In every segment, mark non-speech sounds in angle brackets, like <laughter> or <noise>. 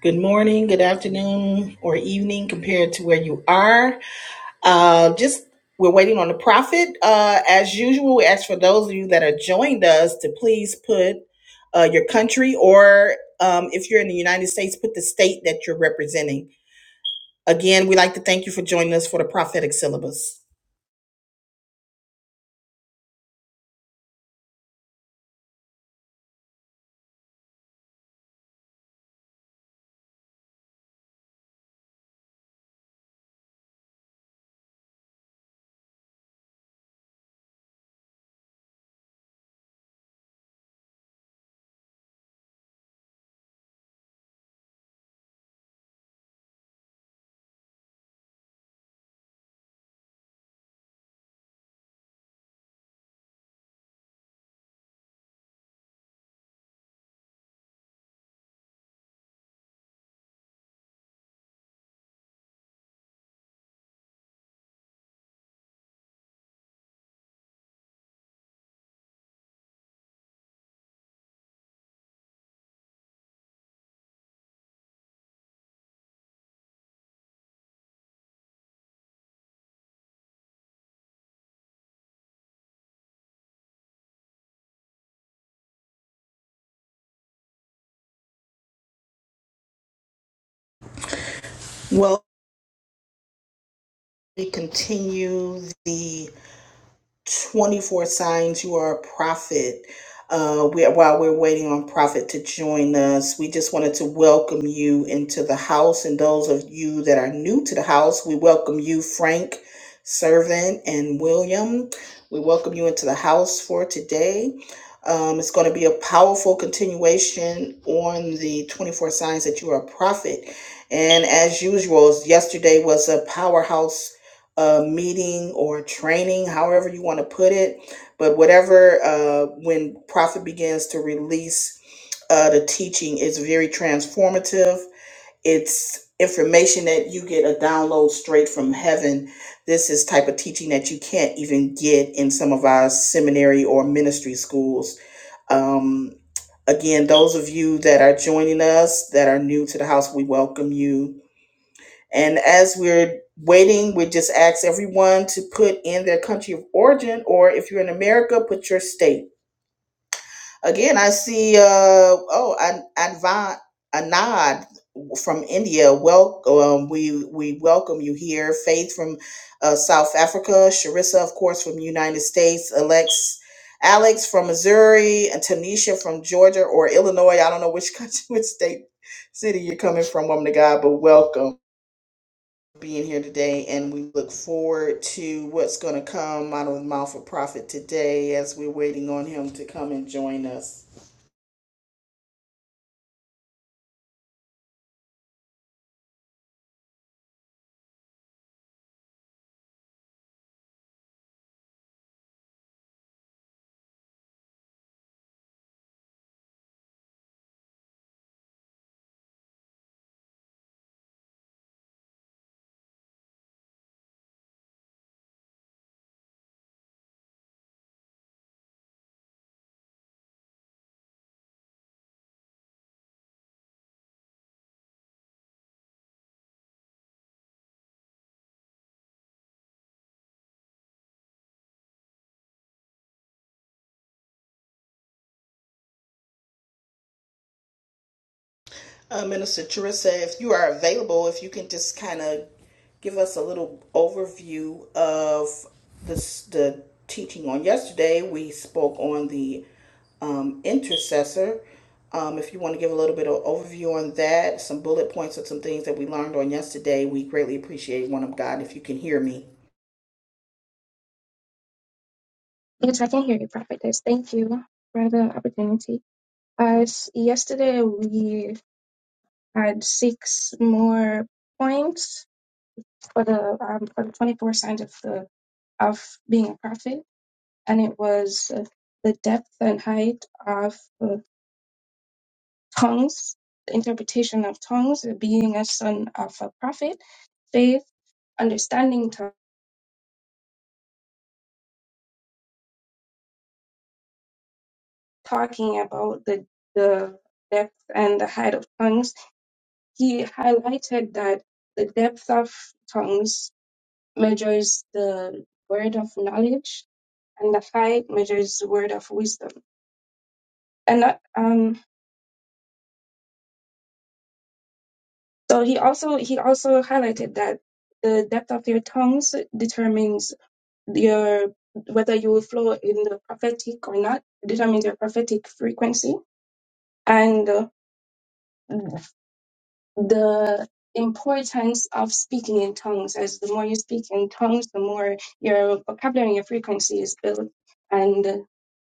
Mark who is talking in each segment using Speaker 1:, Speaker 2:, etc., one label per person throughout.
Speaker 1: Good morning, good afternoon, or evening compared to where you are. Uh, just we're waiting on the prophet. Uh, as usual, we ask for those of you that are joined us to please put uh, your country or um, if you're in the United States, put the state that you're representing. Again, we'd like to thank you for joining us for the prophetic syllabus. Well, we continue the 24 signs you are a prophet. Uh, we, while we're waiting on Prophet to join us, we just wanted to welcome you into the house. And those of you that are new to the house, we welcome you, Frank, Servant, and William. We welcome you into the house for today. Um, it's going to be a powerful continuation on the 24 signs that you are a prophet. And as usual, yesterday was a powerhouse uh, meeting or training, however you want to put it. But whatever, uh, when Prophet begins to release uh, the teaching, it's very transformative. It's information that you get a download straight from heaven. This is type of teaching that you can't even get in some of our seminary or ministry schools. Um, again, those of you that are joining us that are new to the house, we welcome you and as we're waiting, we just ask everyone to put in their country of origin, or if you're in America, put your state. Again, I see, uh, oh, An- Anvan Anad from India. Welcome. We, we welcome you here. Faith from uh, South Africa. Sharissa, of course, from the United States. Alex. Alex from Missouri and Tanisha from Georgia or Illinois. I don't know which <laughs> country, which state, city you're coming from, woman of God, but welcome being here today, and we look forward to what's going to come out of the mouth of prophet today as we're waiting on him to come and join us. Uh, Minister Teresa, if you are available, if you can just kind of give us a little overview of this, the teaching on yesterday. We spoke on the um, intercessor. Um, if you want to give a little bit of overview on that, some bullet points of some things that we learned on yesterday, we greatly appreciate one of God. If you can hear me,
Speaker 2: Yes, I can hear you, Prophetess. Thank you for the opportunity. Uh, s- yesterday we had six more points for the um, for the twenty four signs of the of being a prophet, and it was uh, the depth and height of uh, tongues, the interpretation of tongues, uh, being a son of a prophet, faith, understanding, to- talking about the the depth and the height of tongues he highlighted that the depth of tongues measures the word of knowledge and the height measures the word of wisdom and that, um, so he also he also highlighted that the depth of your tongues determines your whether you will flow in the prophetic or not determines your prophetic frequency and uh, the importance of speaking in tongues as the more you speak in tongues the more your vocabulary and your frequency is built and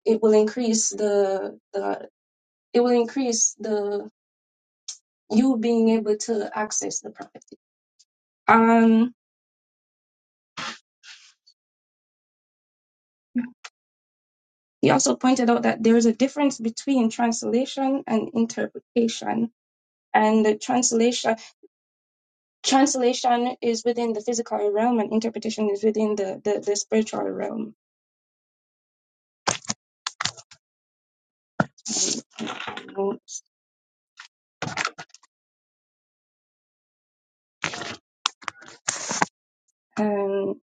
Speaker 2: it will increase the the it will increase the you being able to access the prophecy um he also pointed out that there is a difference between translation and interpretation and the translation translation is within the physical realm and interpretation is within the the, the spiritual realm Um, And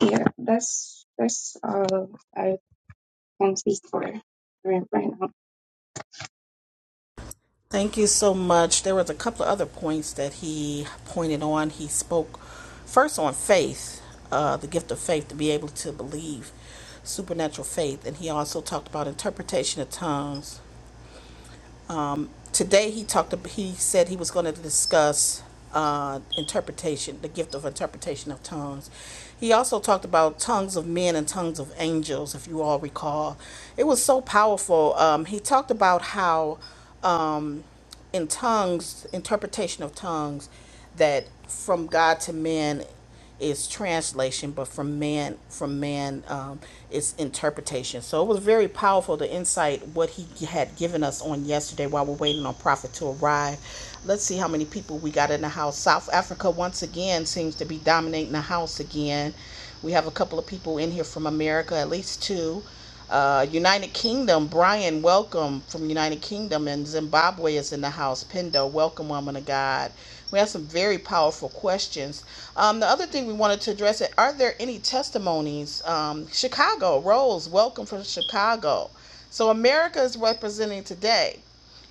Speaker 2: yeah, that's that's all I can speak for right, right now.
Speaker 1: Thank you so much. There was a couple of other points that he pointed on. He spoke first on faith, uh, the gift of faith to be able to believe, supernatural faith, and he also talked about interpretation of tongues um, today he talked. He said he was going to discuss uh, interpretation, the gift of interpretation of tongues. He also talked about tongues of men and tongues of angels. If you all recall, it was so powerful. Um, he talked about how um, in tongues, interpretation of tongues, that from God to men is translation, but from man from man um, is interpretation. So it was very powerful the insight what he had given us on yesterday while we're waiting on Prophet to arrive. Let's see how many people we got in the house. South Africa once again seems to be dominating the house again. We have a couple of people in here from America, at least two. Uh, United Kingdom, Brian, welcome from United Kingdom, and Zimbabwe is in the house. Pendo, welcome, woman of God. We have some very powerful questions. Um, the other thing we wanted to address it: Are there any testimonies? Um, Chicago, Rose, welcome from Chicago. So America is representing today.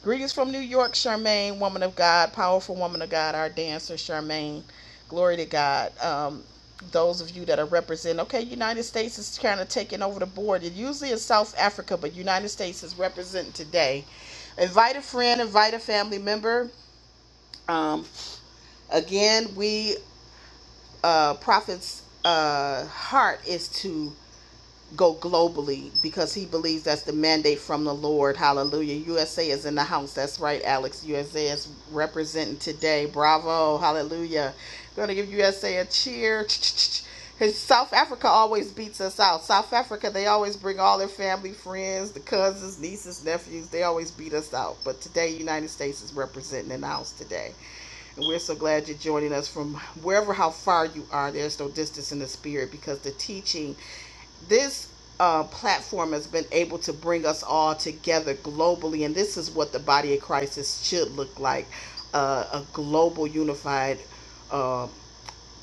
Speaker 1: Greetings from New York, Charmaine, woman of God, powerful woman of God, our dancer, Charmaine. Glory to God. Um, those of you that are representing, okay, United States is kind of taking over the board. It usually is South Africa, but United States is representing today. Invite a friend, invite a family member. Um, again, we, uh, Prophet's uh, heart is to go globally because he believes that's the mandate from the Lord. Hallelujah. USA is in the house. That's right, Alex. USA is representing today. Bravo. Hallelujah. Going to give USA a a cheer. His South Africa always beats us out. South Africa, they always bring all their family, friends, the cousins, nieces, nephews. They always beat us out. But today, United States is representing in the house today. And we're so glad you're joining us from wherever, how far you are. There's no distance in the spirit because the teaching this uh, platform has been able to bring us all together globally, and this is what the body of Christ is- should look like uh, a global, unified uh,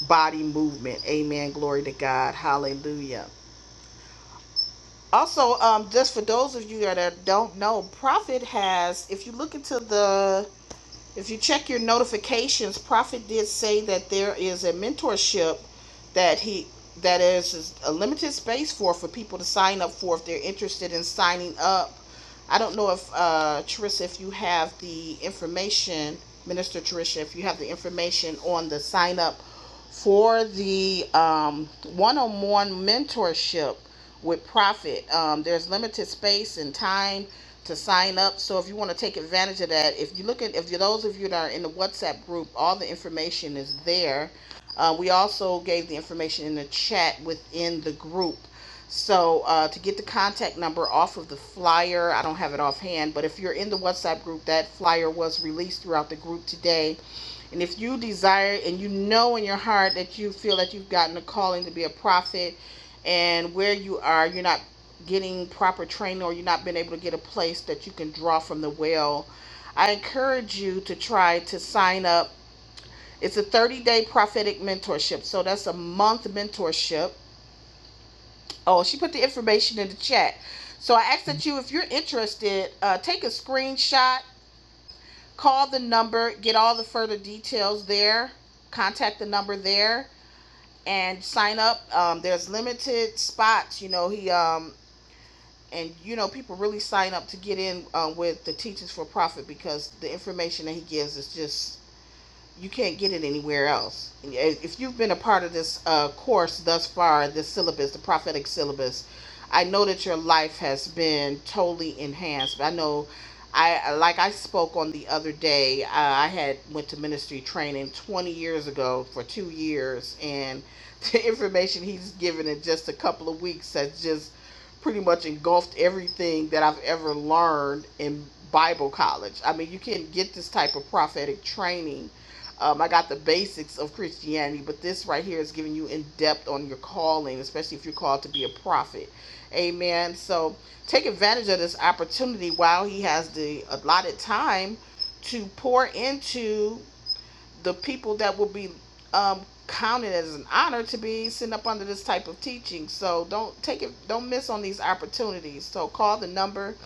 Speaker 1: body movement. Amen. Glory to God. Hallelujah. Also, um, just for those of you that don't know, Prophet has, if you look into the if you check your notifications, Prophet did say that there is a mentorship that he that is a limited space for for people to sign up for if they're interested in signing up. I don't know if uh, Teresa, if you have the information, Minister Teresa, if you have the information on the sign up for the um, one-on-one mentorship with profit um, there's limited space and time to sign up so if you want to take advantage of that if you look at if you those of you that are in the whatsapp group all the information is there uh, we also gave the information in the chat within the group so uh, to get the contact number off of the flyer i don't have it offhand but if you're in the whatsapp group that flyer was released throughout the group today and if you desire and you know in your heart that you feel that you've gotten a calling to be a prophet and where you are, you're not getting proper training or you're not being able to get a place that you can draw from the well, I encourage you to try to sign up. It's a 30 day prophetic mentorship. So that's a month mentorship. Oh, she put the information in the chat. So I ask that you, if you're interested, uh, take a screenshot Call the number, get all the further details there, contact the number there, and sign up. Um, there's limited spots, you know. He um, and you know people really sign up to get in uh, with the teachings for profit because the information that he gives is just you can't get it anywhere else. If you've been a part of this uh, course thus far, this syllabus, the prophetic syllabus, I know that your life has been totally enhanced. I know, I like I spoke on the other day. Uh, I had went to ministry training 20 years ago for two years, and <laughs> the information he's given in just a couple of weeks has just pretty much engulfed everything that I've ever learned in Bible college. I mean, you can not get this type of prophetic training um, I got the basics of Christianity, but this right here is giving you in depth on your calling, especially if you're called to be a prophet. Amen. So take advantage of this opportunity while he has the allotted time to pour into the people that will be um, counted as an honor to be sitting up under this type of teaching. So don't take it, don't miss on these opportunities. So call the number.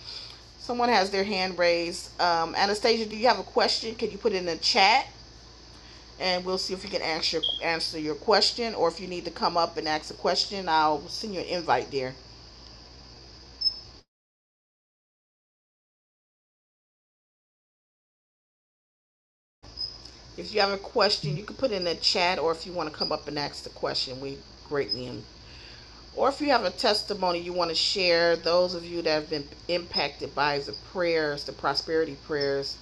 Speaker 1: Someone has their hand raised. Um, Anastasia, do you have a question? Can you put it in the chat? and we'll see if we can answer answer your question or if you need to come up and ask a question i'll send you an invite there if you have a question you can put it in the chat or if you want to come up and ask the question we greatly or if you have a testimony you want to share, those of you that have been impacted by the prayers, the prosperity prayers,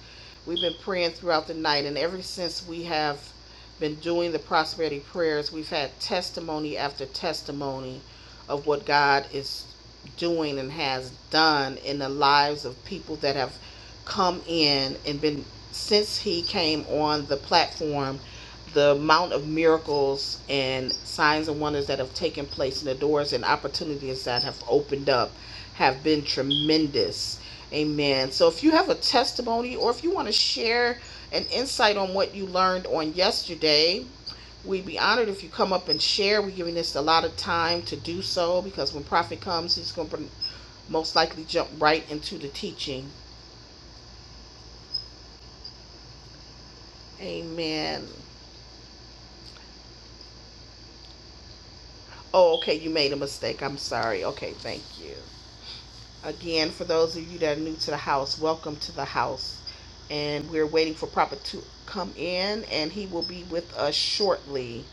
Speaker 1: we've been praying throughout the night, and ever since we have been doing the prosperity prayers, we've had testimony after testimony of what God is doing and has done in the lives of people that have come in and been since he came on the platform the amount of miracles and signs and wonders that have taken place and the doors and opportunities that have opened up have been tremendous amen so if you have a testimony or if you want to share an insight on what you learned on yesterday we'd be honored if you come up and share we're giving this a lot of time to do so because when prophet comes he's going to most likely jump right into the teaching amen oh okay you made a mistake i'm sorry okay thank you Again, for those of you that are new to the house, welcome to the house. And we're waiting for Prophet to come in, and he will be with us shortly.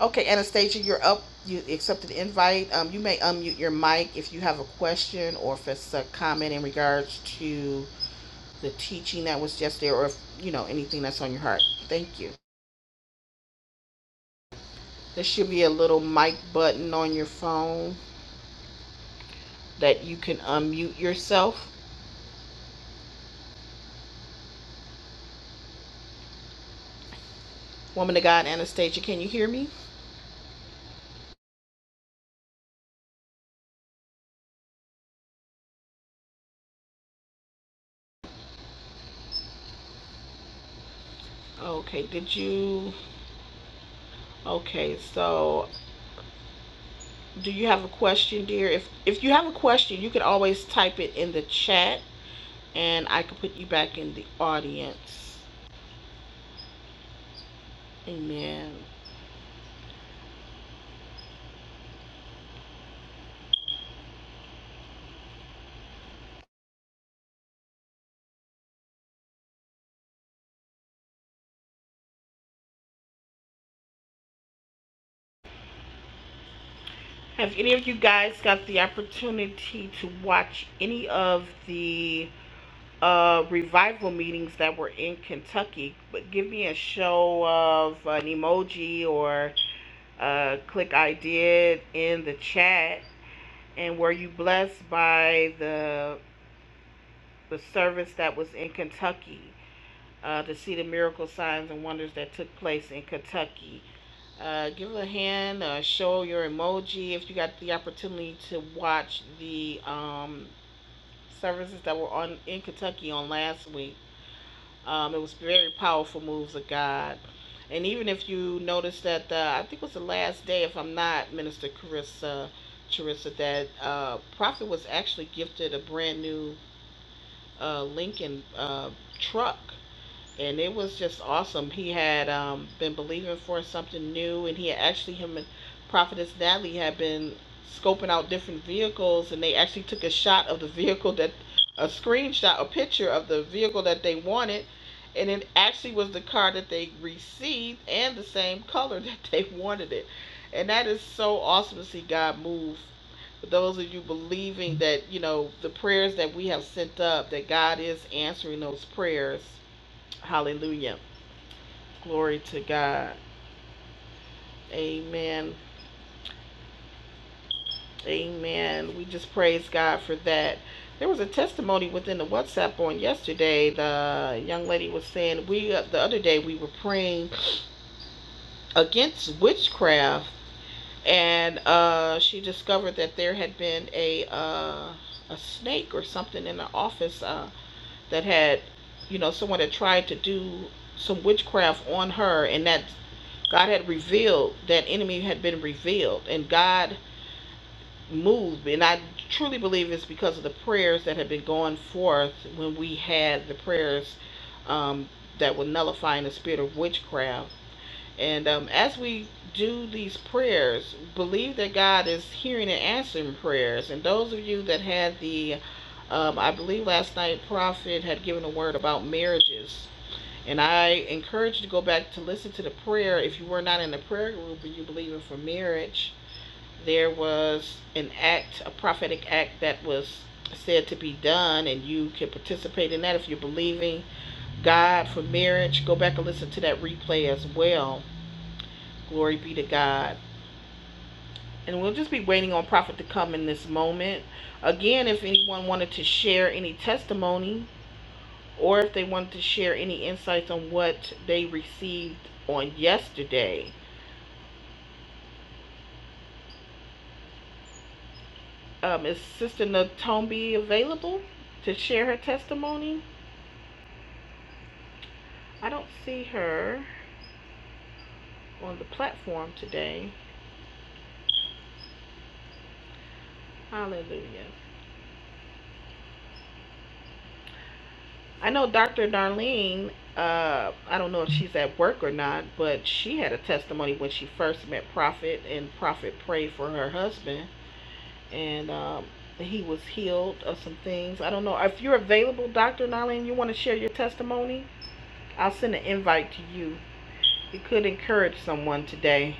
Speaker 1: Okay, Anastasia, you're up. You accepted the invite. Um, you may unmute your mic if you have a question or if it's a comment in regards to the teaching that was just there, or if you know anything that's on your heart. Thank you. There should be a little mic button on your phone that you can unmute yourself. Woman of God, Anastasia, can you hear me? Okay, did you? Okay, so do you have a question, dear? If if you have a question, you can always type it in the chat and I can put you back in the audience. Amen. Have any of you guys got the opportunity to watch any of the uh, revival meetings that were in Kentucky? But give me a show of an emoji or uh, click I did in the chat. And were you blessed by the the service that was in Kentucky, uh, to see the miracle signs and wonders that took place in Kentucky. Uh, give a hand, uh, show your emoji if you got the opportunity to watch the um, services that were on in Kentucky on last week. Um, it was very powerful moves of God. And even if you notice that, uh, I think it was the last day, if I'm not, Minister Carissa, Charissa, that uh, Prophet was actually gifted a brand new uh, Lincoln uh, truck and it was just awesome. He had um, been believing for something new, and he had actually him and Prophetess Natalie had been scoping out different vehicles, and they actually took a shot of the vehicle that a screenshot, a picture of the vehicle that they wanted, and it actually was the car that they received and the same color <laughs> that they wanted it, and that is so awesome to see God move. For those of you believing that you know the prayers that we have sent up, that God is answering those prayers Hallelujah. Glory to God. Amen. Amen. We just praise God for that. There was a testimony within the WhatsApp on yesterday. The young lady was saying we uh, the other day we were praying against witchcraft, and uh, she discovered that there had been a uh, a snake or something in the office uh, that had, you know, someone had tried to do some witchcraft on her, and that God had revealed that enemy had been revealed, and God moved. And I truly believe it's because of the prayers that had been going forth when we had the prayers um, that were nullifying the spirit of witchcraft. And um, as we do these prayers, believe that God is hearing and answering prayers. And those of you that had the, um, I believe last night, Prophet had given a word about marriages and I encourage you to go back to listen to the prayer. If you were not in the prayer group and you believe in for marriage, there was an act, a prophetic act that was said to be done, and you can participate in that if you're believing God for marriage. Go back and listen to that replay as well. Glory be to God. And we'll just be waiting on prophet to come in this moment. Again, if anyone wanted to share any testimony or if they wanted to share any insights on what they received on yesterday, Um, is Sister Natombi available to share her testimony? I don't see her on the platform today. Hallelujah. I know Dr. Darlene, uh, I don't know if she's at work or not, but she had a testimony when she first met Prophet, and Prophet prayed for her husband, and um, he was healed of some things. I don't know. If you're available, Dr. Darlene, you want to share your testimony? I'll send an invite to you. It could encourage someone today.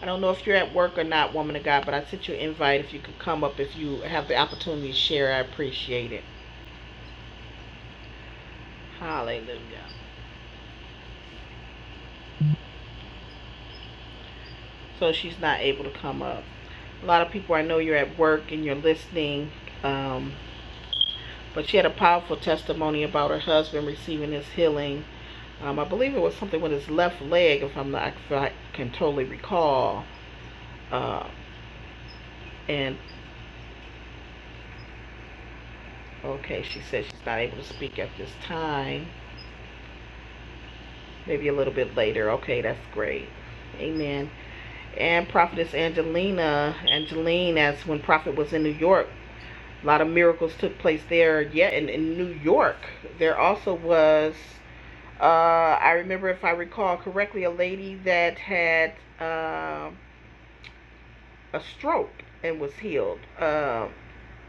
Speaker 1: I don't know if you're at work or not, woman of God, but I sent you an invite. If you could come up, if you have the opportunity to share, I appreciate it. Hallelujah. So she's not able to come up. A lot of people I know you're at work and you're listening, um, but she had a powerful testimony about her husband receiving his healing. Um, I believe it was something with his left leg, if I'm not, if I can totally recall. Uh, and okay, she said she's not able to speak at this time. Maybe a little bit later. Okay, that's great. Amen. and prophetess angelina angeline as when prophet was in new york a lot of miracles took place there yet in, in new york there also was uh, i remember if i recall correctly a lady that had uh, a stroke and was healed uh,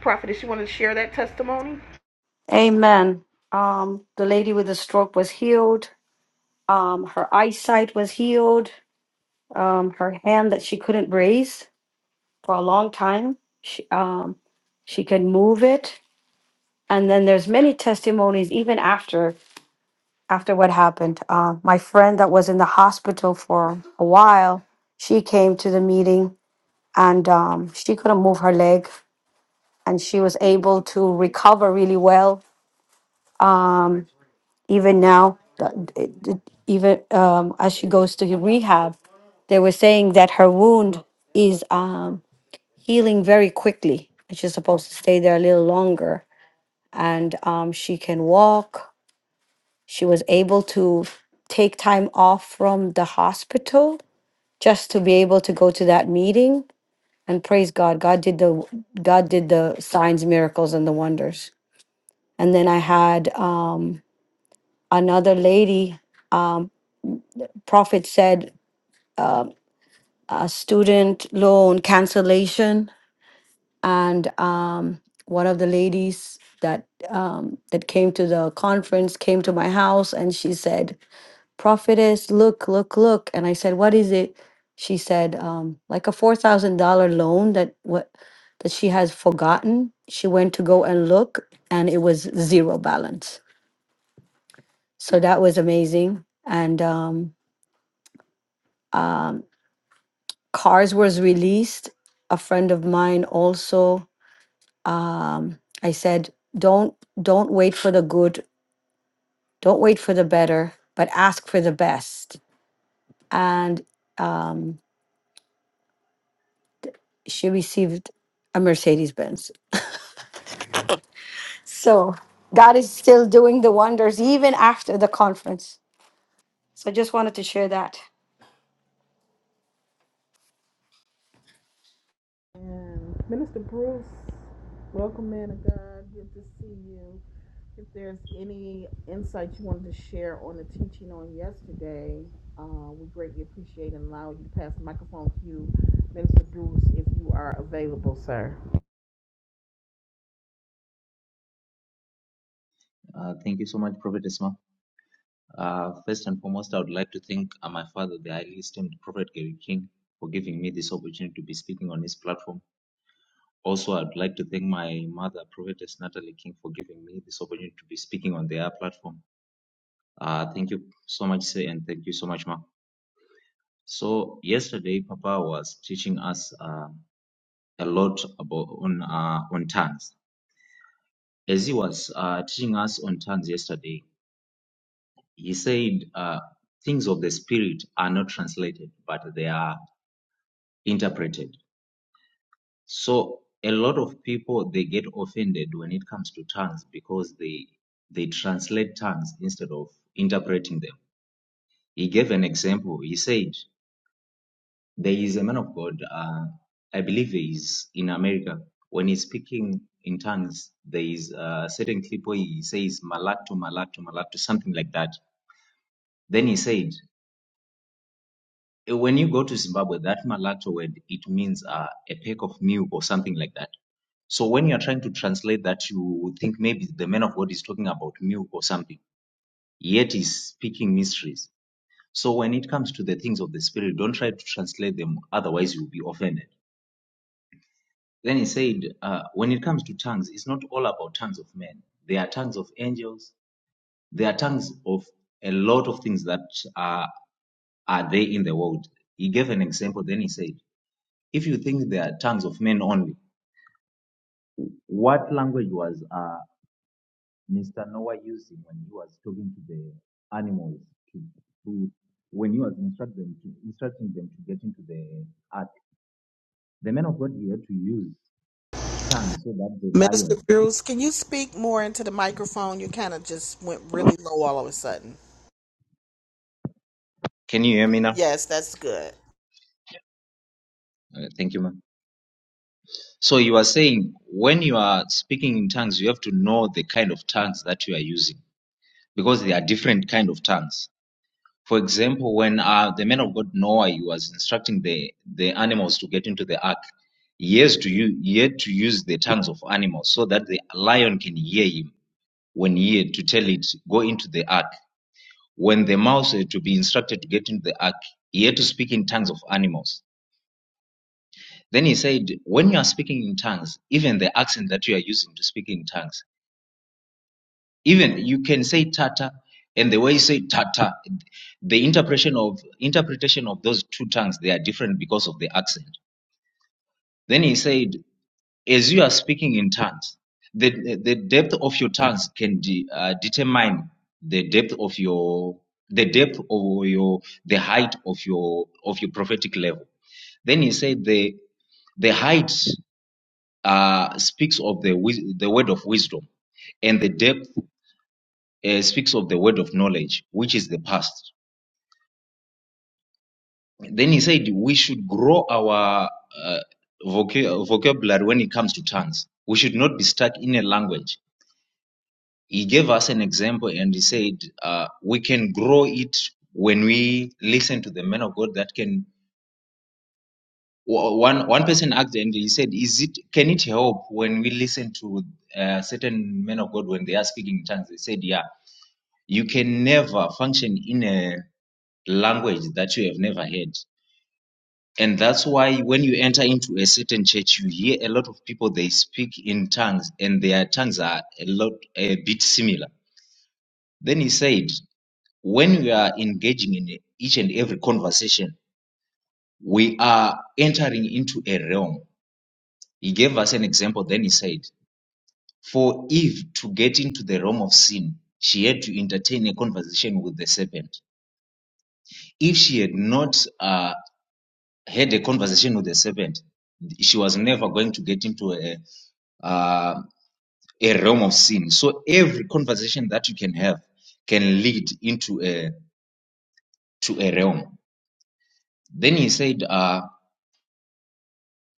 Speaker 1: prophetess you want to share that testimony
Speaker 3: Amen. Um, the lady with the stroke was healed. Um, her eyesight was healed. Um, her hand that she couldn't raise for a long time, she, um, she can move it. And then there's many testimonies even after after what happened. Uh, my friend that was in the hospital for a while, she came to the meeting and um, she couldn't move her leg, and she was able to recover really well. Um, even now, uh, d- d- even um, as she goes to rehab, they were saying that her wound is um, healing very quickly. and She's supposed to stay there a little longer, and um, she can walk. She was able to take time off from the hospital just to be able to go to that meeting. And praise God, God did the God did the signs, miracles, and the wonders. And then I had um, another lady. Prophet said uh, student loan cancellation and um, one of the ladies that um, that came to the conference came to my house and she said prophetess look look look and i said what is it she said um, like a $4000 loan that what that she has forgotten she went to go and look and it was zero balance so that was amazing and um, um, cars was released a friend of mine also I said, don't don't wait for the good, don't wait for the better, but ask for the best. And um, she received a Mercedes Benz. So God is still doing the wonders even after the conference. So I just wanted to share that.
Speaker 1: And Minister Bruce, welcome, man of God. Good to see you. If there's any insight you wanted to share on the teaching on yesterday, uh, we greatly appreciate and allow you to pass the microphone to you, Minister Bruce, if you are available, sir.
Speaker 4: Uh, thank you so much, Prophet Isma. Uh, first and foremost, I would like to thank uh, my father, the highly esteemed Prophet Gary King, for giving me this opportunity to be speaking on his platform. Also, I'd like to thank my mother, Prophetess Natalie King, for giving me this opportunity to be speaking on their platform. Uh, thank you so much, sir, and thank you so much, ma. So yesterday, Papa was teaching us uh, a lot about on uh, on tongues. As he was uh, teaching us on tongues yesterday, he said uh, things of the spirit are not translated but they are interpreted so a lot of people they get offended when it comes to tongues because they they translate tongues instead of interpreting them he gave an example he said there is a man of god uh, i believe he is in america when he's speaking in tongues there is a certain clip where he says malato malato malato something like that then he said Eh, when you go to Zimbabwe, that mulatto word it means uh, a pack of milk or something like that. So when you are trying to translate that, you think maybe the man of God is talking about milk or something, yet he's speaking mysteries. So when it comes to the things of the spirit, don't try to translate them, otherwise you'll be offended. Then he said, uh, when it comes to tongues, it's not all about tongues of men. There are tongues of angels. There are tongues of a lot of things that are are there in the world. He gave an example. Then he said. If you think they are tongues of men only, what language was uh, Mr. Noah using when he was talking to the animals to, to when he was instructing them to instructing them to get into the ark? The man of God he had to use tongues so that the
Speaker 1: Minister
Speaker 4: lion.
Speaker 1: Bruce, can you speak more into the microphone? You kind of just went really low all of a sudden.
Speaker 4: Can you hear me now?
Speaker 1: Yes, that's good.
Speaker 4: Uh, thank you, ma'am. So you are saying when you are speaking in tongues, you have to know the kind of tongues that you are using because there are different kind of tongues. For example, when uh, the man of God Noah he was instructing the, the animals to get into the ark, he has to use, he had to use the tongues of animals so that the lion can hear him when he had to tell it, go into the ark. When the mouse had to be instructed to get into the ark, he had to speak in tongues of animals. Then he said, when you are speaking in tongues, even the accent that you are using to speak in tongues, even you can say tata and the way you say tata the interpretation of interpretation of those two tongues they are different because of the accent then he said as you are speaking in tongues the the depth of your tongues can de, uh, determine the depth of your the depth of your the height of your of your prophetic level then he said the the height uh, speaks of the wis- the word of wisdom and the depth uh, speaks of the word of knowledge, which is the past. Then he said we should grow our uh, voca- vocabulary when it comes to tongues. We should not be stuck in a language. He gave us an example and he said uh, we can grow it when we listen to the man of God. That can one one person asked and he said, "Is it can it help when we listen to uh, certain men of God when they are speaking in tongues?" They said, "Yeah, you can never function in a language that you have never heard. And that's why when you enter into a certain church, you hear a lot of people, they speak in tongues and their tongues are a lot, a bit similar. Then he said, when we are engaging in each and every conversation, we are entering into a realm. He gave us an example. Then he said, for Eve to get into the realm of sin, she had to entertain a conversation with the serpent. If she had not uh, had a conversation with the serpent, she was never going to get into a, uh, a realm of sin. So every conversation that you can have can lead into a to a realm. Then he said, uh,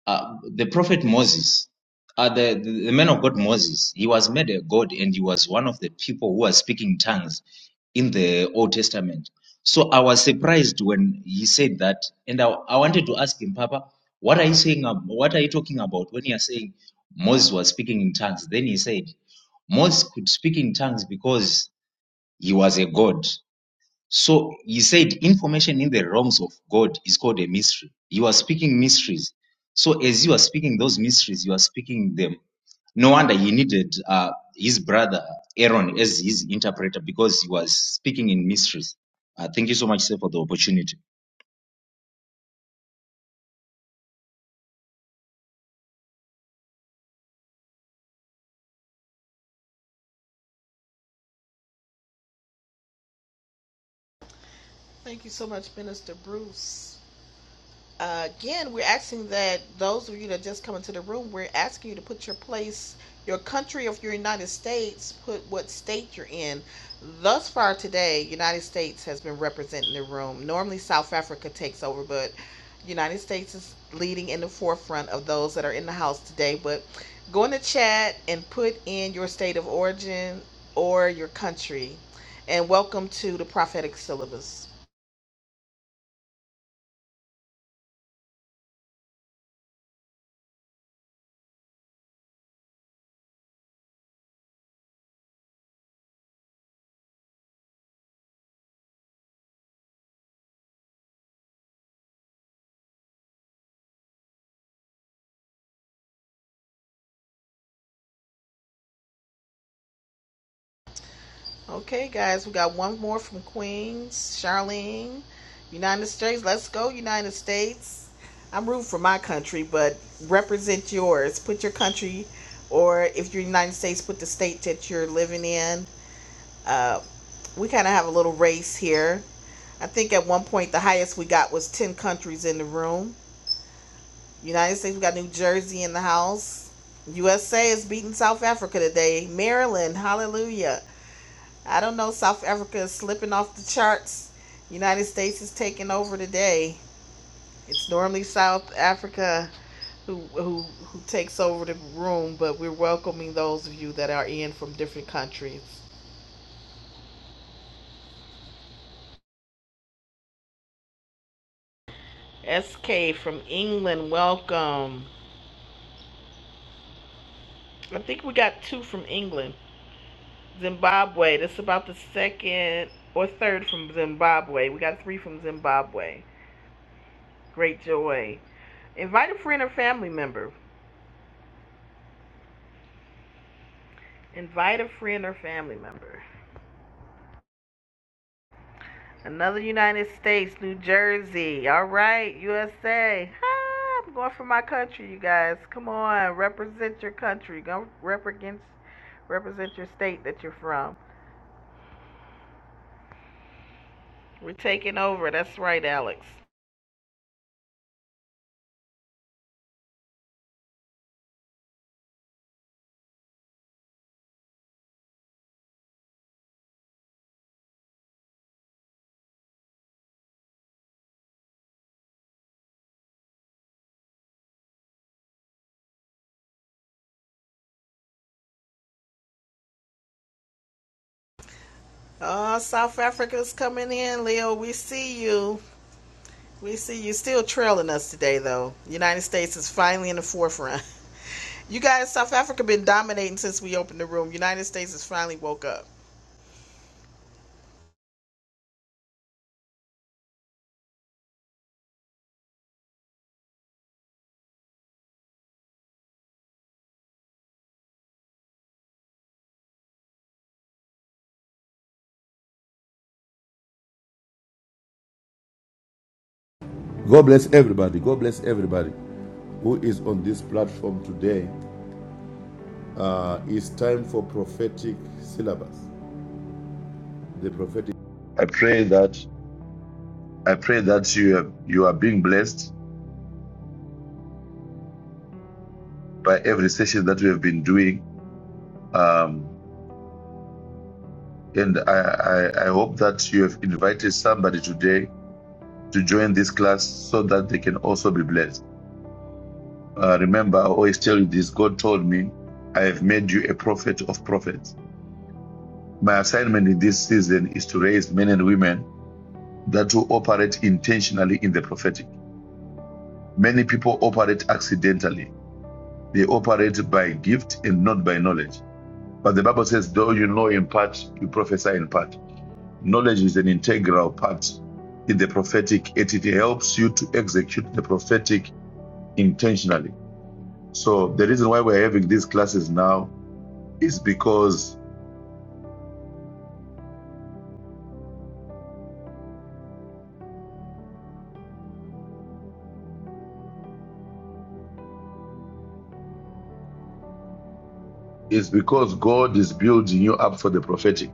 Speaker 4: uh, the prophet Moses, uh, the, the the man of God Moses, he was made a god and he was one of the people who are speaking tongues in the Old Testament. So I was surprised when he said that, and I, I wanted to ask him, Papa, what are you saying? ab- What are you talking about when you are saying Moses was speaking in tongues? Then he said, Moses could speak in tongues because He was a god. So he said information in the realms of God is called a mystery. You are speaking mysteries. So as you are speaking those mysteries, you are speaking them. No wonder he needed uh, his brother Aaron as his interpreter because he was speaking in mysteries. Uh, thank you so much, sir, for the opportunity.
Speaker 1: Thank you so much, Minister Bruce. Uh, again, we're asking that those of you that just come into the room, we're asking you to put your place, your country of your United States, put what state you're in. Thus far today, United States has been representing the room. Normally, South Africa takes over, but United States is leading in the forefront of those that are in the house today. But go in the chat and put in your state of origin or your country. And welcome to the prophetic syllabus. Okay, guys, we got one more from Queens, Charlene, United States. Let's go, United States. I'm rooting for my country, but represent yours. Put your country, or if you're United States, put the state that you're living in. Uh, we kind of have a little race here. I think at one point the highest we got was 10 countries in the room. United States, we got New Jersey in the house. USA is beating South Africa today. Maryland, hallelujah. I don't know. South Africa is slipping off the charts. United States is taking over today. It's normally South Africa who who who takes over the room, but we're welcoming those of you that are in from different countries. SK from England, welcome. I think we got two from England. Zimbabwe, that's about the second or third from Zimbabwe. We got three from Zimbabwe. Great joy. Invite a friend or family member. Invite a friend or family member. Another United States, New Jersey. All right, USA. Ah, I'm going for my country, you guys. Come on, represent your country. Go rep against, represent your state that you're from. We're taking over. That's right, Alex. Oh, South Africa's coming in, Leo. We see you. We see you still trailing us today, though. United States is finally in the forefront. <laughs> You guys, South Africa been dominating since we opened the room. United States has finally woke up.
Speaker 5: God bless everybody. God bless everybody who is on this platform today. Uh, it's time for prophetic syllabus. The prophetic. I pray that I pray that you are, you are being blessed by every session that we have been doing, um, and I, I I hope that you have invited somebody today to join this class so that they can also be blessed. Uh, remember, I always tell you this: God told me, "I have made you a prophet of prophets." My assignment in this season is to raise men and women that will operate intentionally in the prophetic. Many people operate accidentally, they operate by gift and not by knowledge. But the Bible says, though you know in part, you prophesy in part. Knowledge is an integral part in the prophetic, and it helps you to execute the prophetic intentionally. So the reason why we're having these classes now is because is because God is building you up for the prophetic.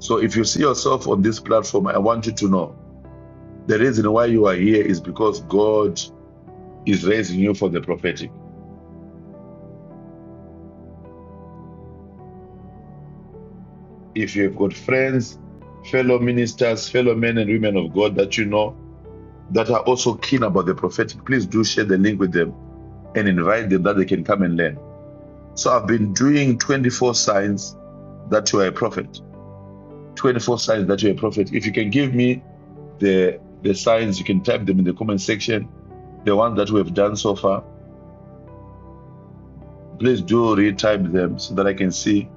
Speaker 5: So if you see yourself on this platform, I want you to know the reason why you are here is because God is raising you for the prophetic. If you have got friends, fellow ministers, fellow men and women of God that you know that are also keen about the prophetic, please do share the link with them and invite them that they can come and learn. So I've been doing 24 signs that you are a prophet. 24 signs that you're a prophet. If you can give me the the signs, you can type them in the comment section. The ones that we have done so far, Please do retype them so that I can see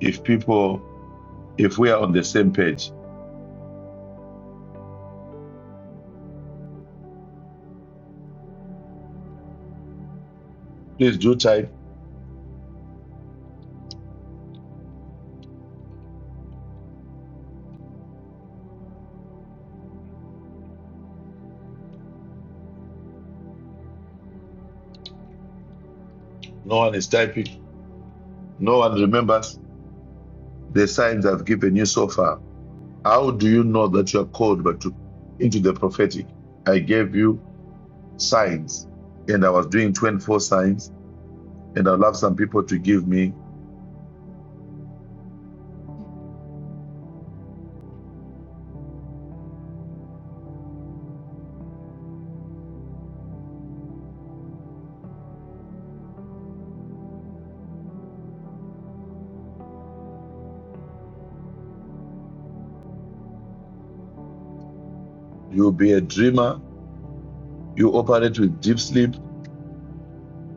Speaker 5: if people, if we are on the same page. Please do type. No one is typing. No one remembers the signs I've given you so far. How do you know that you are called but to, into the prophetic? I gave you signs and I was doing 24 signs and I'd love some people to give me. You'll be a dreamer. You operate with deep sleep.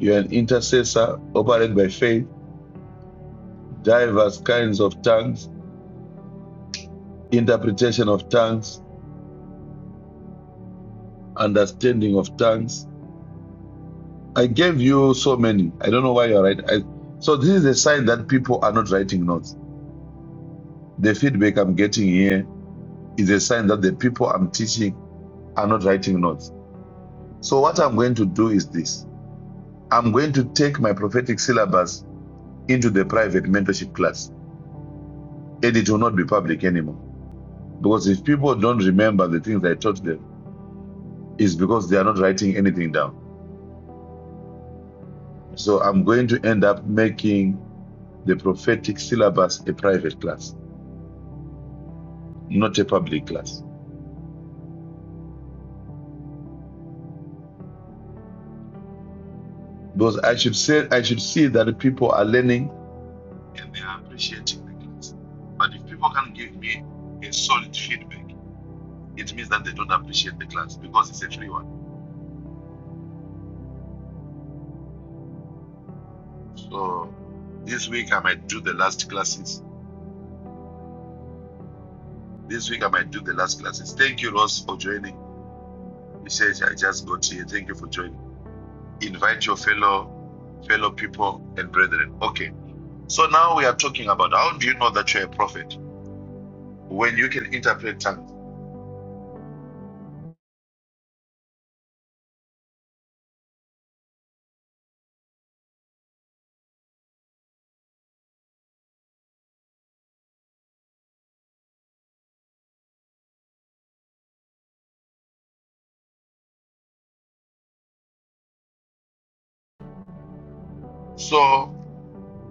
Speaker 5: You're an intercessor, operate by faith, diverse kinds of tongues, interpretation of tongues, understanding of tongues. I gave you so many. I don't know why you're right. I, so this is a sign that people are not writing notes. The feedback I'm getting here is a sign that the people I'm teaching are not writing notes. So what I'm going to do is this. I'm going to take my prophetic syllabus into the private mentorship class and it will not be public anymore. Because if people don't remember the things I taught them, it's because they are not writing anything down. So I'm going to end up making the prophetic syllabus a private class not a public class. Because I should say I should see that people are learning and they are appreciating the class. But if people can not give me a solid feedback, it means that they don't appreciate the class because it's a free one. So this week I might do the last classes. This week I might do the last classes. Thank you, Ross, for joining. He says I just got here. Thank you for joining. Invite your fellow fellow people and brethren. Okay. So now we are talking about how do you know that you're a prophet when you can interpret tongues? So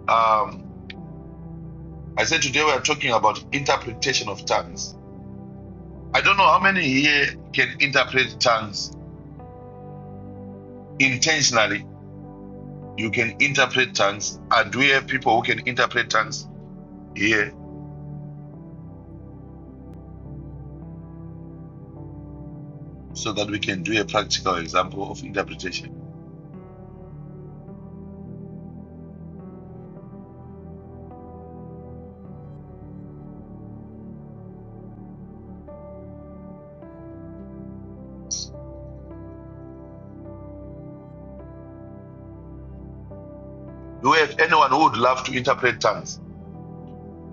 Speaker 5: um, I said today we are talking about interpretation of tongues. I don't know how many here can interpret tongues intentionally. You can interpret tongues. Are there people who can interpret tongues here so that we can do a practical example of interpretation? Do we have anyone who would love to interpret tongues?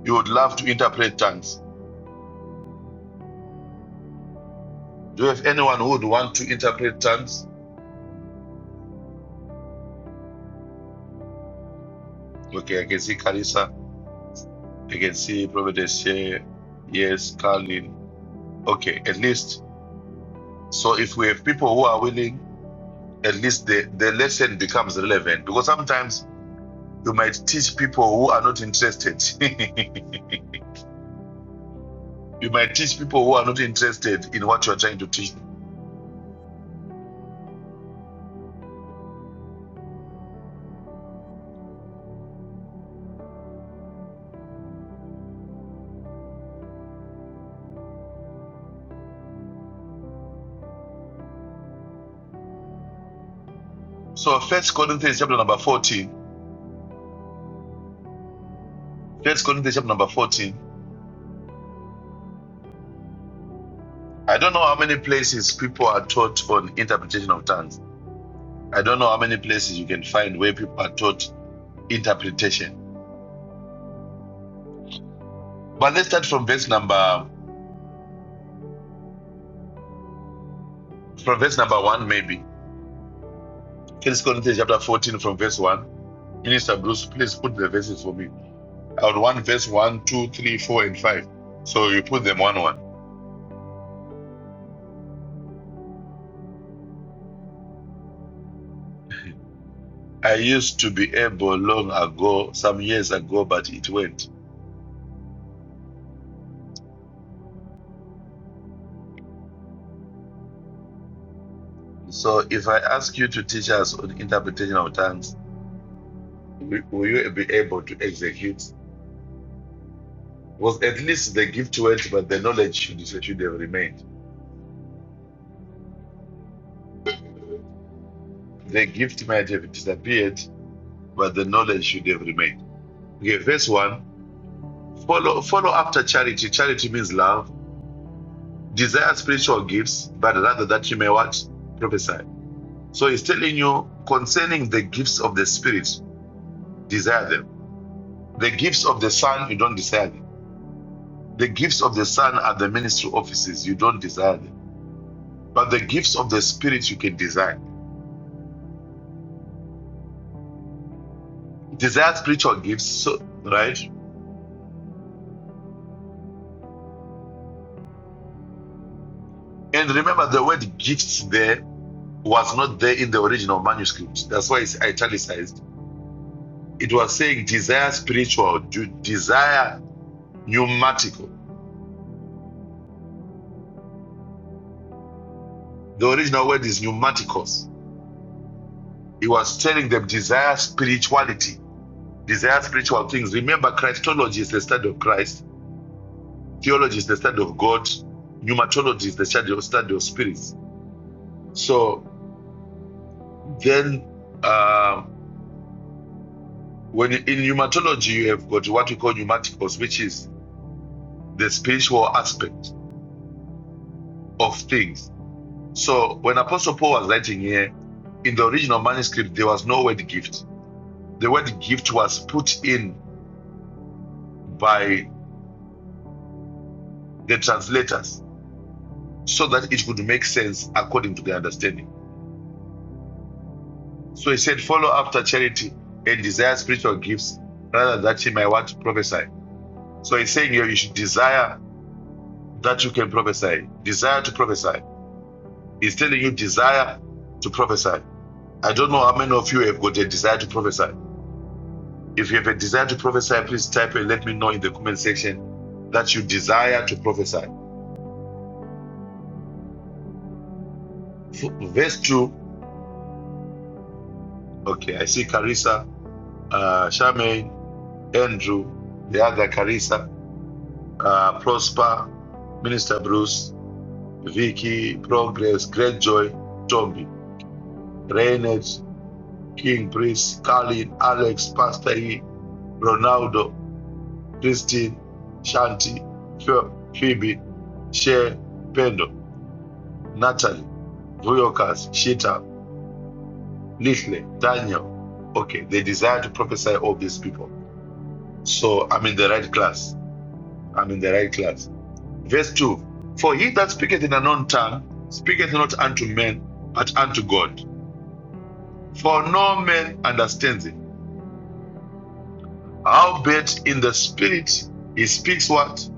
Speaker 5: You would love to interpret tongues. Do we have anyone who would want to interpret tongues? Okay, I can see Carissa. I can see Providence here. Yes, Carlin. Okay, at least So if we have people who are willing, at least the, the lesson becomes relevant because sometimes you might teach people who are not interested. <laughs> you might teach people who are not interested in what you are trying to teach. So first Corinthians chapter number 14. First Corinthians chapter number 14. I don't know how many places people are taught on interpretation of tongues. I don't know how many places you can find where people are taught interpretation. But let's start from verse number from verse number one, maybe. First Corinthians chapter 14 from verse 1. Minister Bruce, please put the verses for me. I would want verse one, 2, 3, 4, and 5. So you put them one one. I used to be able long ago, some years ago, but it went. So if I ask you to teach us on interpretation of tongues, will you be able to execute? Was at least the gift went, but the knowledge should, should have remained. The gift might have disappeared, but the knowledge should have remained. Okay, verse one. Follow follow after charity. Charity means love desire spiritual gifts, but rather that you may what? Prophesy. So he's telling you concerning the gifts of the Spirit, desire them. The gifts of the Son, you don't desire them. The gifts of the Son are the ministry offices, you don't desire them. But the gifts of the Spirit, you can desire. Desire spiritual gifts, so, right? And remember, the word gifts there was not there in the original manuscript. That's why it's italicized. It was saying desire spiritual, desire pneumatical. The original word is pneumaticos. He was telling them desire spirituality, desire spiritual things. Remember, Christology is the study of Christ, theology is the study of God, pneumatology is the study of, study of spirits. So then, uh, when in pneumatology you have got what we call pneumaticos, which is the spiritual aspect of things. So when Apostle Paul was writing here, in the original manuscript there was no word gift. The word gift was put in by the translators, so that it could make sense according to their understanding. So he said, Follow after charity and desire spiritual gifts rather that he might want to prophesy. So he's saying here you should desire that you can prophesy. Desire to prophesy. He's telling you desire to prophesy. I don't know how many of you have got a desire to prophesy. If you have a desire to prophesy, please type and let me know in the comment section that you desire to prophesy. Verse 2. Okay, I see Carissa, uh, Charmaine, Andrew, the other Carissa, uh, Prosper, Minister Bruce, Vicky, Progress, Greatjoy, Tombi, Reynolds, King Priest, Colin, Alex, Pastor E, Ronaldo, Christine, Shanti, Pho- Phoebe, Shea, Pendo, Natalie, Vuyokas, Shita, Little, Daniel. Okay, they desire to prophesy all these people. So I'm in the right class. I'm in the right class. Verse 2 For he that speaketh in an unknown tongue speaketh not unto men, but unto God. For no man understands him. Howbeit in the spirit he speaks what?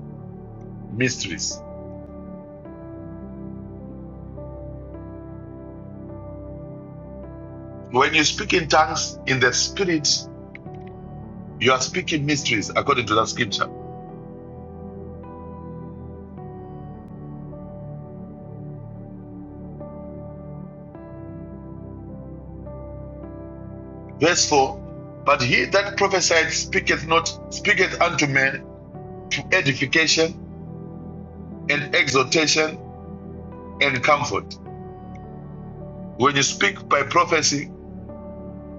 Speaker 5: Mysteries. When you speak in tongues in the spirit, you are speaking mysteries according to that scripture. Verse 4 But he that prophesied speaketh not, speaketh unto men to edification and exhortation and comfort. When you speak by prophecy,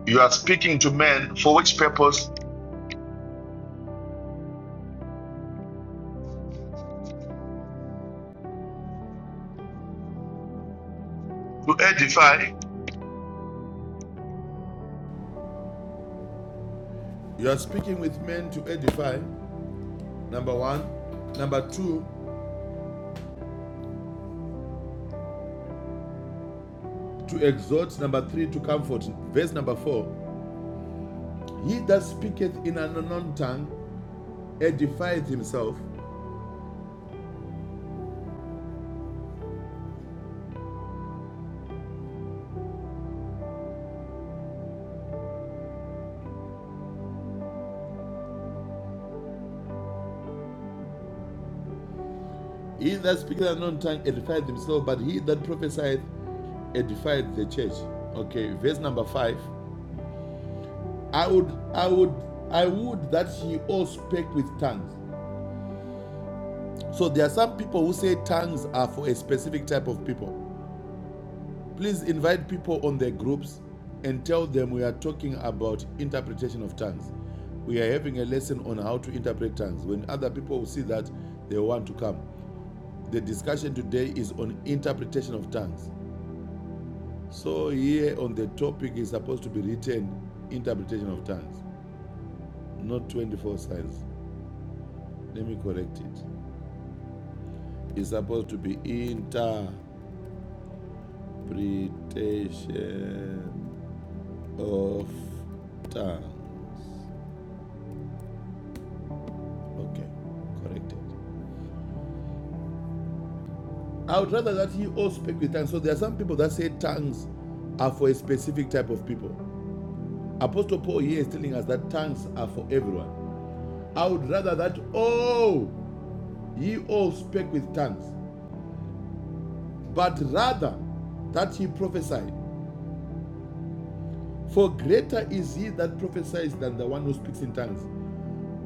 Speaker 5: you are speaking to men for which purpose? to edify. You are speaking with men to edify, number one. Number two, to exhort. Number three, to comfort. Verse number four He that speaketh in an unknown tongue edifieth himself. He that speaketh in an unknown tongue edifieth himself, but he that prophesieth edifieth the church. Okay, verse number five. I would, I would, I would that ye all spake with tongues. So there are some people who say tongues are for a specific type of people. Please invite people on their groups and tell them we are talking about interpretation of tongues. We are having a lesson on how to interpret tongues. When other people will see that, they want to come. The discussion today is on interpretation of tongues. So, here on the topic is supposed to be written interpretation of tongues, not 24 signs. Let me correct it. It's supposed to be interpretation of tongues. Okay, corrected. I would rather that he all speak with tongues. So there are some people that say tongues are for a specific type of people. Apostle Paul here is telling us that tongues are for everyone. I would rather that all ye all speak with tongues, but rather that he prophesy. For greater is he that prophesies than the one who speaks in tongues.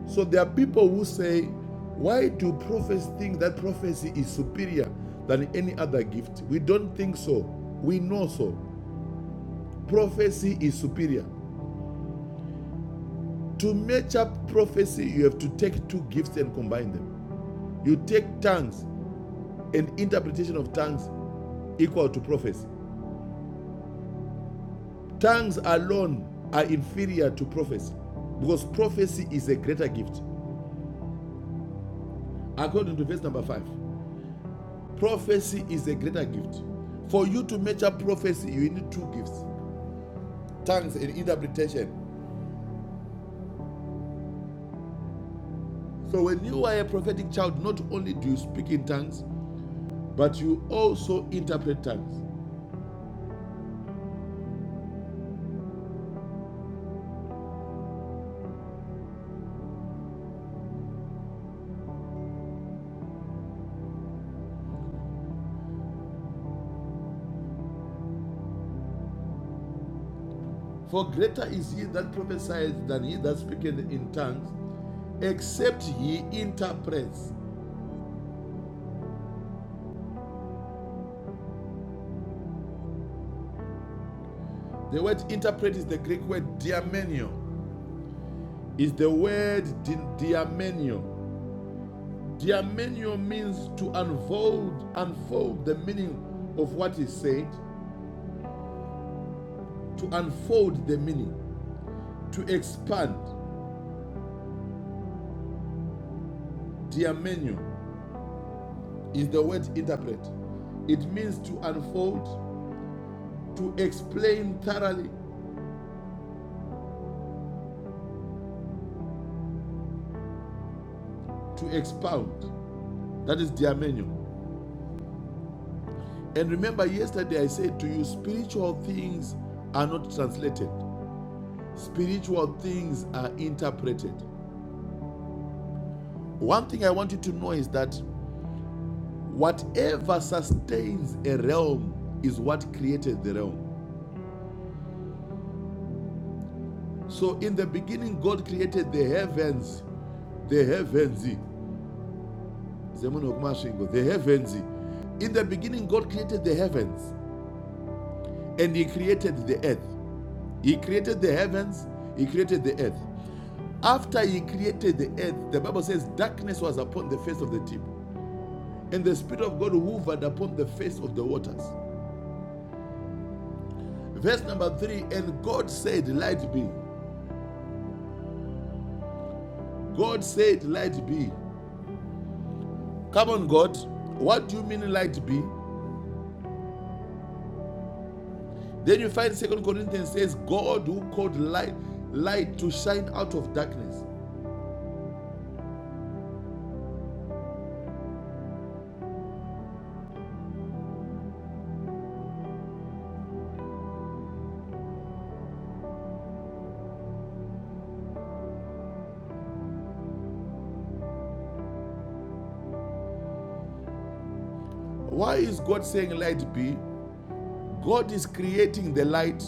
Speaker 5: So there are people who say, Why do prophets think that prophecy is superior than any other gift? We don't think so. We know so. Prophecy is superior. To match up prophecy, you have to take two gifts and combine them. You take tongues and interpretation of tongues equal to prophecy. Tongues alone are inferior to prophecy because prophecy is a greater gift. According to verse number 5, prophecy is a greater gift. For you to match up prophecy, you need two gifts tongues and interpretation. So when you are a prophetic child, not only do you speak in tongues, but you also interpret tongues. For greater is he that prophesies than he that speaketh in tongues, except he interprets. The word interpret is the Greek word diamenio. Is the word di- diamenio. Diamenio means to unfold, unfold the meaning of what is said, to unfold the meaning, to expand. Diamenio is the word interpret. It means to unfold, to explain thoroughly, to expound. That is diamenio. And remember, yesterday I said to you, spiritual things are not translated, spiritual things are interpreted. One thing I want you to know is that whatever sustains a realm is what created the realm. So, in the beginning, God created the heavens, the heavens, Zemuno kumashingo, the heavens. In the beginning, God created the heavens and He created the earth. He created the heavens, He created the earth. After he created the earth, the Bible says darkness was upon the face of the deep, and the Spirit of God hovered upon the face of the waters. Verse number three, and God said, Light be. God said, Light be. Come on, God. What do you mean light be? Then you find Second Corinthians says, God who called light light to shine out of darkness. Why is God saying light be? God is creating the light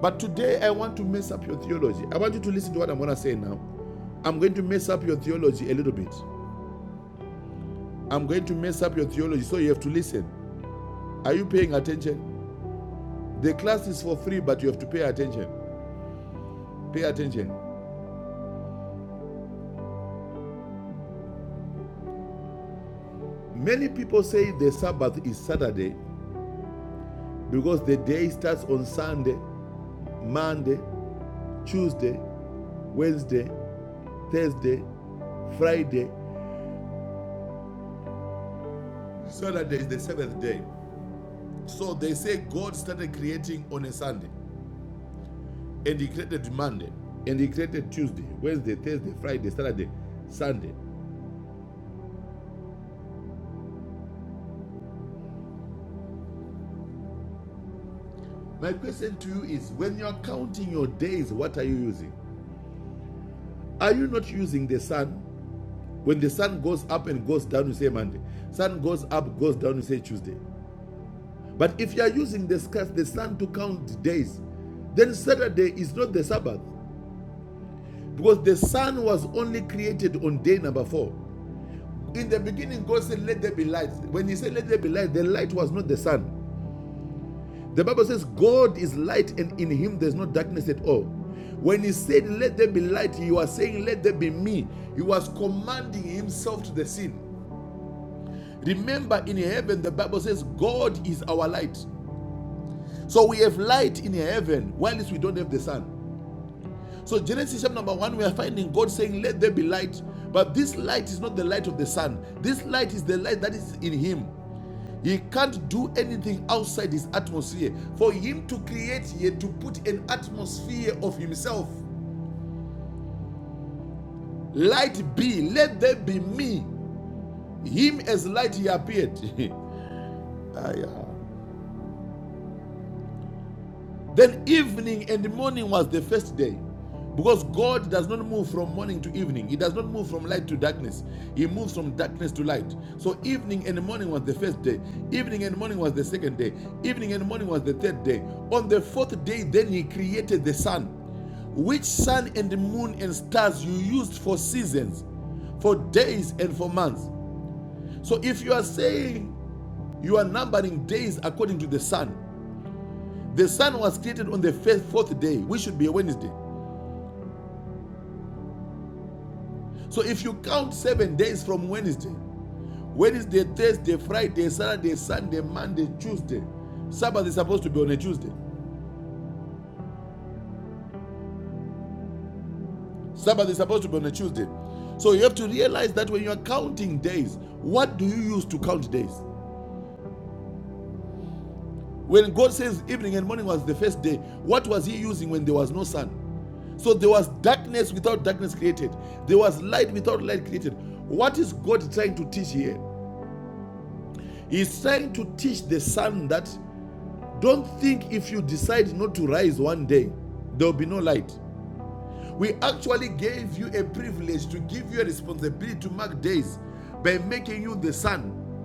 Speaker 5: But today I want to mess up your theology. I want you to listen to what I'm going to say now. I'm going to mess up your theology a little bit. I'm going to mess up your theology, so you have to listen. Are you paying attention? The class is for free, but you have to pay attention. Pay attention. Many people say the Sabbath is Saturday because the day starts on Sunday, Monday, Tuesday, Wednesday, Thursday, Friday. Saturday is the seventh day. So they say God started creating on a Sunday. And he created Monday. And he created Tuesday, Wednesday, Thursday, Friday, Saturday, Sunday. My question to you is when you are counting your days, what are you using? Are you not using the sun? When the sun goes up and goes down, you say Monday. Sun goes up, goes down, you say Tuesday. But if you are using the, the sun to count days, then Saturday is not the Sabbath because the sun was only created on day number four. In the beginning, God said, Let there be light. When He said, Let there be light, the light was not the sun. The Bible says, God is light, and in him there's no darkness at all. When he said, Let there be light, you are saying, Let there be me. He was commanding himself to the scene. Remember, in heaven, the Bible says, God is our light. So we have light in heaven, whilst we don't have the sun. So, Genesis chapter number one, we are finding God saying, Let there be light. But this light is not the light of the sun. This light is the light that is in him. He can't do anything outside his atmosphere. For him to create here, to put an atmosphere of himself, light be, let there be me. Him as light he appeared. <laughs> Ah, yeah. Then evening and the morning was the first day. Because God does not move from morning to evening. He does not move from light to darkness. He moves from darkness to light. So evening and morning was the first day. Evening and morning was the second day. Evening and morning was the third day. On the fourth day, then he created the sun, which sun and the moon and stars you used for seasons, for days and for months. So if you are saying you are numbering days according to the sun, the sun was created on the fourth day, which should be a Wednesday. So if you count seven days from Wednesday, Wednesday, Thursday, Friday, Saturday, Sunday, Monday, Tuesday, Sabbath is supposed to be on a Tuesday. Sabbath is supposed to be on a Tuesday. So you have to realize that when you are counting days, what do you use to count days? When God says evening and morning was the first day, what was He using when there was no sun? So there was darkness without darkness created. There was light without light created. What is God trying to teach here? He's trying to teach the sun that don't think if you decide not to rise one day, there will be no light. We actually gave you a privilege to give you a responsibility to mark days by making you the sun.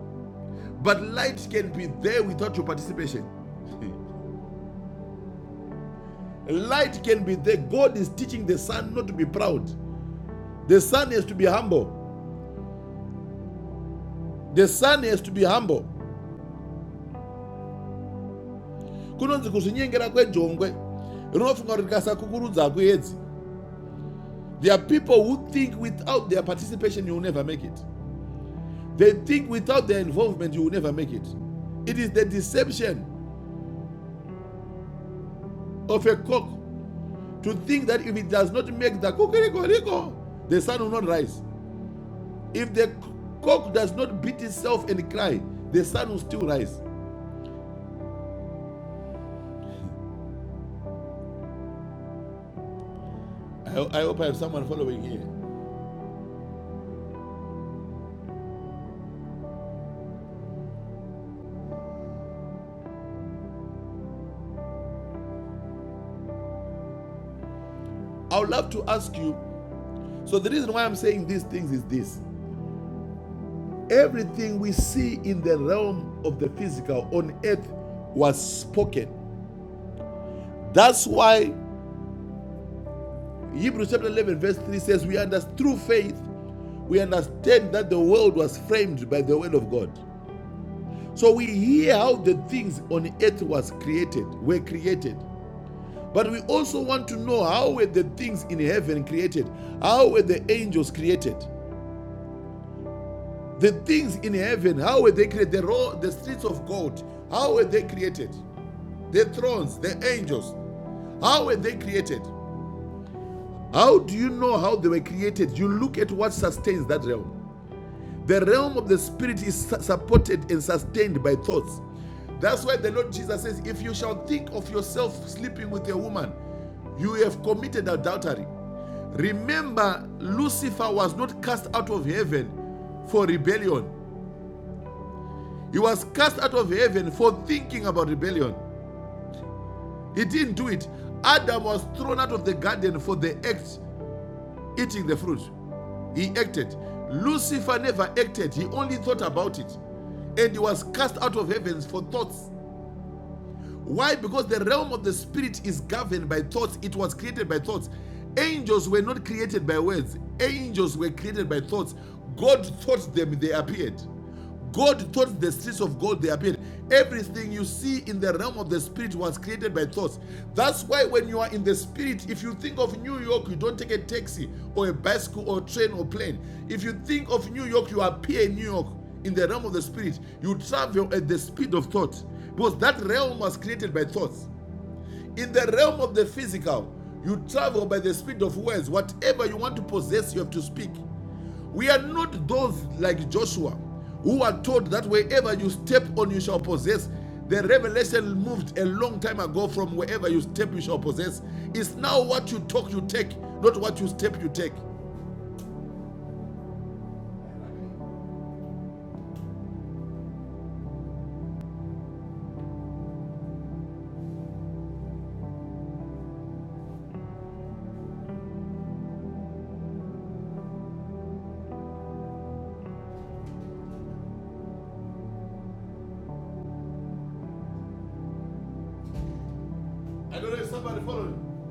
Speaker 5: But light can be there without your participation. <laughs> light can be there. God is teaching the sun not to be proud. The sun has to be humble. The sun has to be humble. There are people who think without their participation, you will never make it. They think without their involvement, you will never make it. It is the deception of a cock to think that if it does not make the kukuriko, the sun will not rise. If the cock does not beat itself and cry, the sun will still rise. I, I hope I have someone following here. I would love to ask you. So, the reason why I'm saying these things is this everything we see in the realm of the physical on earth was spoken That's why Hebrews chapter 11, verse 3 says, We understand through faith, we understand that the world was framed by the word of God. So we hear how the things on earth was created, were created. But we also want to know how were the things in heaven created? How were the angels created? The things in heaven, how were they created? The, ro- the streets of gold, how were they created? The thrones, the angels, how were they created? How do you know how they were created? You look at what sustains that realm. The realm of the spirit is supported and sustained by thoughts. That's why the Lord Jesus says, If you shall think of yourself sleeping with a woman, you have committed adultery. Remember, Lucifer was not cast out of heaven for rebellion, he was cast out of heaven for thinking about rebellion. He didn't do it. Adam was thrown out of the garden for the act eating the fruit. He acted. Lucifer never acted, he only thought about it. And he was cast out of heavens for thoughts why? Because the realm of the spirit is governed by thoughts, it was created by thoughts. Angels were not created by words, angels were created by thoughts. God thought them, they appeared. God thought the streets of gold; they appeared. Everything you see in the realm of the spirit was created by thoughts. That's why when you are in the spirit, if you think of New York, you don't take a taxi or a bicycle or train or plane. If you think of New York, you appear in New York in the realm of the spirit. You travel at the speed of thought. Because that realm was created by thoughts. In the realm of the physical, you travel by the speed of words. Whatever you want to possess, you have to speak. We are not those like Joshua who are told that wherever you step on, you shall possess. The revelation moved a long time ago from wherever you step, you shall possess. It's now what you talk, you take, not what you step, you take. I don't know if somebody followed.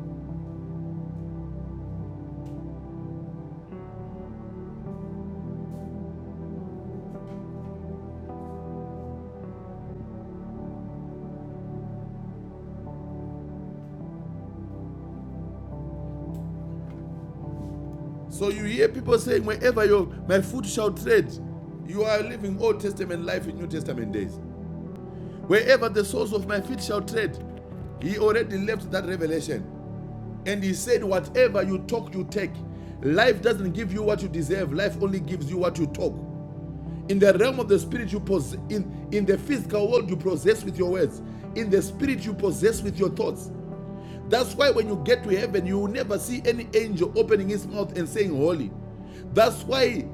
Speaker 5: So you hear people saying, wherever your my foot shall tread, you are living Old Testament life in New Testament days. Wherever the soles of my feet shall tread, he already left that revelation. And he said, Whatever you talk, you take. Life doesn't give you what you deserve, life only gives you what you talk. In the realm of the spirit, you possess, in, in the physical world, you possess with your words. In the spirit, you possess with your thoughts. That's why when you get to heaven, you will never see any angel opening his mouth and saying holy. That's why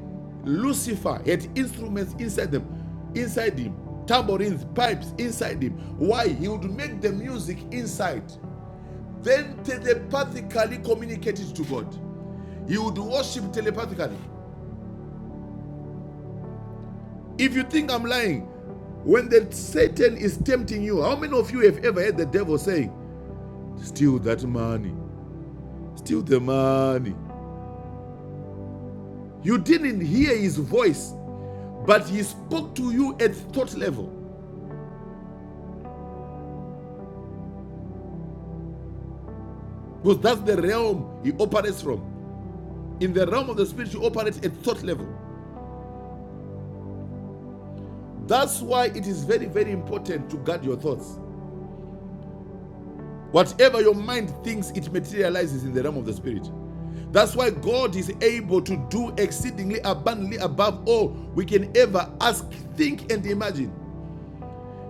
Speaker 5: Lucifer had instruments inside them, inside him, tambourines, pipes inside him. Why? He would make the music inside, then telepathically communicate it to God. He would worship telepathically. If you think I'm lying, when the Satan is tempting you, how many of you have ever heard the devil saying, Steal that money, steal the money? You didn't hear his voice, but he spoke to you at thought level. Because that's the realm he operates from. In the realm of the spirit, you operate at thought level. That's why it is very, very important to guard your thoughts. Whatever your mind thinks, it materializes in the realm of the spirit. That's why God is able to do exceedingly abundantly above all we can ever ask, think, and imagine.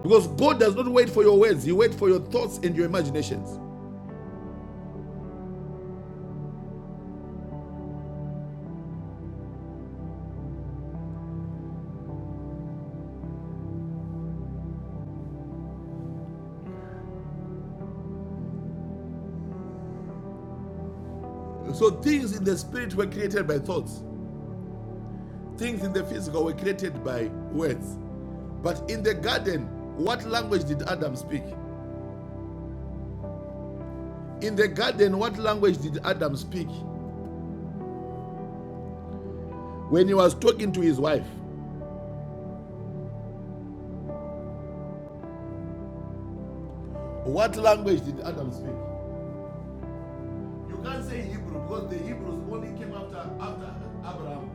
Speaker 5: Because God does not wait for your words, He waits for your thoughts and your imaginations. So things in the spirit were created by thoughts. Things in the physical were created by words. But in the garden, what language did Adam speak? In the garden, what language did Adam speak? When he was talking to his wife, what language did Adam speak? You can't say Hebrew because the Hebrews only came after after Abraham.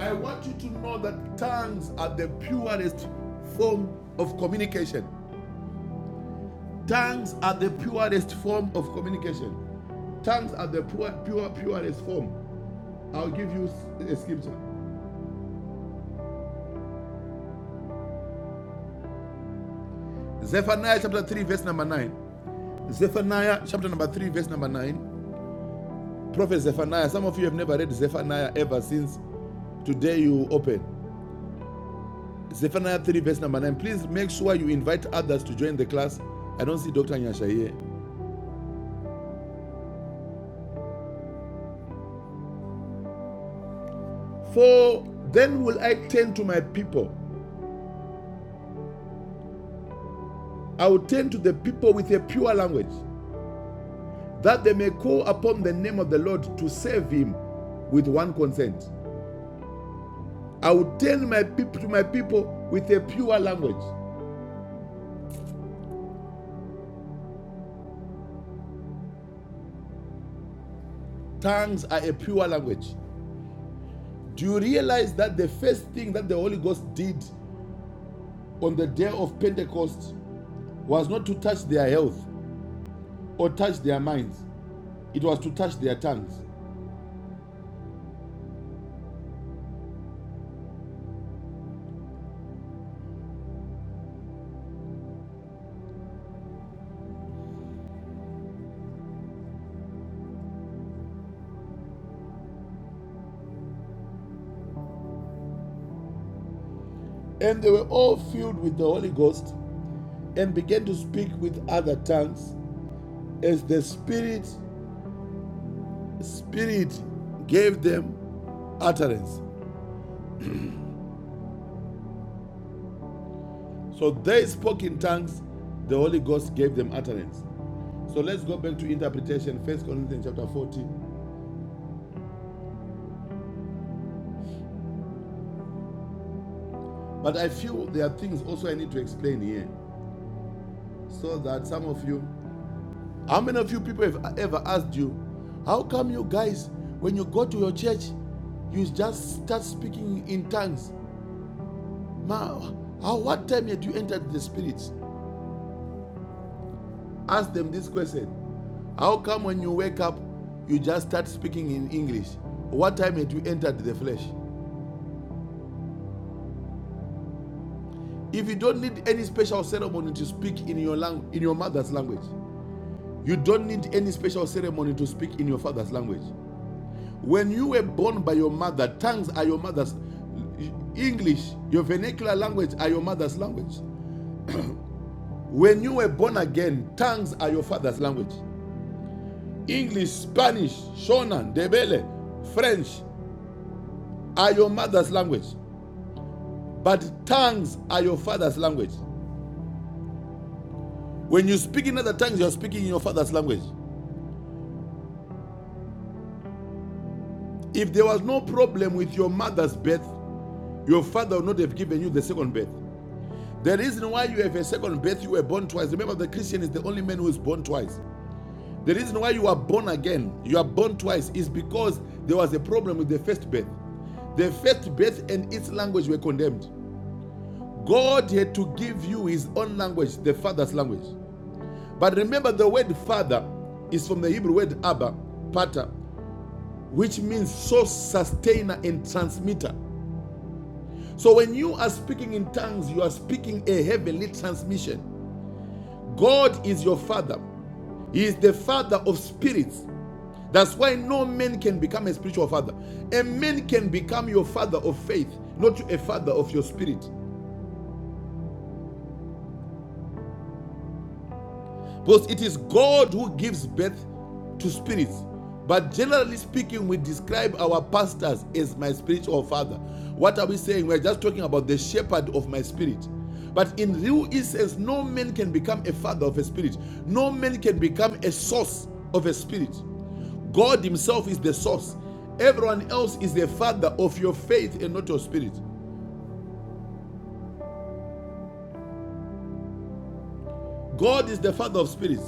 Speaker 5: I want you to know that tongues are the purest form of communication. Tongues are the purest form of communication. Tongues are the pure, pure, purest form. I'll give you a scripture. Zephaniah chapter 3, verse number 9. Zephaniah chapter number 3, verse number 9. Prophet Zephaniah. Some of you have never read Zephaniah ever since today you open. Zephaniah 3, verse number 9. Please make sure you invite others to join the class. I don't see Dr. Nyasha here. For then will I turn to my people. I will turn to the people with a pure language that they may call upon the name of the Lord to save him with one consent. I will tell my people to my people with a pure language. Tongues are a pure language. Do you realize that the first thing that the Holy Ghost did on the day of Pentecost was not to touch their health or touch their minds, it was to touch their tongues. And they were all filled with the Holy Ghost and began to speak with other tongues as the Spirit Spirit gave them utterance. So they spoke in tongues, the Holy Ghost gave them utterance. So let's go back to interpretation, First Corinthians chapter 14. But I feel there are things also I need to explain here. So that some of you, how many of you people have ever asked you, how come you guys, when you go to your church, you just start speaking in tongues? Ma, how, what time did you enter the spirits? Ask them this question How come when you wake up, you just start speaking in English? What time had you entered the flesh? If you don't need any special ceremony to speak in your language, in your mother's language, you don't need any special ceremony to speak in your father's language. When you were born by your mother, tongues are your mother's. English, your vernacular language, are your mother's language. When you were born again, tongues are your father's language. English, Spanish, Shona, Debele, French, are your mother's language, but tongues are your father's language. When you speak in other tongues, you are speaking in your father's language. If there was no problem with your mother's birth, your father would not have given you the second birth. The reason why you have a second birth, you were born twice. Remember, the Christian is the only man who is born twice. The reason why you are born again, you are born twice, is because there was a problem with the first birth. The first birth and its language were condemned. God had to give you his own language, the father's language. But remember, the word father is from the Hebrew word Abba, pater, which means source, sustainer, and transmitter. So when you are speaking in tongues, you are speaking a heavenly transmission. God is your father, He is the father of spirits. That's why no man can become a spiritual father. A man can become your father of faith, not a father of your spirit. Because it is God who gives birth to spirits. But generally speaking, we describe our pastors as my spiritual father. What are we saying? We're just talking about the shepherd of my spirit. But in real essence, no man can become a father of a spirit, no man can become a source of a spirit. God Himself is the source. Everyone else is the father of your faith and not your spirit. God is the father of spirits.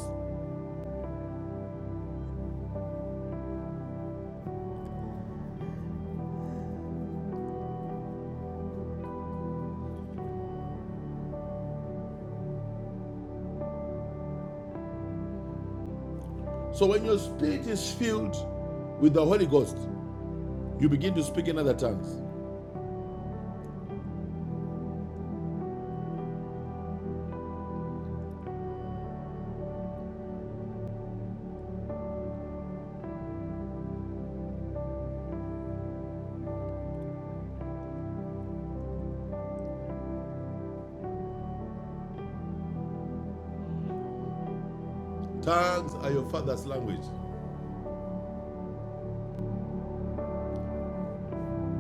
Speaker 5: So when your spirit is filled with the Holy Ghost, You begin to speak in other tongues. Tongues are your father's language.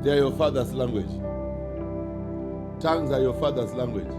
Speaker 5: They are your father's language. Tongues are your father's language.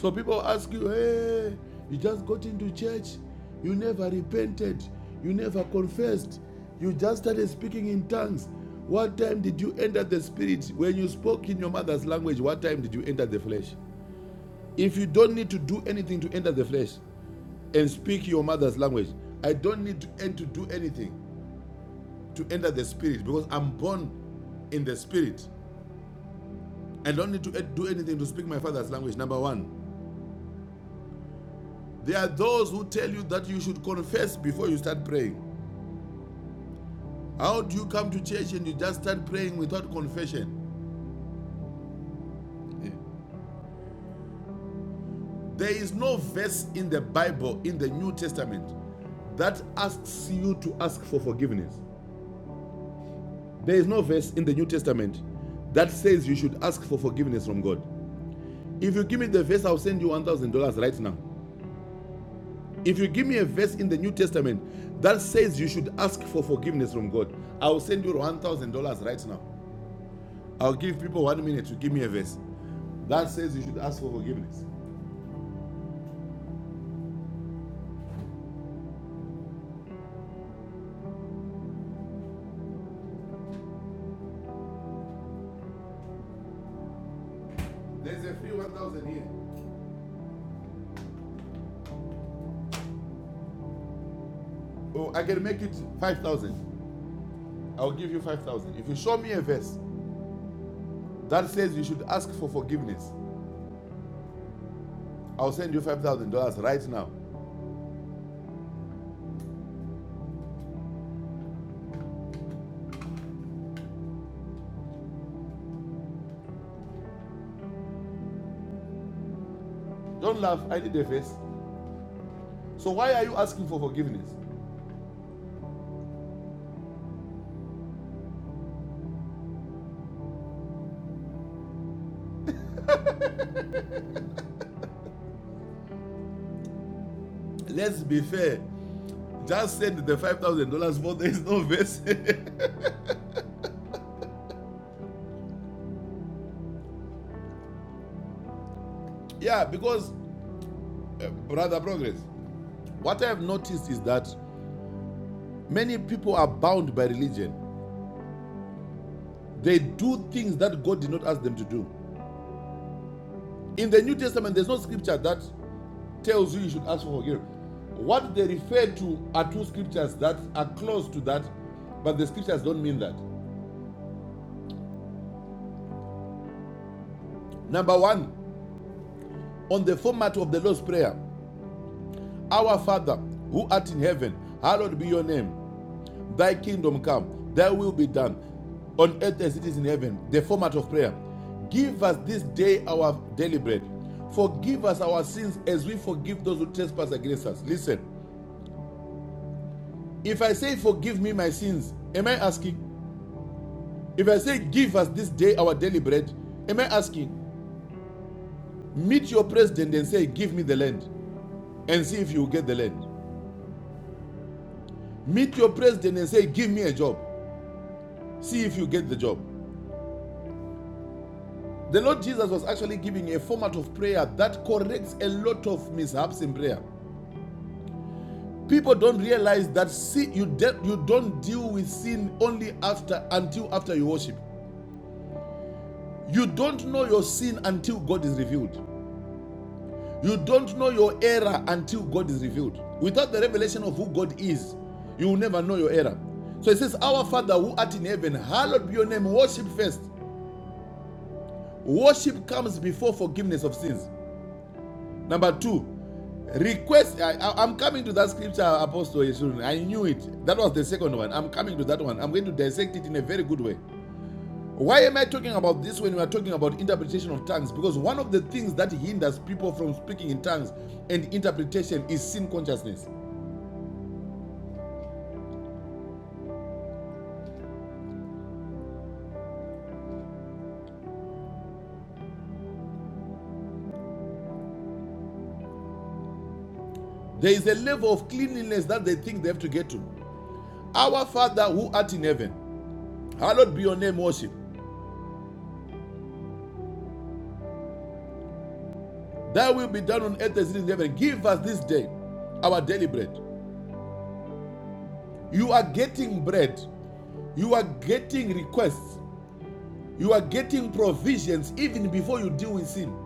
Speaker 5: So people ask you, hey, you just got into church, you never repented, you never confessed, you just started speaking in tongues. What time did you enter the spirit? When you spoke in your mother's language, what time did you enter the flesh? If you don't need to do anything to enter the flesh and speak your mother's language, I don't need to, to do anything. to enter the spirit because I'm born in the spirit. I don't need to do anything to speak my father's language. Number one, there are those who tell you that you should confess before you start praying. How do you come to church and you just start praying without confession? There is no verse in the Bible, in the New Testament, that asks you to ask for forgiveness. There is no verse in the New Testament that says you should ask for forgiveness from God. If you give me the verse, I'll send you $1,000 right now. If you give me a verse in the New Testament that says you should ask for forgiveness from God, I will send you $1,000 right now. I'll give people one minute to give me a verse that says you should ask for forgiveness. There's a free 1,000 here. Oh, I can make it 5,000. I'll give you 5,000. If you show me a verse that says you should ask for forgiveness, I'll send you $5,000 right now. Don't laugh, I need a verse. So why are you asking for forgiveness? Let's be fair. Just send the $5,000 for there's no verse. <laughs> Yeah, because, uh, Brother Progress, what I have noticed is that many people are bound by religion. They do things that God did not ask them to do. In the New Testament, there's no scripture that tells you you should ask for forgiveness. What they refer to are two scriptures that are close to that, but the scriptures don't mean that. Number one, on the format of the Lord's Prayer, Our Father, who art in heaven, hallowed be your name. Thy kingdom come, thy will be done on earth as it is in heaven. The format of prayer. Give us this day our daily bread. Forgive us our sins as we forgive those who trespass against us. Listen, if I say, Forgive me my sins, am I asking? If I say, Give us this day our daily bread, am I asking? Meet your president and say, Give me the land, and see if you get the land. Meet your president and say, Give me a job, see if you get the job. The Lord Jesus was actually giving a format of prayer that corrects a lot of mishaps in prayer. People don't realize that see, you, de- you don't deal with sin only after until after you worship. You don't know your sin until God is revealed. You don't know your error until God is revealed. Without the revelation of who God is, you will never know your error. So it says, Our Father who art in heaven, hallowed be your name, worship first. Worship comes before forgiveness of sins. Number two, request. I, I- I'm coming to that scripture, Apostle Yesurun. I knew it. That was the second one. I'm coming to that one. I'm going to dissect it in a very good way. Why am I talking about this when we are talking about interpretation of tongues? Because one of the things that hinders people from speaking in tongues and interpretation is sin consciousness. There is a level of cleanliness that they think they have to get to. Our Father who art in heaven, hallowed be your name, worship. Thy will be done on earth as it is in heaven. Give us this day our daily bread. You are getting bread You are getting requests. You are getting provisions even before you deal with sin.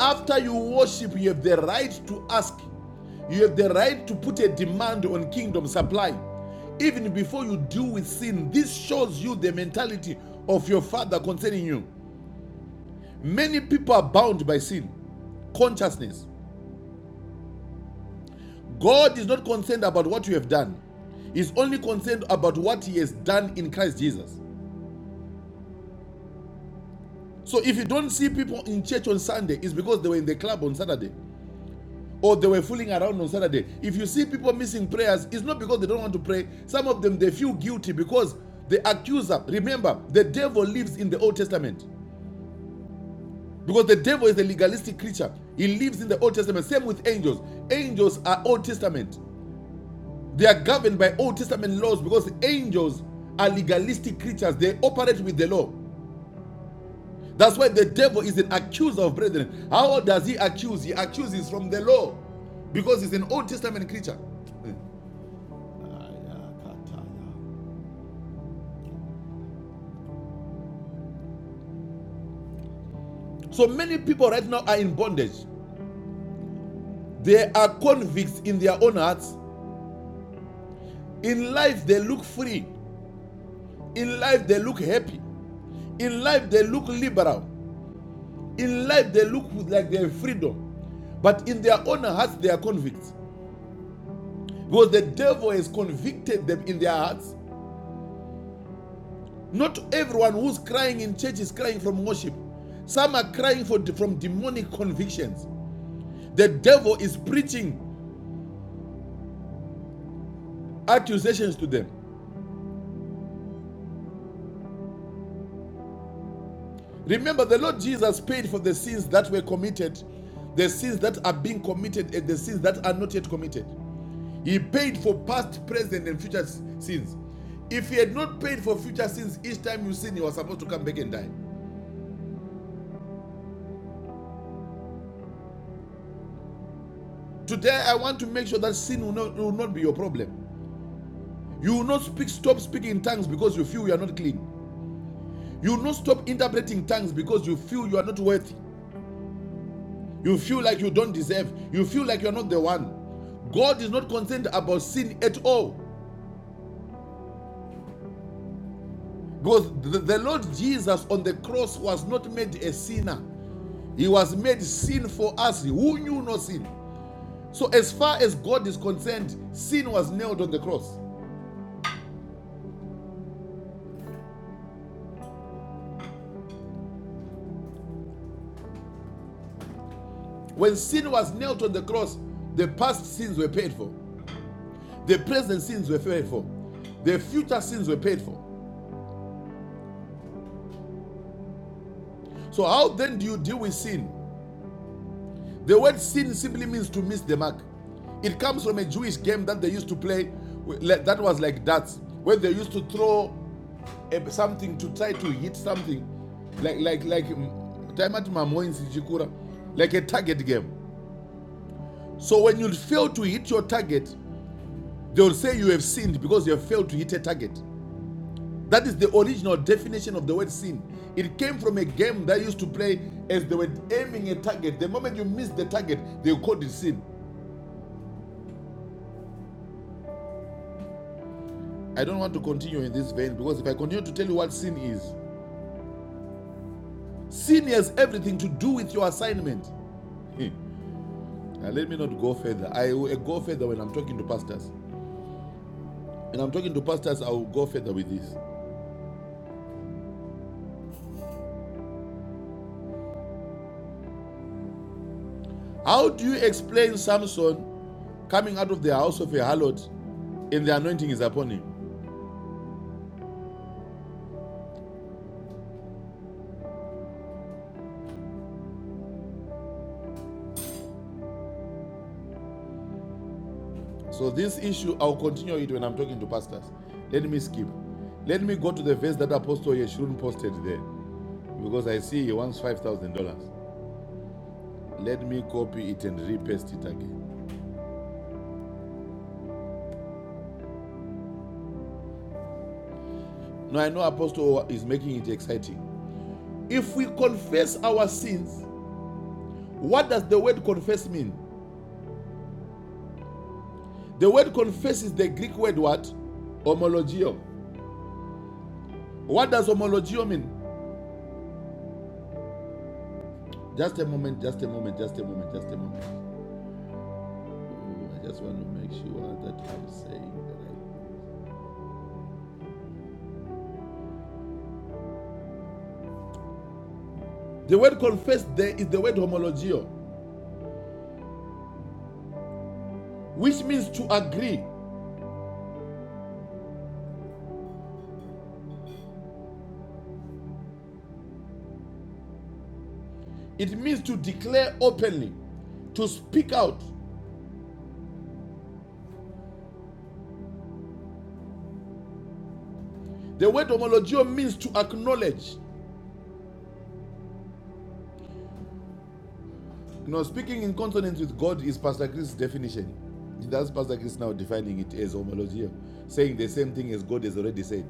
Speaker 5: After you worship, you have the right to ask. You have the right to put a demand on kingdom supply. Even before you deal with sin, this shows you the mentality of your father concerning you. Many people are bound by sin, consciousness. God is not concerned about what you have done, He's only concerned about what He has done in Christ Jesus. So if you don't see people in church on Sunday, it's because they were in the club on Saturday or they were fooling around on Saturday. If you see people missing prayers, it's not because they don't want to pray. Some of them they feel guilty because the accuser, remember, the devil lives in the Old Testament. Because the devil is a legalistic creature. He lives in the Old Testament. Same with angels. Angels are Old Testament. They are governed by Old Testament laws because angels are legalistic creatures. They operate with the law. That's why the devil is an accuser of brethren. How does he accuse? He accuses from the law because he's an Old Testament creature. So many people right now are in bondage. They are convicts in their own hearts. In life, they look free. In life, they look happy. In life, they look liberal. In life, they look like they have freedom. But in their own hearts, they are convicts. Because the devil has convicted them in their hearts Not everyone who's crying in church is crying from worship. Some are crying for, from demonic convictions. The devil is preaching accusations to them. Remember, the Lord Jesus paid for the sins that were committed, the sins that are being committed, and the sins that are not yet committed. He paid for past, present, and future sins. If he had not paid for future sins each time you sin, you are supposed to come back and die. Today, I want to make sure that sin will not, will not be your problem. You will not speak, stop speaking in tongues because you feel you are not clean. You will not stop interpreting tongues because you feel you are not worthy. You feel like you don't deserve. You feel like you're not the one. God is not concerned about sin at all. Because the, the Lord Jesus on the cross was not made a sinner, He was made sin for us who knew no sin. So, as far as God is concerned, sin was nailed on the cross. When sin was nailed on the cross, the past sins were paid for, the present sins were paid for, the future sins were paid for. So, how then do you deal with sin? The word sin simply means to miss the mark. It comes from a Jewish game that they used to play like- that was like darts, where they used to throw something to try to hit something, like like like mm, time at Mamoins in Chikura, like a target game. So when you fail to hit your target, they will say you have sinned because you have failed to hit a target. That is the original definition of the word sin. It came from a game that used to play as they were aiming a target. The moment you miss the target, they called it sin. I don't want to continue in this vein because if I continue to tell you what sin is, sin has everything to do with your assignment. Hey, now, let me not go further. I will uh, go further when I'm talking to pastors. When I'm talking to pastors, I will go further with this. How do you explain Samson coming out of the house of a harlot and the anointing is upon him? So, this issue, I'll continue it when I'm talking to pastors. Let me skip. Let me go to the verse that Apostle Yeshurun posted there because I see he wants $5,000. Let me copy it and repaste it again. Now I know Apostle is making it exciting. If we confess our sins, what does the word confess mean? The word confess is the Greek word what? Homologio. What does homologio mean? Just a moment, just a moment, just a moment, just a moment. Oh, I just want to make sure that I'm saying the right. The word confess there is the word homologio, which means to agree. It means to declare openly, to speak out, The word homologio means to acknowledge. You know, speaking in consonance with God is Pastor Chris' definition. That's Pastor Chris now defining it as homologio, saying the same thing as God has already said.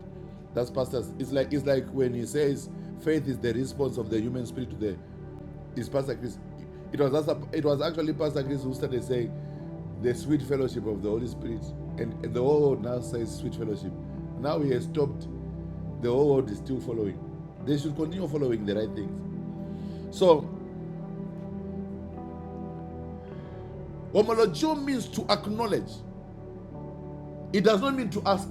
Speaker 5: That's Pastor's. It's like it's like when he says faith is the response of the human spirit to the. Is Pastor Chris? It was it was actually Pastor Chris who started saying the sweet fellowship of the Holy Spirit, and, and the whole world now says sweet fellowship. Now he has stopped. The whole world is still following. They should continue following the right things. So Homologio means to acknowledge, it does not mean to ask.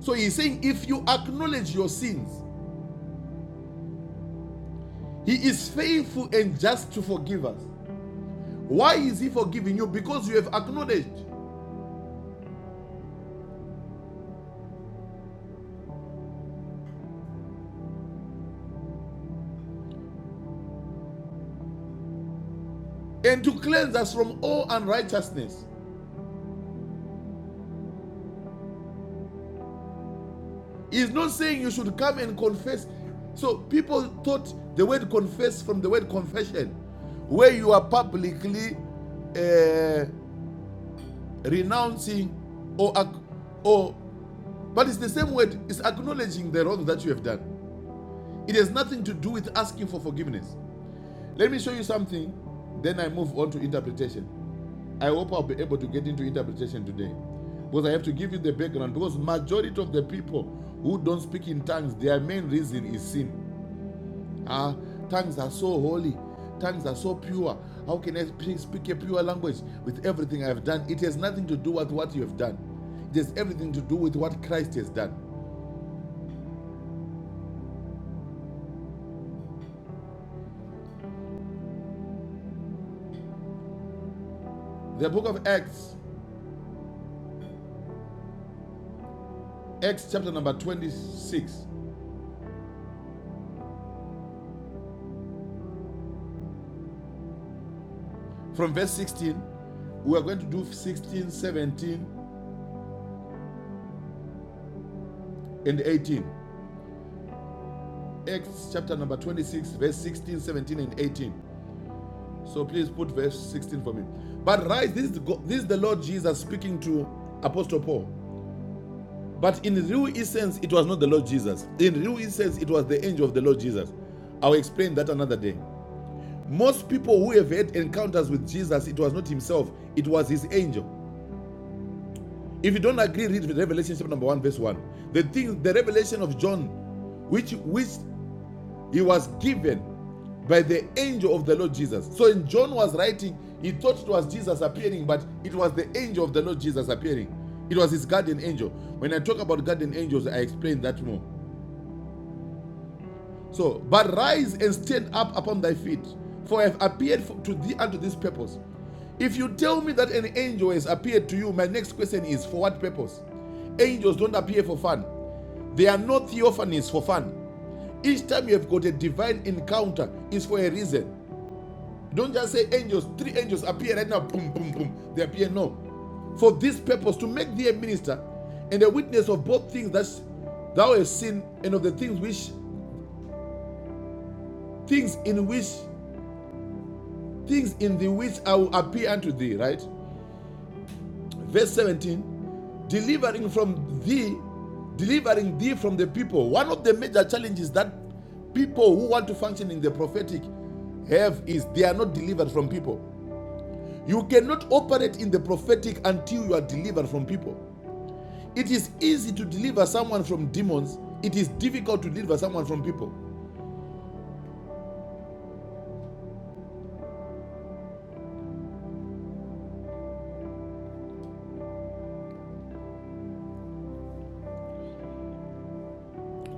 Speaker 5: So he's saying, if you acknowledge your sins, he is faithful and just to forgive us. Why is he forgiving you? Because you have acknowledged and to cleanse us from all unrighteousness. He's not saying you should come and confess. So people thought the word confess from the word confession, where you are publicly uh, renouncing or, or But it's the same word, it's acknowledging the wrong that you have done. It has nothing to do with asking for forgiveness. Let me show you something, then I move on to interpretation. I hope I'll be able to get into interpretation today. Because I have to give you the background. Because majority of the people who don't speak in tongues, their main reason is sin. Ah, tongues are so holy, tongues are so pure. How can I speak a pure language with everything I have done? It has nothing to do with what you have done. It has everything to do with what Christ has done. The book of Acts Acts chapter number 26, from verse 16. We are going to do 16, 17, and 18. Acts chapter number 26, verse 16, 17, and 18. So please put verse 16 for me. But rise, this is, the this is the Lord Jesus speaking to Apostle Paul. But in real essence, it was not the Lord Jesus. In real essence, it was the angel of the Lord Jesus. I'll explain that another day. Most people who have had encounters with Jesus, it was not himself, it was his angel. If you don't agree, read Revelation chapter number one, verse one. The thing, the revelation of John, which which he was given by the angel of the Lord Jesus. So when John was writing, he thought it was Jesus appearing, but it was the angel of the Lord Jesus appearing. It was his guardian angel. When I talk about guardian angels, I explain that more. So, but rise and stand up upon thy feet, for I have appeared to thee unto this purpose. If you tell me that an angel has appeared to you, my next question is for what purpose? Angels don't appear for fun, they are not theophanies for fun. Each time you have got a divine encounter is for a reason. Don't just say angels, three angels appear right now, boom, boom, boom. They appear no. For this purpose, to make thee a minister and a witness of both things that thou hast seen and of the things which things in which things in the which I will appear unto thee, right? Verse 17, delivering from thee, delivering thee from the people. One of the major challenges that people who want to function in the prophetic have is they are not delivered from people. You cannot operate in the prophetic until you are delivered from people. It is easy to deliver someone from demons, it is difficult to deliver someone from people.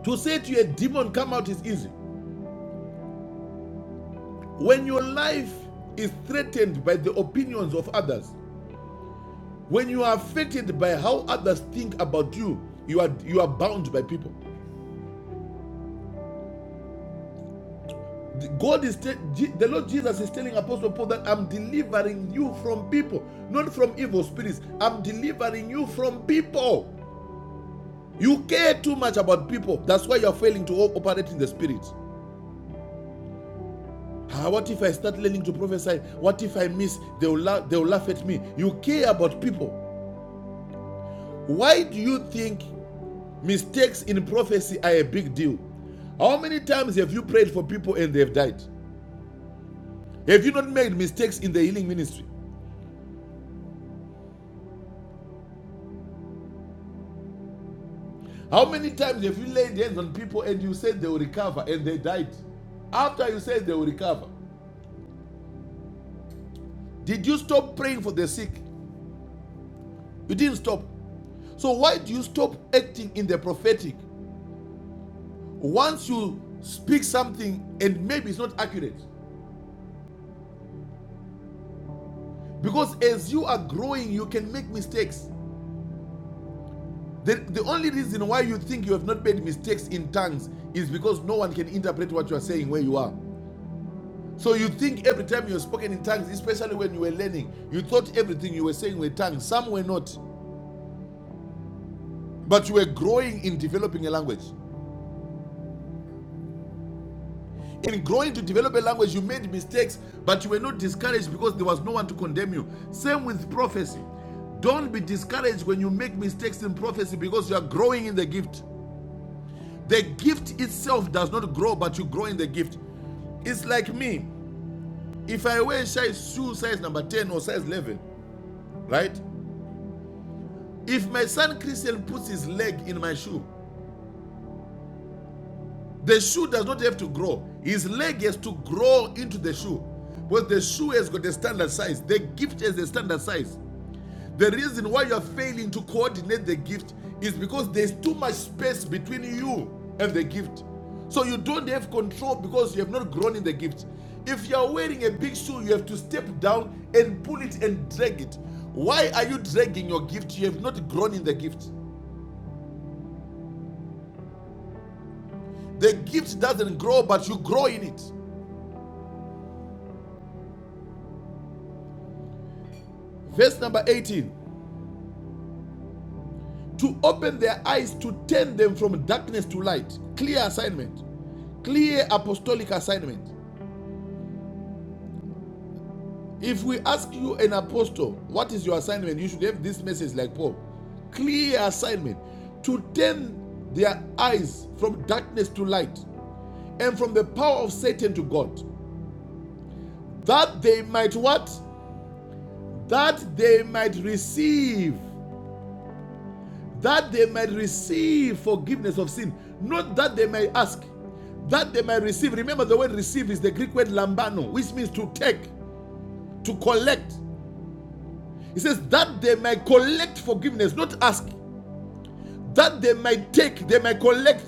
Speaker 5: To say to a demon, come out is easy. When your life is threatened by the opinions of others, When you are affected by how others think about you, you are you are bound by people. God is the Lord Jesus is telling Apostle Paul that I'm delivering you from people, not from evil spirits. I'm delivering you from people. You care too much about people. That's why you're failing to operate in the spirit. Ah, what if I start learning to prophesy? What if I miss? They will, la- they will laugh at me. You care about people. Why do you think Mistakes in prophecy are a big deal. How many times have you prayed for people and they've died? Have you not made mistakes in the healing ministry? How many times have you laid hands on people and you said they will recover and they died? After you said they will recover, did you stop praying for the sick? You didn't stop. So why do you stop acting in the prophetic once you speak something and maybe it's not accurate? Because as you are growing, you can make mistakes. The, the only reason why you think you have not made mistakes in tongues is because no one can interpret what you are saying where you are. So you think every time you have spoken in tongues, especially when you were learning, you thought everything you were saying were tongues. Some were not. But you were growing in developing a language. In growing to develop a language, you made mistakes, but you were not discouraged because there was no one to condemn you. Same with prophecy. Don't be discouraged when you make mistakes in prophecy because you are growing in the gift. The gift itself does not grow, but you grow in the gift. It's like me. If I wear size shoe size number 10 or size 11, right? If my son Christian puts his leg in my shoe, the shoe does not have to grow. His leg has to grow into the shoe. But the shoe has got a standard size. The gift has a standard size. The reason why you are failing to coordinate the gift is because there's too much space between you and the gift. So you don't have control because you have not grown in the gift. If you are wearing a big shoe, you have to step down and pull it and drag it. Why are you dragging your gift? You have not grown in the gift. The gift doesn't grow, but you grow in it. Verse number 18 to open their eyes to turn them from darkness to light. Clear assignment, clear apostolic assignment If we ask you, an apostle, what is your assignment? You should have this message like Paul. Clear assignment to turn their eyes from darkness to light and from the power of Satan to God. That they might what? That they might receive. That they might receive forgiveness of sin. Not that they may ask. That they might receive. Remember the word receive is the Greek word lambano, which means to take, to collect. It says that they might collect forgiveness, not ask. that they might take, they might collect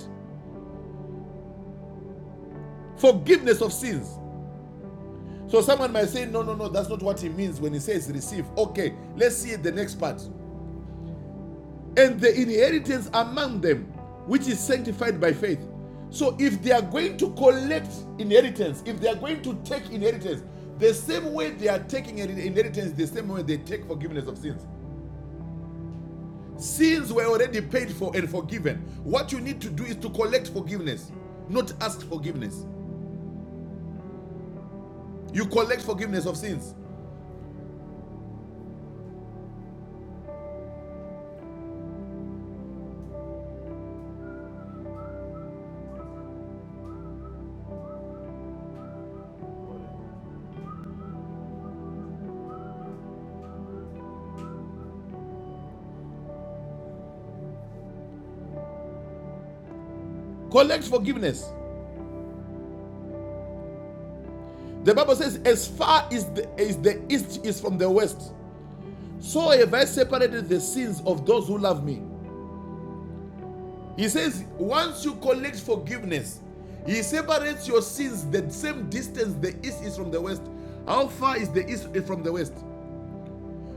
Speaker 5: forgiveness of sins. So someone might say, no, no, no, that's not what he means when he says receive. Okay, let's see the next part. And the inheritance among them, which is sanctified by faith. So if they are going to collect inheritance, if they are going to take inheritance, the same way they are taking inheritance, the same way they take forgiveness of sins. Sins were already paid for and forgiven. What you need to do is to collect forgiveness, not ask forgiveness. you collect forgiveness of sins. Collect forgiveness. The Bible says, as far as the, as the east is from the west, so have I separated the sins of those who love me. He says, once you collect forgiveness, he separates your sins the same distance the east is from the west. How far is the east from the west?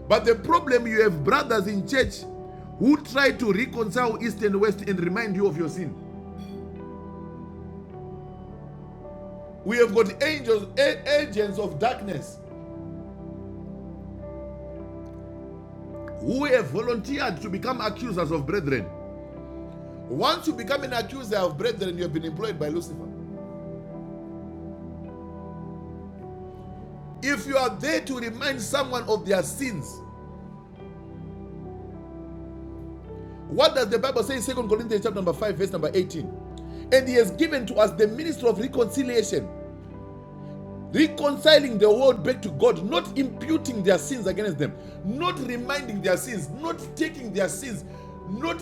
Speaker 5: But the problem you have brothers in church who try to reconcile east and west and remind you of your sin. We have got angels, agents of darkness who have volunteered to become accusers of brethren. Once you become an accuser of brethren, you have been employed by Lucifer. If you are there to remind someone of their sins, what does the Bible say in Second Corinthians chapter number 5, verse number 18? And he has given to us the ministry of reconciliation, reconciling the world back to God, not imputing their sins against them, not reminding their sins, not taking their sins, not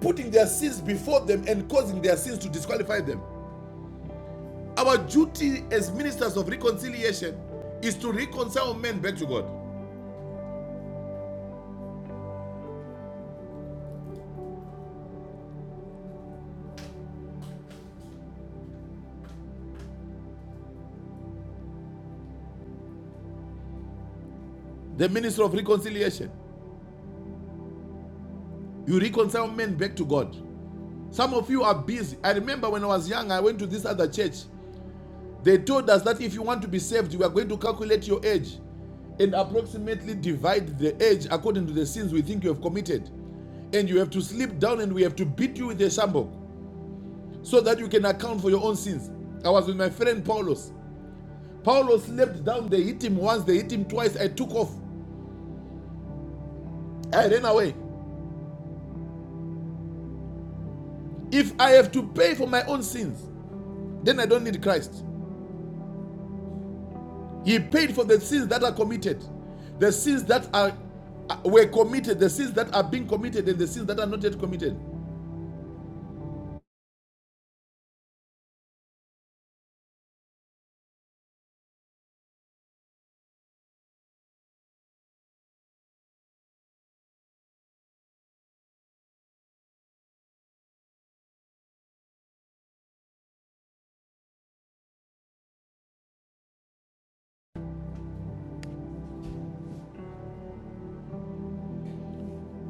Speaker 5: putting their sins before them and causing their sins to disqualify them. Our duty as ministers of reconciliation is to reconcile men back to God. The minister of reconciliation, you reconcile men back to God. Some of you are busy. I remember when I was young, I went to this other church. They told us that if you want to be saved, you are going to calculate your age and approximately divide the age according to the sins we think you have committed. And you have to slip down and we have to beat you with a shambok so that you can account for your own sins. I was with my friend Paulos. Paulo slept down. They hit him once, they hit him twice. I took off. I ran away. If I have to pay for my own sins, then I don't need Christ. He paid for the sins that are committed, the sins that are uh, were committed, the sins that are being committed, and the sins that are not yet committed.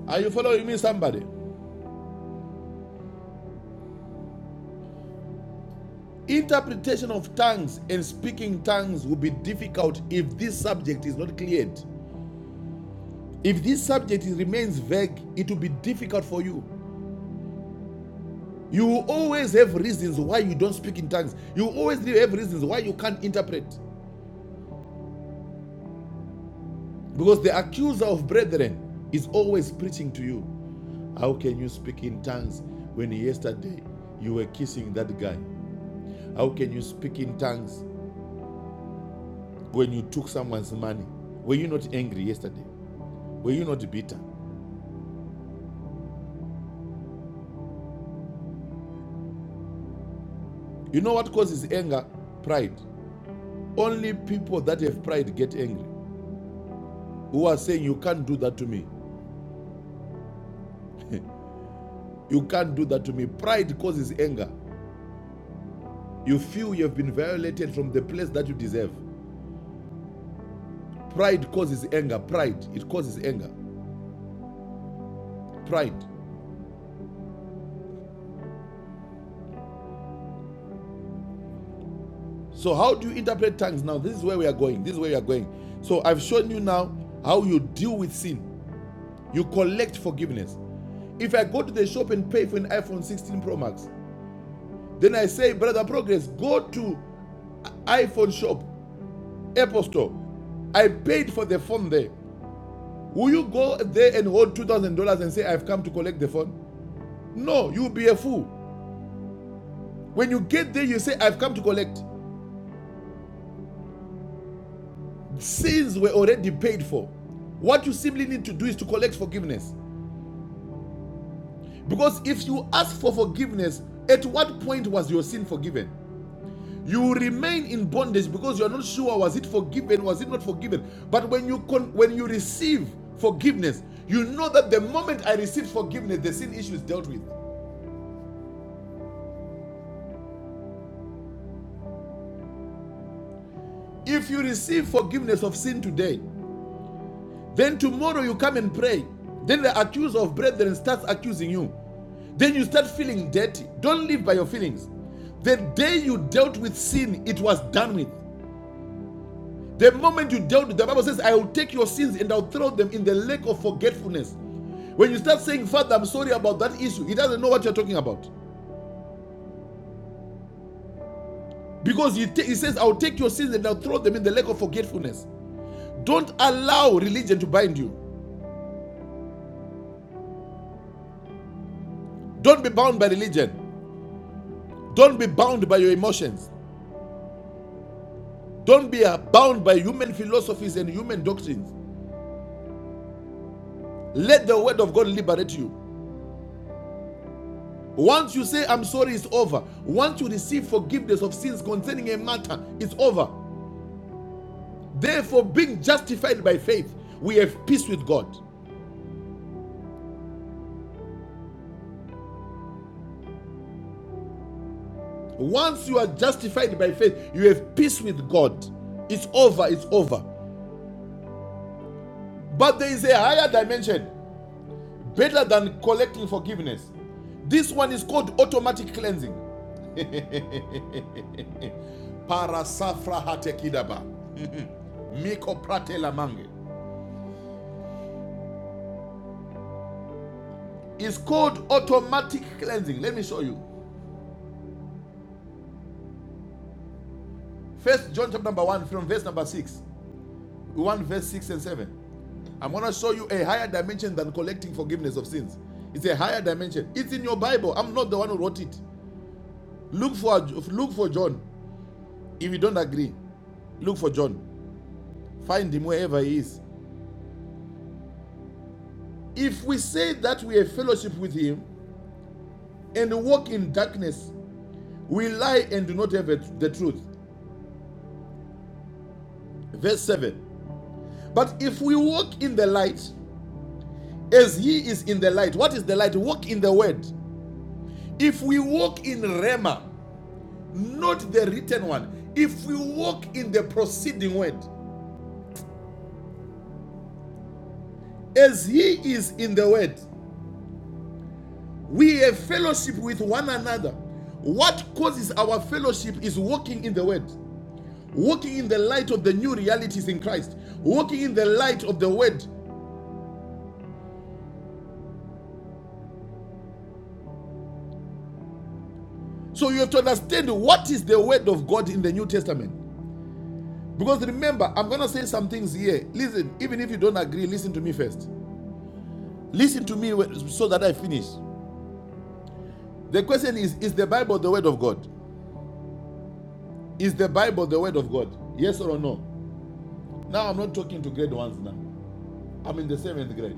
Speaker 5: Are you following me, somebody? Interpretation of tongues and speaking tongues will be difficult if this subject is not cleared. If this subject remains vague, it will be difficult for you. You always have reasons why you don't speak in tongues. You always have reasons why you can't interpret. Because the accuser of brethren is always preaching to you. How can you speak in tongues when yesterday you were kissing that guy? How can you speak in tongues when you took someone's money? Were you not angry yesterday? Were you not bitter? You know what causes anger? Pride. Only people that have pride get angry. Who are saying, You can't do that to me. <laughs> you can't do that to me. Pride causes anger. You feel you have been violated from the place that you deserve. Pride causes anger. Pride. It causes anger. Pride. So, how do you interpret tongues now? This is where we are going. This is where we are going. So, I've shown you now how you deal with sin. You collect forgiveness. If I go to the shop and pay for an iPhone 16 Pro Max, then I say, Brother Progress, go to iPhone shop, Apple Store. I paid for the phone there. Will you go there and hold two thousand dollars and say I've come to collect the phone? No, you'll be a fool. When you get there, you say, I've come to collect. Sins were already paid for. What you simply need to do is to collect forgiveness. Because if you ask for forgiveness, at what point was your sin forgiven? You remain in bondage because you're not sure was it forgiven, was it not forgiven. But when you con- when you receive forgiveness, you know that the moment I receive forgiveness, the sin issue is dealt with. If you receive forgiveness of sin today, Then tomorrow you come and pray. Then the accuser of brethren starts accusing you. Then you start feeling dirty. Don't live by your feelings. The day you dealt with sin, it was done with. The moment you dealt with, the Bible says, I will take your sins and I'll throw them in the lake of forgetfulness. When you start saying, Father, I'm sorry about that issue, he doesn't know what you're talking about. Because he, he says, I'll take your sins and I'll throw them in the lake of forgetfulness. Don't allow religion to bind you. Don't be bound by religion. Don't be bound by your emotions. Don't be uh, bound by human philosophies and human doctrines. Let the word of God liberate you. Once you say, I'm sorry, it's over. Once you receive forgiveness of sins concerning a matter, it's over. Therefore, being justified by faith, we have peace with God. Once you are justified by faith, you have peace with God. It's over, it's over. But there is a higher dimension, better than collecting forgiveness. This one is called automatic cleansing. <laughs> Parasafra hatekidaba. Miko prate lamange. It's called automatic cleansing. Let me show you. First John chapter number one from verse number six. One verse six and seven. I'm gonna show you a higher dimension than collecting forgiveness of sins. It's a higher dimension. It's in your Bible. I'm not the one who wrote it. Look for look for John. If you don't agree, look for John. Find him wherever he is. If we say that we have fellowship with him and walk in darkness, we lie and do not have the truth. Verse 7. But if we walk in the light, as he is in the light, what is the light? Walk in the word. If we walk in Rema, not the written one, if we walk in the proceeding word, as he is in the word, we have fellowship with one another. What causes our fellowship is walking in the word, walking in the light of the new realities in Christ, walking in the light of the word So you have to understand what is the word of God in the New Testament. Because remember, I'm going to say some things here. Listen, even if you don't agree, listen to me first. Listen to me so that I finish. The question is Is the Bible the word of God? Is the Bible the word of God? Yes or no? Now I'm not talking to grade ones now. I'm in the seventh grade.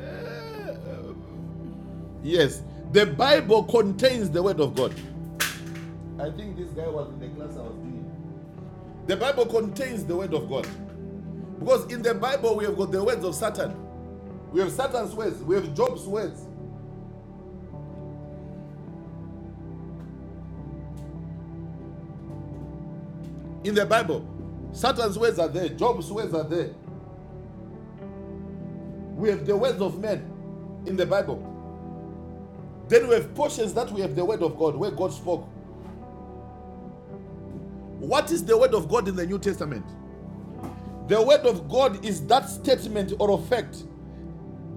Speaker 5: Uh, Yes, the Bible contains the word of God. I think this guy was in the class I was in. The Bible contains the word of God. Because in the Bible, we have got the words of Satan. We have Satan's words. We have Job's words in the Bible. Satan's words are there. Job's words are there. We have the words of men in the Bible. Then we have portions that we have the word of God, where God spoke. What is the word of God in the New Testament? The word of God is that statement or a fact.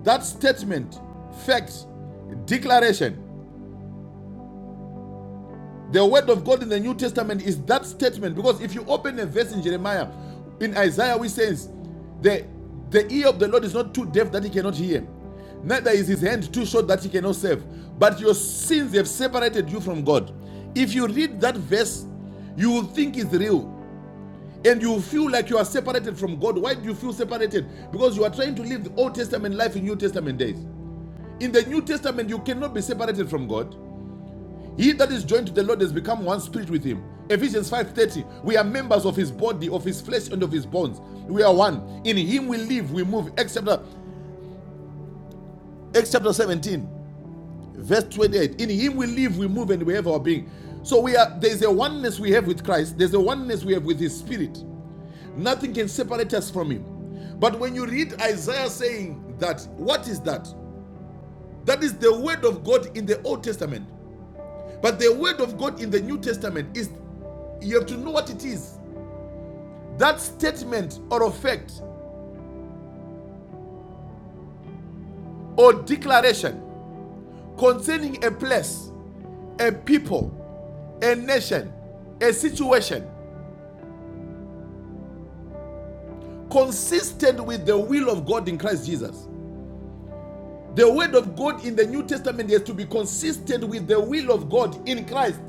Speaker 5: That statement, fact, declaration The word of God in the New Testament is that statement because if you open a verse in Jeremiah, in Isaiah, we says, the the ear of the Lord is not too deaf that he cannot hear, neither is his hand too short that he cannot save. But your sins have separated you from God. If you read that verse, you will think it's real. And you will feel like you are separated from God. Why do you feel separated? Because you are trying to live the Old Testament life in New Testament days. In the New Testament, you cannot be separated from God. He that is joined to the Lord has become one spirit with him. Ephesians 5:30. We are members of his body, of his flesh, and of his bones. We are one. In him we live, we move. Acts chapter, Acts chapter 17, verse 28. In him we live, we move, and we have our being. So we are there's a oneness we have with Christ, there's a oneness we have with his spirit. Nothing can separate us from him. But when you read Isaiah saying that, what is that? That is the word of God in the Old Testament. But the word of God in the New Testament is you have to know what it is. That statement or a fact or declaration concerning a place, a people, a nation, a situation consistent with the will of God in Christ Jesus. The word of God in the New Testament has to be consistent with the will of God in Christ.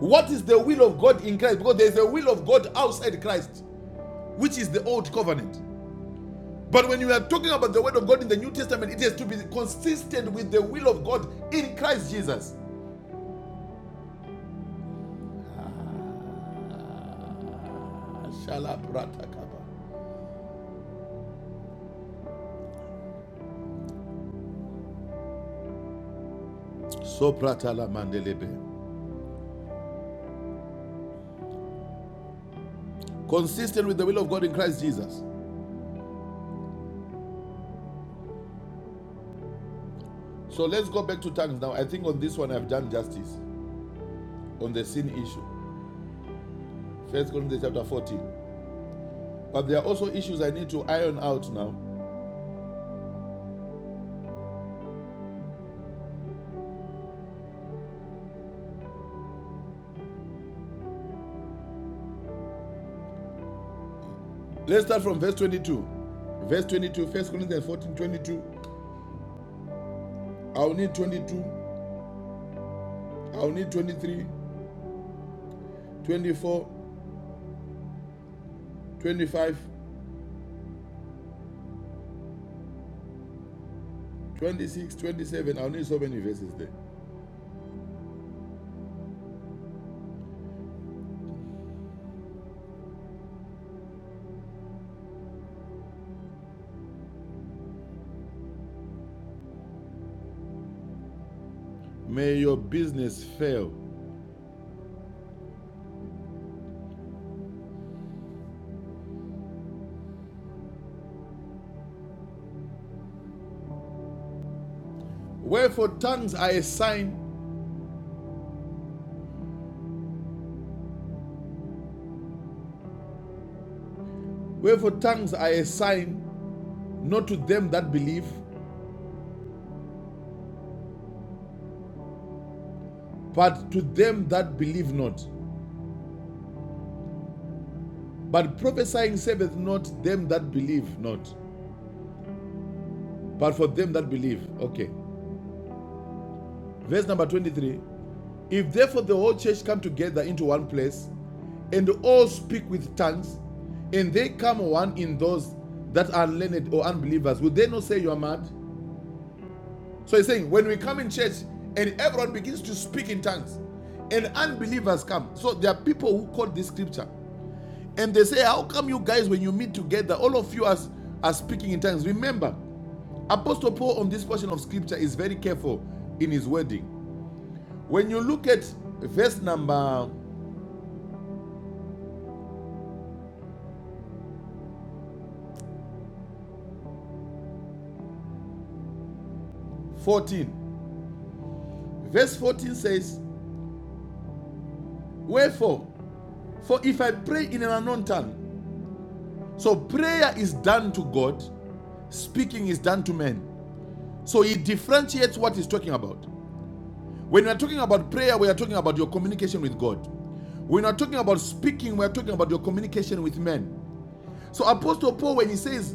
Speaker 5: What is the will of God in Christ? Because there is a will of God outside Christ, which is the old covenant. But when you are talking about the word of God in the New Testament, it has to be consistent with the will of God in Christ Jesus. Shalapratakaba. Sopratalamandelebe. Consistent with the will of God in Christ Jesus. So let's go back to tongues now. I think on this one I've done justice on the sin issue. First Corinthians chapter 14. But there are also issues I need to iron out now. Let's start from verse 22. Verse 22, First Corinthians 14 22. I'll need 22. I'll need 23. Twenty-four, twenty-five, twenty-six, twenty-seven. I'll need so many verses there. May your business fail. Wherefore tongues are a sign, wherefore tongues are a sign, not to them that believe, but to them that believe not. But prophesying saveth not them that believe not, but for them that believe. Okay. Verse number 23. If therefore the whole church come together into one place, and all speak with tongues, and they come one in those that are learned or unbelievers, would they not say you are mad? So he's saying, when we come in church and everyone begins to speak in tongues, and unbelievers come. So there are people who quote this scripture, and they say, How come you guys, when you meet together, all of you are, are speaking in tongues? Remember, Apostle Paul on this portion of scripture is very careful in his wording. When you look at verse number 14. Verse 14 says, Wherefore, for if I pray in an unknown tongue, so prayer is done to God, speaking is done to men. So he differentiates what he's talking about. When we are talking about prayer, we are talking about your communication with God. When we are talking about speaking, we are talking about your communication with men. So Apostle Paul, when he says,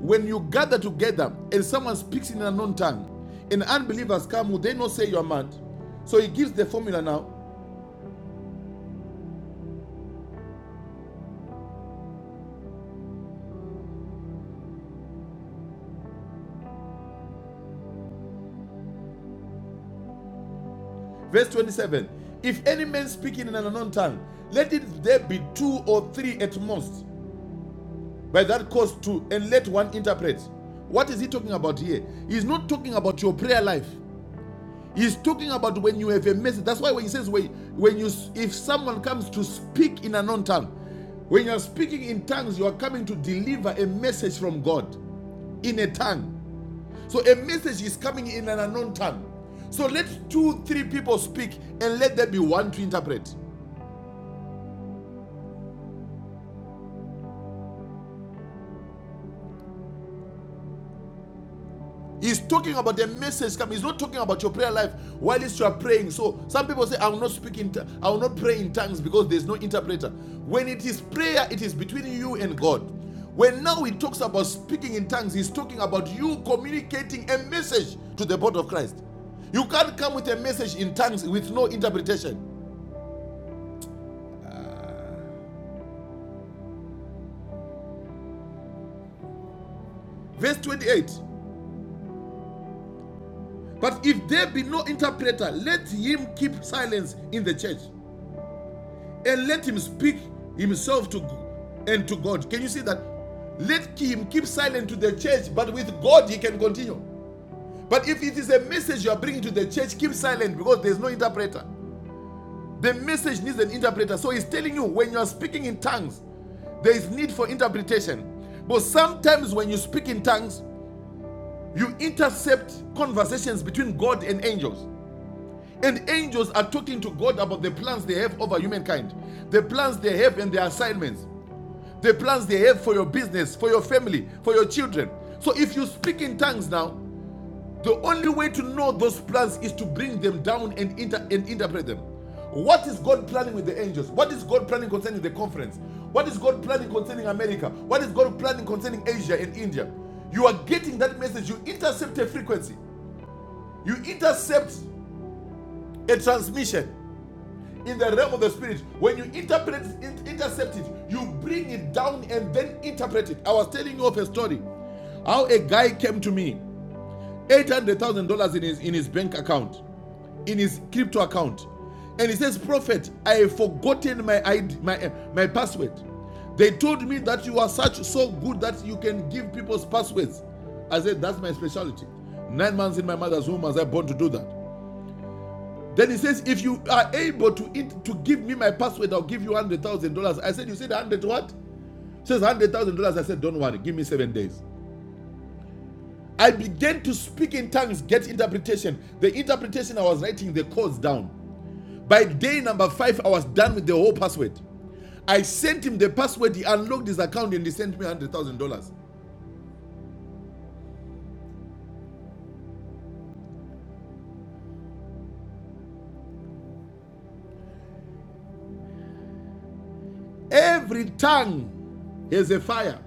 Speaker 5: when you gather together and someone speaks in an unknown tongue, and unbelievers come, will they not say you are mad? So he gives the formula now. Verse 27 If any man speaking in an unknown tongue, let it there be two or three at most, by that cause two, and let one interpret. What is he talking about here? He's not talking about your prayer life. He's talking about when you have a message. That's why when he says, when, when you, if someone comes to speak in an unknown tongue, when you're speaking in tongues, you are coming to deliver a message from God in a tongue. So a message is coming in an unknown tongue. So let two, three people speak and let there be one to interpret. He's talking about the message coming. He's not talking about your prayer life while you are praying. So some people say, I will not speak in, I will not pray in tongues because there's no interpreter. When it is prayer, it is between you and God. When now he talks about speaking in tongues, he's talking about you communicating a message to the body of Christ. You can't come with a message in tongues with no interpretation. Verse 28. But if there be no interpreter, let him keep silence in the church. and let him speak himself to and to God. Can you see that? Let him keep silent to the church, but with God he can continue. But if it is a message you are bringing to the church, keep silent because there's no interpreter. The message needs an interpreter. So he's telling you when you are speaking in tongues, there is need for interpretation. But sometimes when you speak in tongues, you intercept conversations between God and angels. And angels are talking to God about the plans they have over humankind, the plans they have and their assignments. the plans they have for your business, for your family, for your children. So if you speak in tongues now, the only way to know those plans is to bring them down and, inter- and interpret them. What is God planning with the angels? What is God planning concerning the conference? What is God planning concerning America? What is God planning concerning Asia and India? You are getting that message. You intercept a frequency, you intercept a transmission in the realm of the spirit when you interpret intercept it you bring it down and then interpret it i was telling you of a story how a guy came to me $800000 in his in his bank account in his crypto account and he says prophet i have forgotten my ID, my my password they told me that you are such so good that you can give people's passwords i said that's my specialty nine months in my mother's womb was i born to do that then he says, if you are able to int- to give me my password, I'll give you one hundred thousand dollars. I said, you said one hundred what? He says one hundred thousand dollars. I said, don't worry, give me seven days. I began to speak in tongues, get interpretation. The interpretation I was writing the codes down. By day number five, I was done with the whole password. I sent him the password. He unlocked his account and he sent me one hundred thousand dollars. Every tongue has a fire.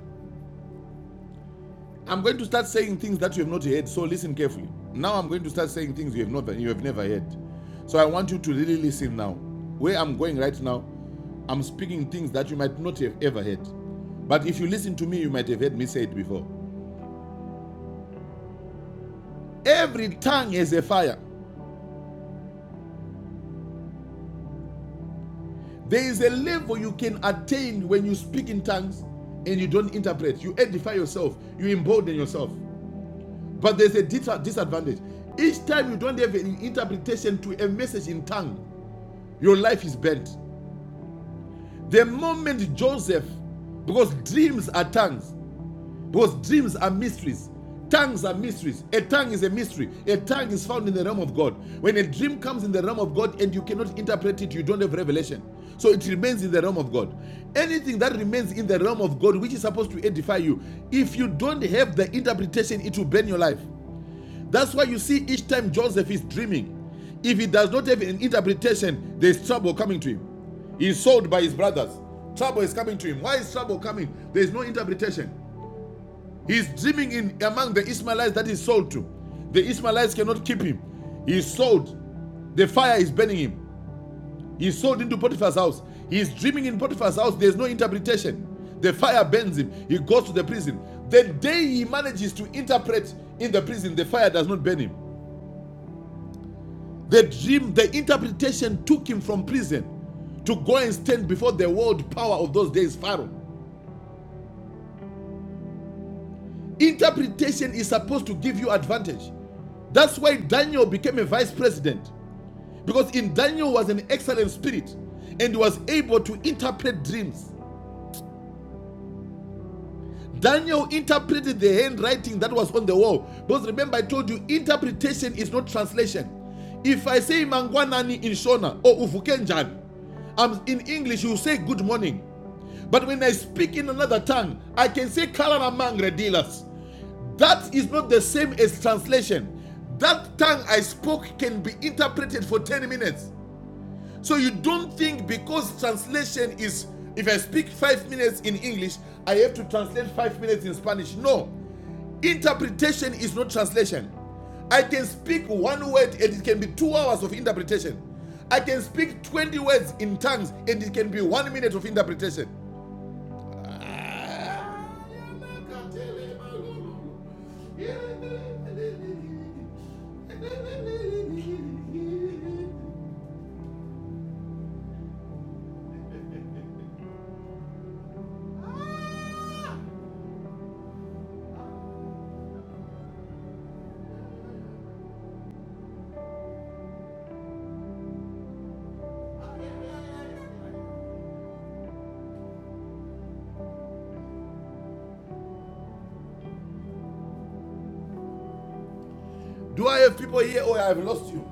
Speaker 5: I'm going to start saying things that you have not heard. So listen carefully. Now I'm going to start saying things you have not you have never heard. So I want you to really listen now. Where I'm going right now, I'm speaking things that you might not have ever heard. But if you listen to me, you might have heard me say it before. Every tongue has a fire. There is a level you can attain when you speak in tongues and you don't interpret. You edify yourself, you embolden yourself. But there's a disadvantage. Each time you don't have an interpretation to a message in tongue, your life is bent. The moment Joseph, because dreams are tongues, because dreams are mysteries, tongues are mysteries. A tongue is a mystery. A tongue is found in the realm of God. When a dream comes in the realm of God and you cannot interpret it, you don't have revelation. So it remains in the realm of God. Anything that remains in the realm of God, which is supposed to edify you, if you don't have the interpretation, it will burn your life. That's why you see each time Joseph is dreaming, if he does not have an interpretation, there's trouble coming to him. He's sold by his brothers. Trouble is coming to him. Why is trouble coming? There's no interpretation. He's dreaming in among the Ishmaelites that he's sold to. The Ishmaelites cannot keep him. He's sold. The fire is burning him. He's sold into Potiphar's house. He's dreaming in Potiphar's house. There's no interpretation. The fire burns him. He goes to the prison. The day he manages to interpret in the prison, the fire does not burn him. The dream, the interpretation took him from prison to go and stand before the world power of those days, Pharaoh. Interpretation is supposed to give you advantage. That's why Daniel became a vice president because in Daniel was an excellent spirit and was able to interpret dreams. Daniel interpreted the handwriting that was on the wall. Because remember, I told you interpretation is not translation. If I say Mangwanani in Shona or Uvukenjan, I'm in English, you say good morning. But when I speak in another tongue, I can say Kalana Mangre dealers. That is not the same as translation. That tongue I spoke can be interpreted for 10 minutes. So you don't think because translation is if I speak five minutes in English, I have to translate five minutes in Spanish. No, interpretation is not translation. I can speak one word and it can be two hours of interpretation. I can speak 20 words in tongues and it can be one minute of interpretation. Do I have people here or I have lost you?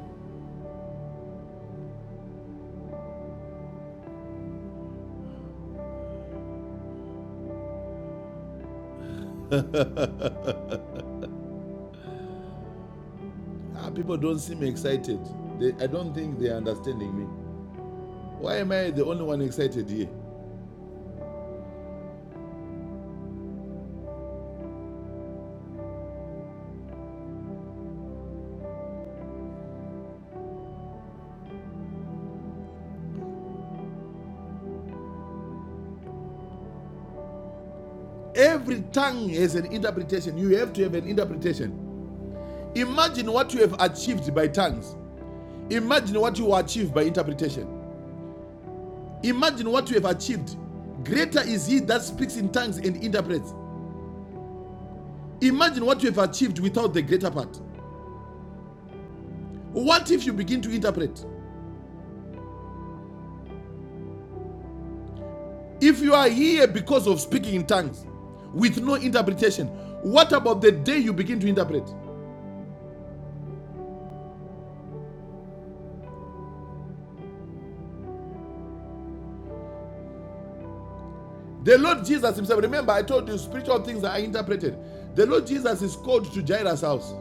Speaker 5: Ah, people don't seem excited. They, I don't think they are understanding me. Why am I the only one excited here? Every tongue has an interpretation. You have to have an interpretation. Imagine what you have achieved by tongues. Imagine what you achieved by interpretation. Imagine what you have achieved. Greater is he that speaks in tongues and interprets. Imagine what you have achieved without the greater part. What if you begin to interpret? If you are here because of speaking in tongues with no interpretation, what about the day you begin to interpret? The Lord Jesus Himself, remember, I told you spiritual things are interpreted. The Lord Jesus is called to Jairus' house,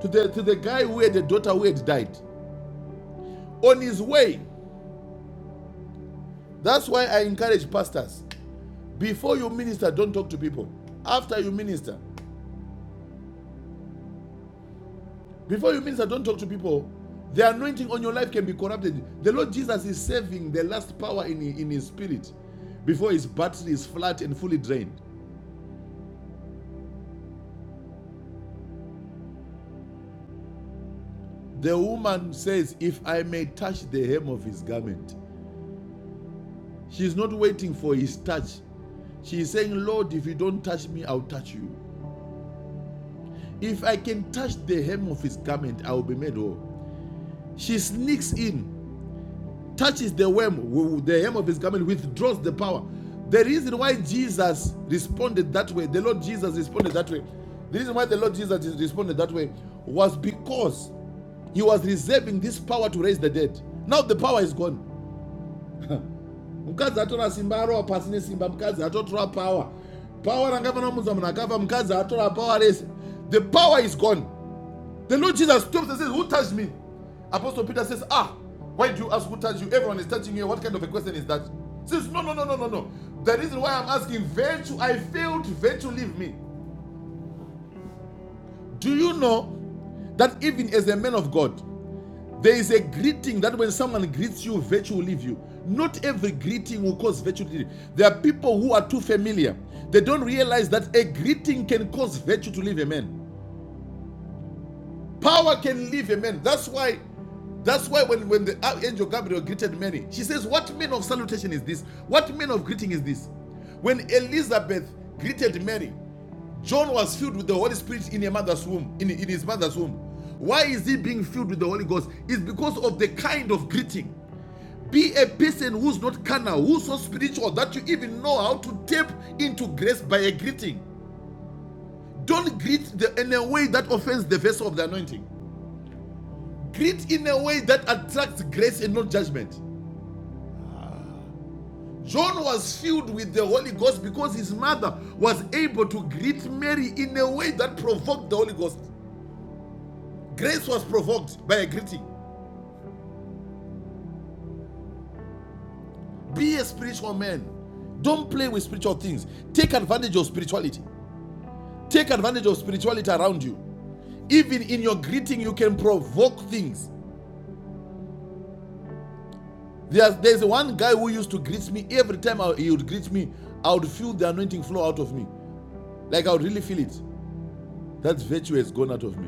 Speaker 5: to the, to the guy who had a daughter who had died. On his way, that's why I encourage pastors before you minister, don't talk to people. After you minister, Before you minister, don't talk to people. The anointing on your life can be corrupted. The Lord Jesus is saving the last power in, in his spirit before his battery is flat and fully drained. The woman says, If I may touch the hem of his garment, she's not waiting for his touch. She is saying, Lord, if you don't touch me, I'll touch you. If I can touch the hem of his garment, I will be made whole. She sneaks in touches the hem, the hem of his garment, withdraws the power. The reason why Jesus responded that way, the Lord Jesus responded that way, the reason why the Lord Jesus responded that way was because he was reserving this power to raise the dead. Now the power is gone. Mukadzi atora simba arowa pasi nesimba, mukadzi atotora power. Power ranga pano munhu atora power rese. The power is gone. The Lord Jesus stops and says, Who touched me? Apostle Peter says, Ah, why do you ask who touched you? Everyone is touching you. What kind of a question is that? He says, No, no, no, no, no, no. The reason why I'm asking, virtue, I failed, virtue leave me. Do you know that even as a man of God, there is a greeting that when someone greets you, virtue will leave you. Not every greeting will cause virtue to leave. you. There are people who are too familiar. They don't realize that a greeting can cause virtue to leave a man. Power can leave a man. That's why, that's why when, when the angel Gabriel greeted Mary, she says, What mean of salutation is this? What mean of greeting is this? When Elizabeth greeted Mary, John was filled with the Holy Spirit in a mother's womb, in, in his mother's womb. Why is he being filled with the Holy Ghost? It's because of the kind of greeting. Be a person who's not carnal, who's so spiritual that you even know how to tap into grace by a greeting. Don't greet the, in a way that offends the vessel of the anointing. Greet in a way that attracts grace and not judgment. John was filled with the Holy Ghost because his mother was able to greet Mary in a way that provoked the Holy Ghost. Grace was provoked by a greeting. Be a spiritual man. Don't play with spiritual things. Take advantage of spirituality. Take advantage of spirituality around you. Even in your greeting, you can provoke things. There's, there's one guy who used to greet me every time I- he would greet me, I would feel the anointing flow out of me. Like I would really feel it. That virtue has gone out of me.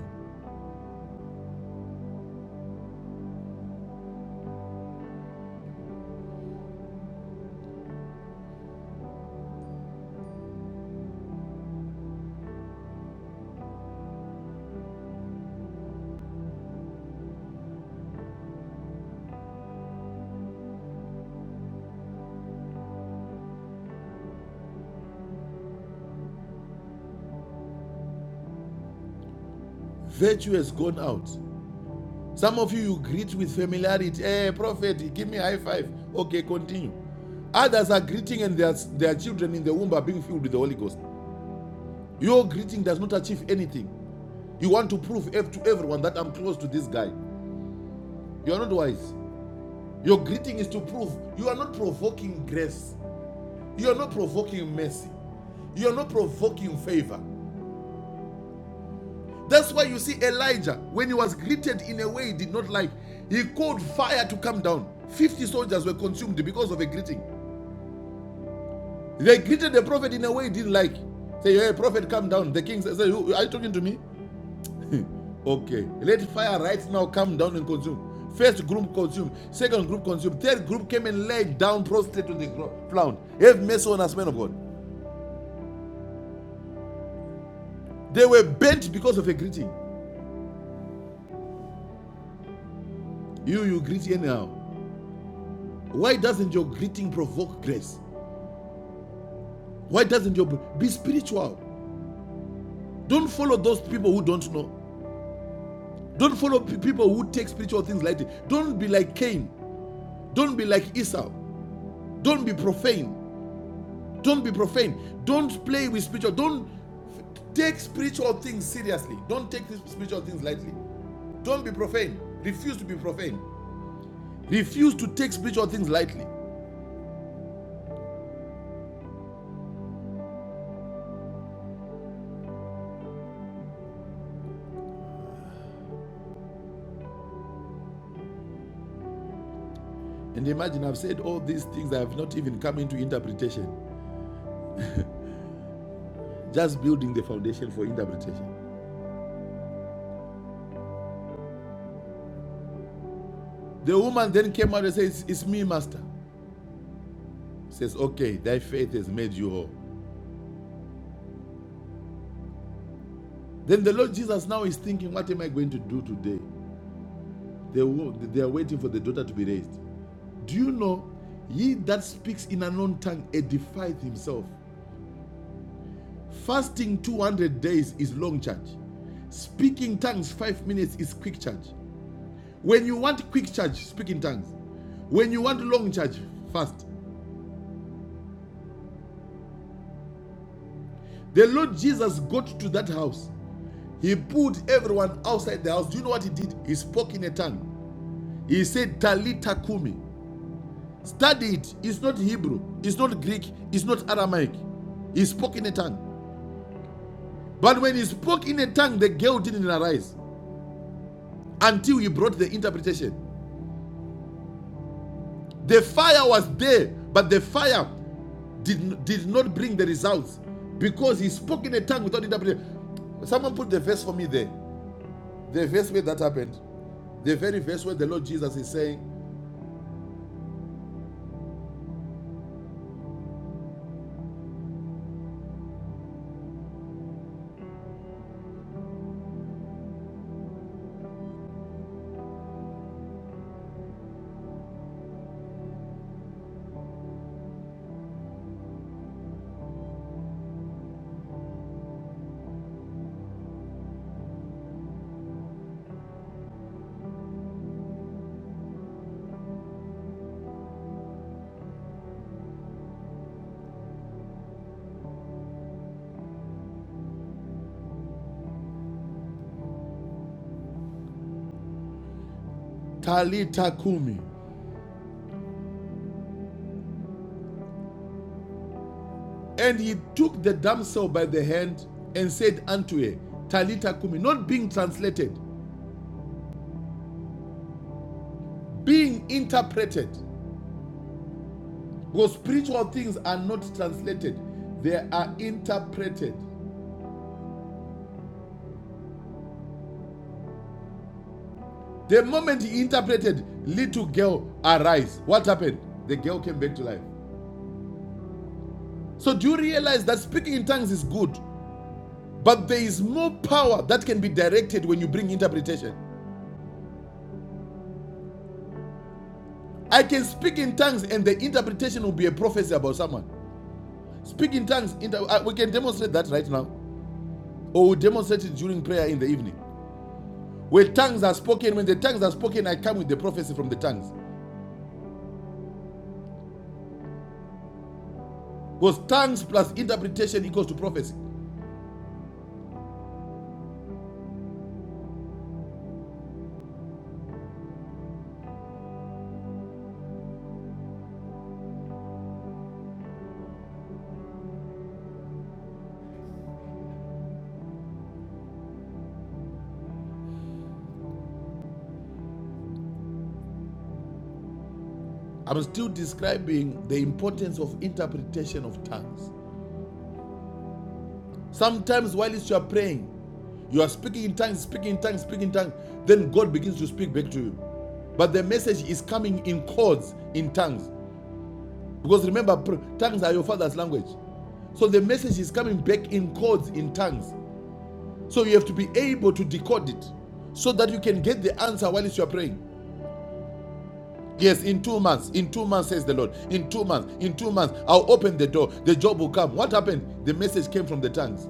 Speaker 5: Virtue has gone out. Some of you, you greet with familiarity. Hey, prophet, give me a high five. Okay, continue. Others are greeting and their, their children in the womb are being filled with the Holy Ghost. Your greeting does not achieve anything. You want to prove to everyone that I'm close to this guy. You are not wise. Your greeting is to prove you are not provoking grace. You are not provoking mercy. You are not provoking favor. That's why you see Elijah, when he was greeted in a way he did not like, he called fire to come down. 50 soldiers were consumed because of a greeting. They greeted the prophet in a way he didn't like. Say, hey, prophet, come down. The king says, are you talking to me? <laughs> okay. Let fire right now come down and consume. First group consumed, second group consumed, third group came and laid down prostrate on the ground. Have mercy on us, men of God. They were bent because of a greeting. You, you greet anyhow. Why doesn't your greeting provoke grace? Why doesn't your be spiritual? Don't follow those people who don't know. Don't follow pe- people who take spiritual things lightly. Don't be like Cain. Don't be like Esau. Don't be profane. Don't be profane. Don't play with spiritual. Don't f- take spiritual things seriously. Don't take these spiritual things lightly. Don't be profane. Refuse to be profane. Refuse to take spiritual things lightly. And imagine I've said all these things I have not even come into interpretation. Just building the foundation for interpretation. The woman then came out and says, It's me, Master. Says, Okay, thy faith has made you whole. Then the Lord Jesus now is thinking, What am I going to do today? They, they are waiting for the daughter to be raised. Do you know, he that speaks in an unknown tongue edifieth himself. Fasting 200 days is long charge. Speaking tongues five minutes is quick charge. When you want quick charge, speak in tongues. When you want long charge, fast. The Lord Jesus got to that house He pulled everyone outside the house. Do you know what he did? He spoke in a tongue. He said, Talita Kumi. Study it. It's not Hebrew. It's not Greek. It's not Aramaic. He spoke in a tongue. But when he spoke in a tongue, the girl didn't arise until he brought the interpretation. The fire was there, but the fire did, did not bring the results because he spoke in a tongue without interpretation. Someone put the verse for me there. The verse where that happened. The very verse where the Lord Jesus is saying, Talitha Kumi. And he took the damsel by the hand and said unto her, Talita Kumi, not being translated, being interpreted. Because spiritual things are not translated, they are interpreted. The moment he interpreted, little girl arise. What happened? The girl came back to life. So do you realize that speaking in tongues is good, but there is more power that can be directed when you bring interpretation. I can speak in tongues and the interpretation will be a prophecy about someone. Speak in tongues. uh, we can demonstrate that right now. Or we demonstrate it during prayer in the evening. Where tongues are spoken, when the tongues are spoken, I come with the prophecy from the tongues. Because tongues plus interpretation equals to prophecy. I'm still describing the importance of interpretation of tongues. Sometimes while you are praying, you are speaking in tongues, speaking in tongues, speaking in tongues, then God begins to speak back to you. But the message is coming in chords, in tongues. Because remember, tongues are your father's language. So the message is coming back in codes, in tongues. So you have to be able to decode it so that you can get the answer while you are praying. Yes, in two months, in two months, says the Lord. In two months, in two months, I'll open the door. The job will come. What happened? The message came from the tongues.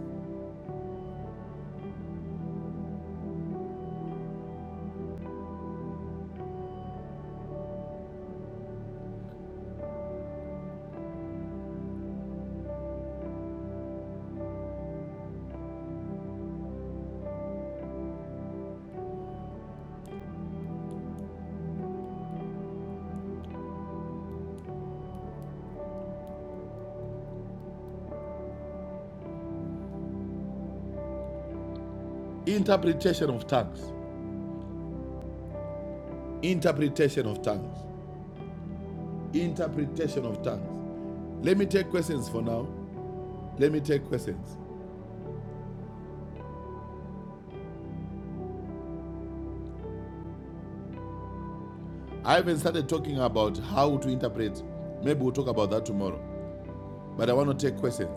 Speaker 5: Interpretation of tongues. Interpretation of tongues. Interpretation of tongues. Let me take questions for now. Let me take questions. I haven't started talking about how to interpret. Maybe we'll talk about that tomorrow. But I want to take questions.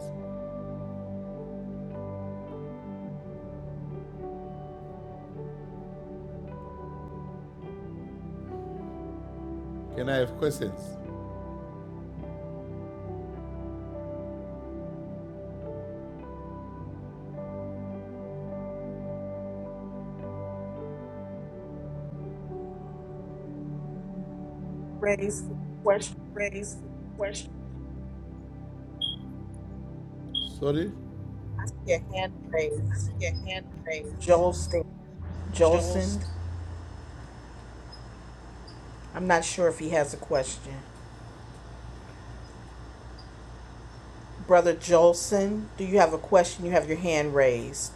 Speaker 5: Can I have questions?
Speaker 1: Raise your question,
Speaker 5: raise question. Sorry?
Speaker 1: your hand raised.
Speaker 5: Your hand raised.
Speaker 1: Jolston.
Speaker 5: Joel's
Speaker 1: Jolson. I'm not sure if he has a question. Brother Jolson, do you have a question? You have your hand raised.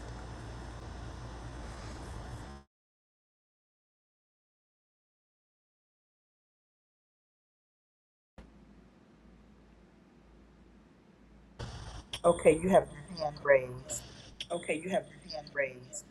Speaker 1: Okay, you have your hand raised.
Speaker 5: okay. You have your hand raised.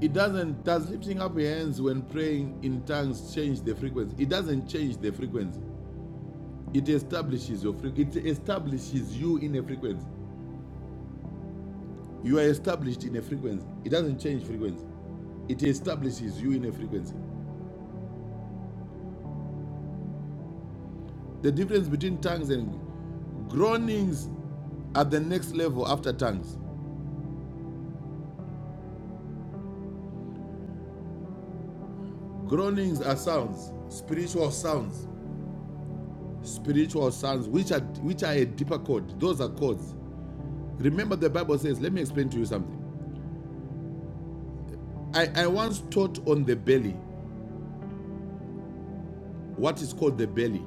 Speaker 5: It doesn't, does lifting up your hands when praying in tongues change the frequency? It doesn't change the frequency. It establishes your frequency. It establishes you in a frequency. You are established in a frequency. It doesn't change frequency. It establishes you in a frequency. The difference between tongues and groanings at the next level after tongues. Groanings are sounds, spiritual sounds, spiritual sounds, which are which are a deeper chord. Those are chords. Remember, the Bible says, let me explain to you something. I, I once taught on the belly, what is called the belly.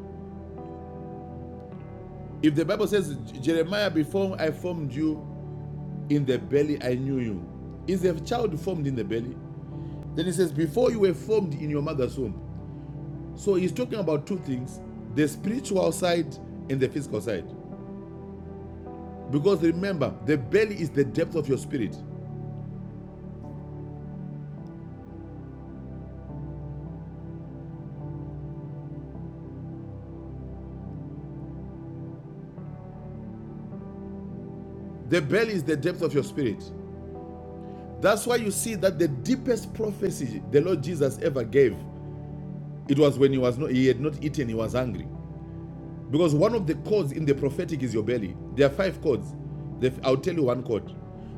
Speaker 5: If the Bible says, Jeremiah, before I formed you in the belly, I knew you. Is a child formed in the belly? Then it says, before you were formed in your mother's womb. So he's talking about two things the spiritual side and the physical side. Because remember, the belly is the depth of your spirit. The belly is the depth of your spirit. That's why you see that the deepest prophecy the Lord Jesus ever gave, it was when he was not he had not eaten, he was hungry. Because one of the chords in the prophetic is your belly. There are five chords. I'll tell you one chord.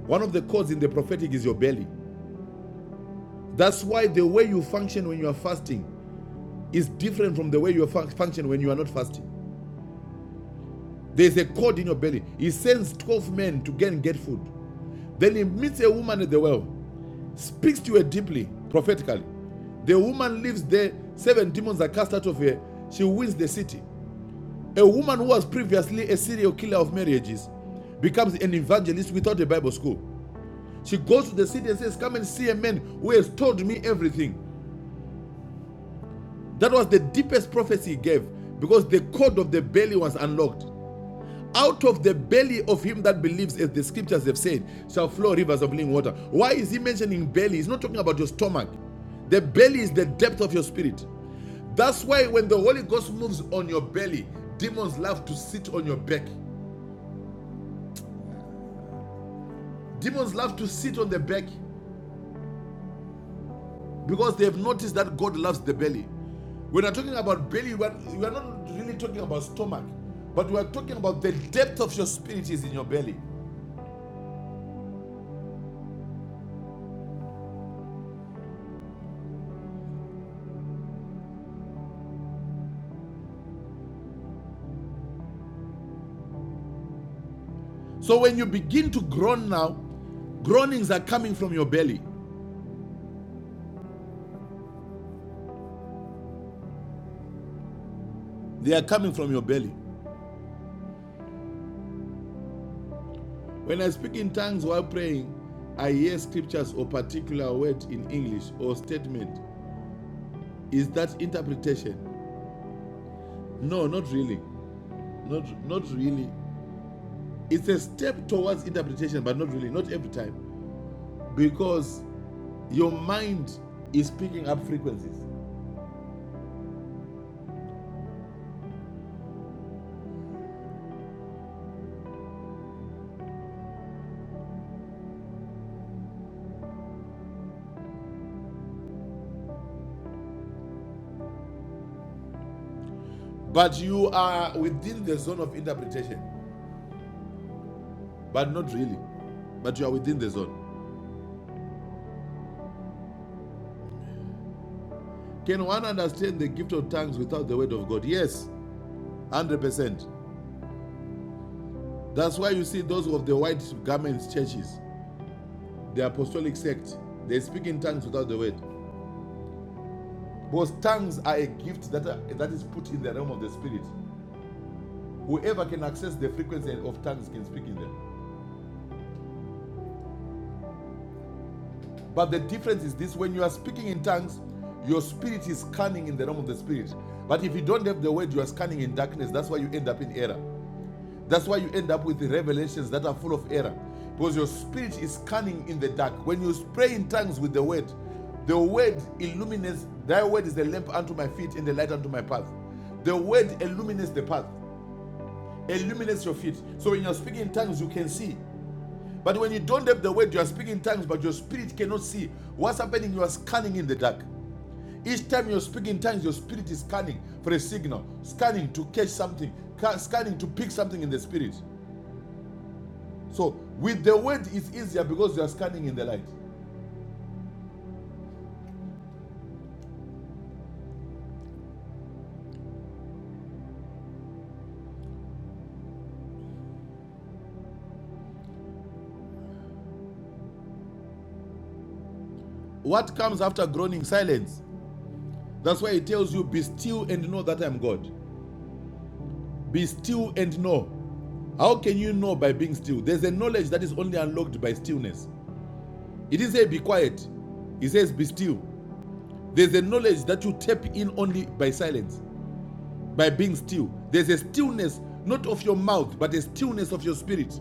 Speaker 5: One of the chords in the prophetic is your belly. That's why the way you function when you are fasting is different from the way you function when you are not fasting. There's a cord in your belly. He sends 12 men to go and get food. Then he meets a woman at the well, speaks to her deeply, prophetically. The woman lives there, seven demons are cast out of her. She wins the city. A woman who was previously a serial killer of marriages becomes an evangelist without a Bible school. She goes to the city and says, Come and see a man who has told me everything. That was the deepest prophecy he gave because the cord of the belly was unlocked. Out of the belly of him that believes, as the scriptures have said, shall flow rivers of living water. Why is he mentioning belly? He's not talking about your stomach. The belly is the depth of your spirit. That's why when the Holy Ghost moves on your belly, demons love to sit on your back. Demons love to sit on the back because they have noticed that God loves the belly. When we're talking about belly, we're, we're not really talking about stomach, but we're talking about the depth of your spirit is in your belly. So when you begin to groan now, groanings are coming from your belly. They are coming from your belly. When I speak in tongues while praying, I hear scriptures or particular word in English or statement. Is that interpretation? No, not really. Not not really. It's a step towards interpretation, but not really, not every time. Because your mind is picking up frequencies. But you are within the zone of interpretation. But not really. But you are within the zone. Can one understand the gift of tongues without the word of God? Yes, 100%. That's why you see those of the white garments churches, the apostolic sect, they speak in tongues without the word. Because tongues are a gift that, are- that is put in the realm of the spirit. Whoever can access the frequency of tongues can speak in them. But the difference is this when you are speaking in tongues, your spirit is scanning in the realm of the spirit. But if you don't have the word, you are scanning in darkness. That's why you end up in error. That's why you end up with revelations that are full of error. Because your spirit is cunning in the dark. When you pray in tongues with the word, the word illuminates, thy word is a lamp unto my feet and a light unto my path. The word illuminates the path, illuminates your feet. So when you're speaking in tongues, you can see. But when you don't have the word, you are speaking in tongues, but your spirit cannot see. What's happening? You are scanning in the dark. Each time you are speaking in tongues, your spirit is scanning for a signal, scanning to catch something, scanning to pick something in the spirit. So with the word, it's easier because you are scanning in the light. What comes after groaning? Silence. That's why it tells you, be still and know that I'm God. Be still and know. How can you know by being still? There's a knowledge that is only unlocked by stillness. It didn't say be quiet. It says be still. There's a knowledge that you tap in only by silence, by being still. There's a stillness, not of your mouth, but a stillness of your spirit.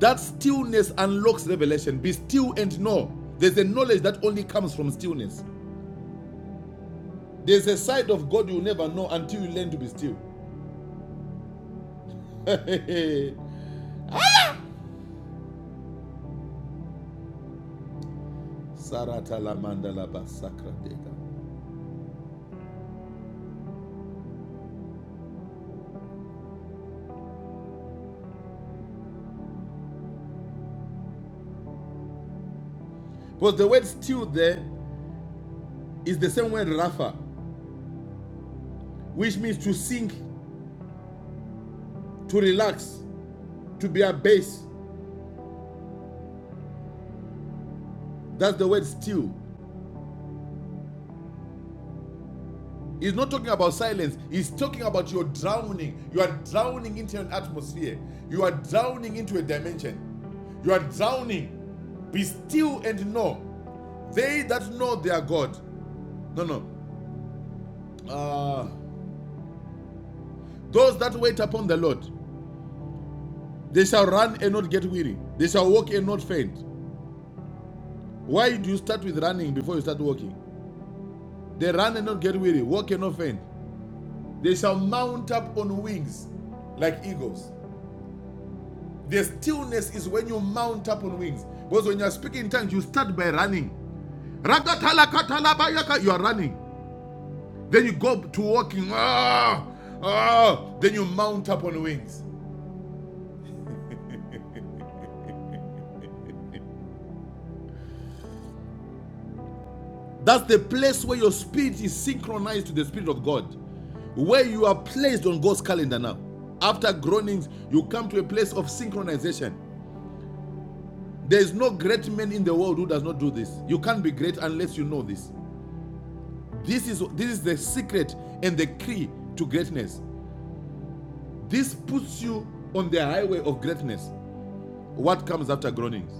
Speaker 5: That stillness unlocks revelation. Be still and know. There's a knowledge that only comes from stillness. There's a side of God you'll never know until you learn to be still. <laughs> Sarata la Because the word still there is the same word rafa, which means to sink, to relax, to be abased. That's the word still. He's not talking about silence. He's talking about you're drowning. You are drowning into an atmosphere. You are drowning into a dimension. You are drowning. Be still and know. They that know their God. No, no. Uh, those that wait upon the Lord, they shall run and not get weary. They shall walk and not faint. Why do you start with running before you start walking? They run and not get weary, walk and not faint. They shall mount up on wings like eagles. The stillness is when you mount up on wings. Because when you are speaking in tongues, you start by running. Rakathalakatalabayaka, You are running. Then you go to walking. Ah, ah, then you mount up on wings. That's the place where your spirit is synchronized to the spirit of God. Where you are placed on God's calendar now. After groanings, you come to a place of synchronization. There is no great man in the world who does not do this. You can't be great unless you know this. This is this is the secret and the key to greatness. This puts you on the highway of greatness. What comes after groanings?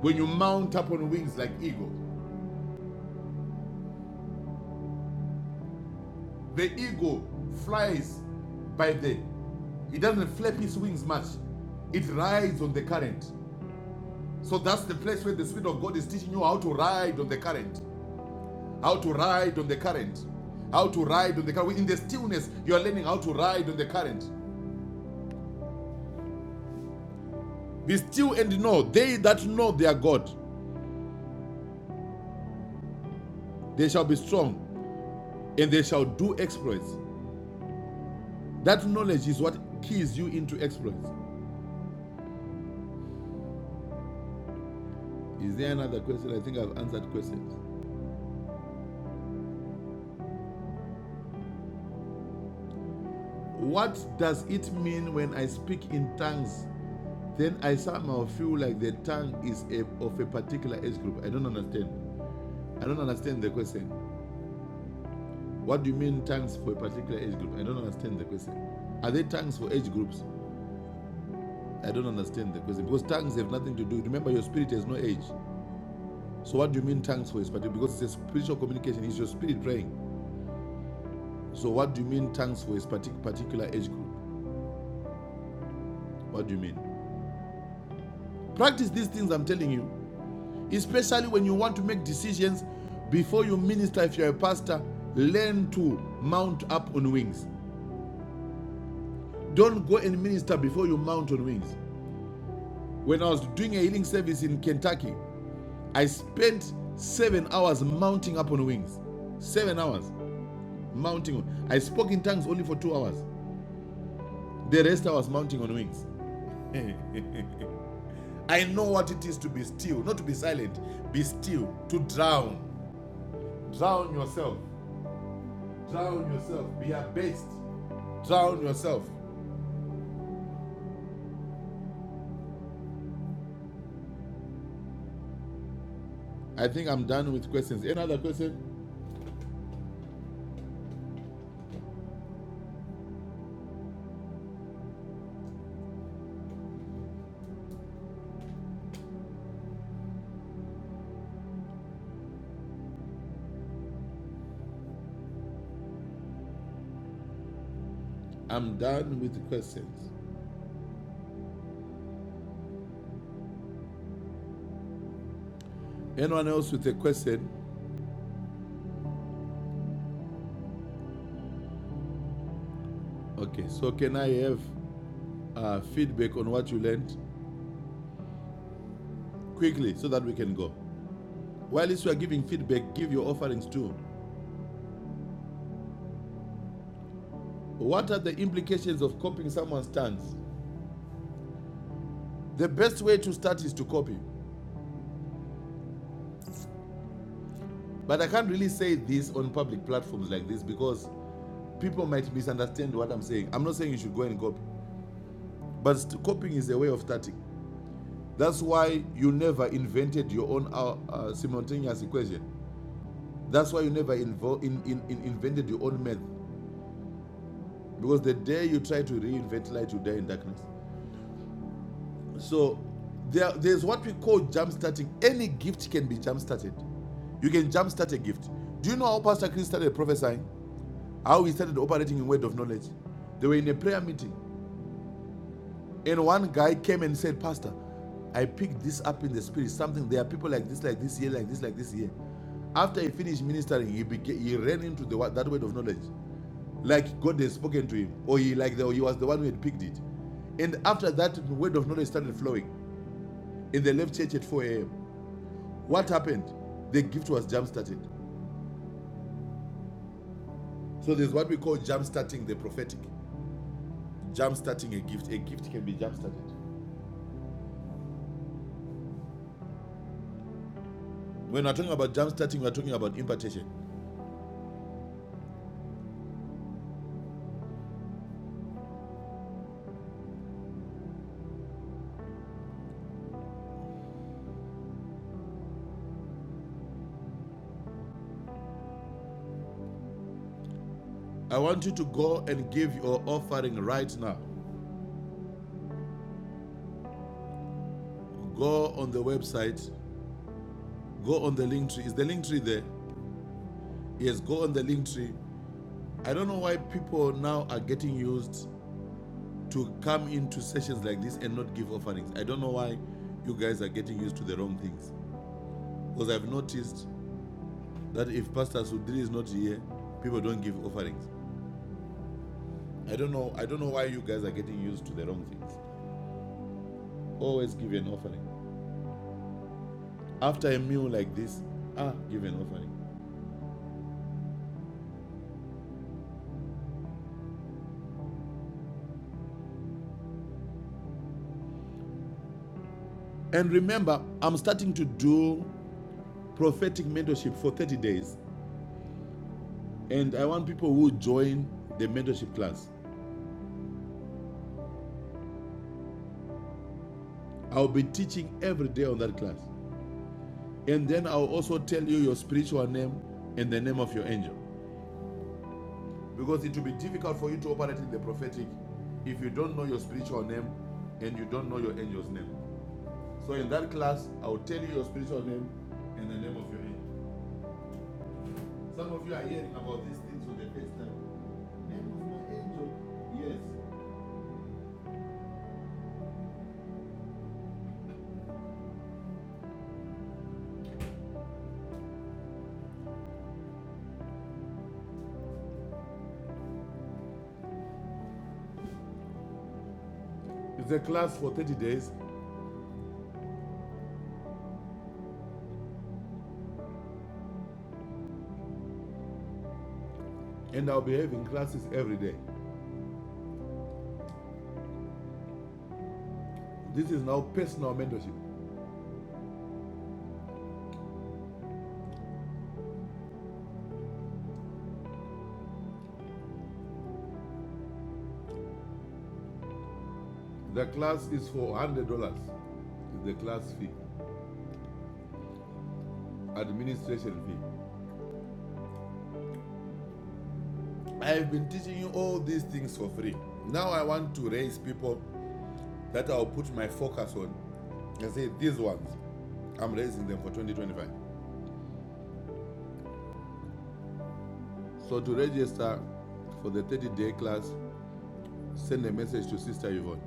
Speaker 5: When you mount up on wings like eagle, the eagle flies by the. It doesn't flap its wings much. It rides on the current. So that's the place where the Spirit of God is teaching you how to ride on the current, how to ride on the current, how to ride on the current. In the stillness, you are learning how to ride on the current. Be still and know, they that know their God, they shall be strong and they shall do exploits. That knowledge is what keys you into exploits. Is there another question? I think I've answered questions. What does it mean when I speak in tongues? Then I somehow feel like the tongue is a, of a particular age group. I don't understand. I don't understand the question. What do you mean tongues for a particular age group? I don't understand the question. Are there tongues for age groups? I don't understand the question because tongues have nothing to do. Remember, your spirit has no age. So what do you mean tongues for a particular? Because it's a spiritual communication. It's your spirit praying. So what do you mean tongues for a particular age group? What do you mean? Practice these things I'm telling you, especially when you want to make decisions before you minister. If you're a pastor, learn to mount up on wings. Don't go and minister before you mount on wings. When I was doing a healing service in Kentucky, I spent seven hours mounting up on wings. Seven hours mounting. I spoke in tongues only for two hours The rest I was mounting on wings. <laughs> I know what it is to be still, not to be silent, be still, to drown. Drown yourself. Drown yourself. Be abased. Drown yourself. I think I'm done with questions. Any other question? I'm done with questions. Anyone else with a question? Okay, so can I have uh, feedback on what you learned quickly so that we can go? While you are giving feedback, give your offerings too. What are the implications of copying someone's stance? The best way to start is to copy. But I can't really say this on public platforms like this because people might misunderstand what I'm saying. I'm not saying you should go and copy, but copying is a way of starting. That's why you never invented your own uh, uh, simultaneous equation. That's why you never in, in, in invented your own math. Because the day you try to reinvent light, you die in darkness. So there, there's what we call jump starting. Any gift can be jump started. You can jump start a gift. Do you know how Pastor Chris started prophesying? How we started operating in word of knowledge. They were in a prayer meeting, and one guy came and said, Pastor, I picked this up in the spirit. Something there are people like this, like this here, like this, like this here. After he finished ministering, he became, he ran into the that word of knowledge, like God had spoken to him, or he like the, or he was the one who had picked it. And after that, the word of knowledge started flowing. And they left church at 4 a.m. What happened? The gift was jump started. So there's what we call jump starting the prophetic. Jump starting a gift. A gift can be jump started. When we're talking about jump starting, we're talking about impartation. I want you to go and give your offering right now. Go on the website, go on the link tree. Is the link tree there? Yes, go on the link tree. I don't know why people now are getting used to come into sessions like this and not give offerings. I don't know why you guys are getting used to the wrong things. Because I've noticed that if Pastor Sudri is not here, people don't give offerings. I don't know. I don't know why you guys are getting used to the wrong things. Always give an offering. after a meal like this, ah, give an offering. And remember, I'm starting to do prophetic mentorship for 30 days. And I want people who join the mentorship class. I'll be teaching every day on that class. And then I'll also tell you your spiritual name and the name of your angel. Because it will be difficult for you to operate in the prophetic if you don't know your spiritual name and you don't know your angel's name. So in that class, I'll tell you your spiritual name and the name of your angel. Some of you are hearing about these things for the first time. Name of my angel. Yes. It's a class for 30 days, and I'll be having classes every day. This is now personal mentorship. The class is for $100. It's the class fee, administration fee. I've been teaching you all these things for free. Now I want to raise people that I'll put my focus on and say, these ones, I'm raising them for 2025. So to register for the 30 day class, Send a message to Sister Yvonne.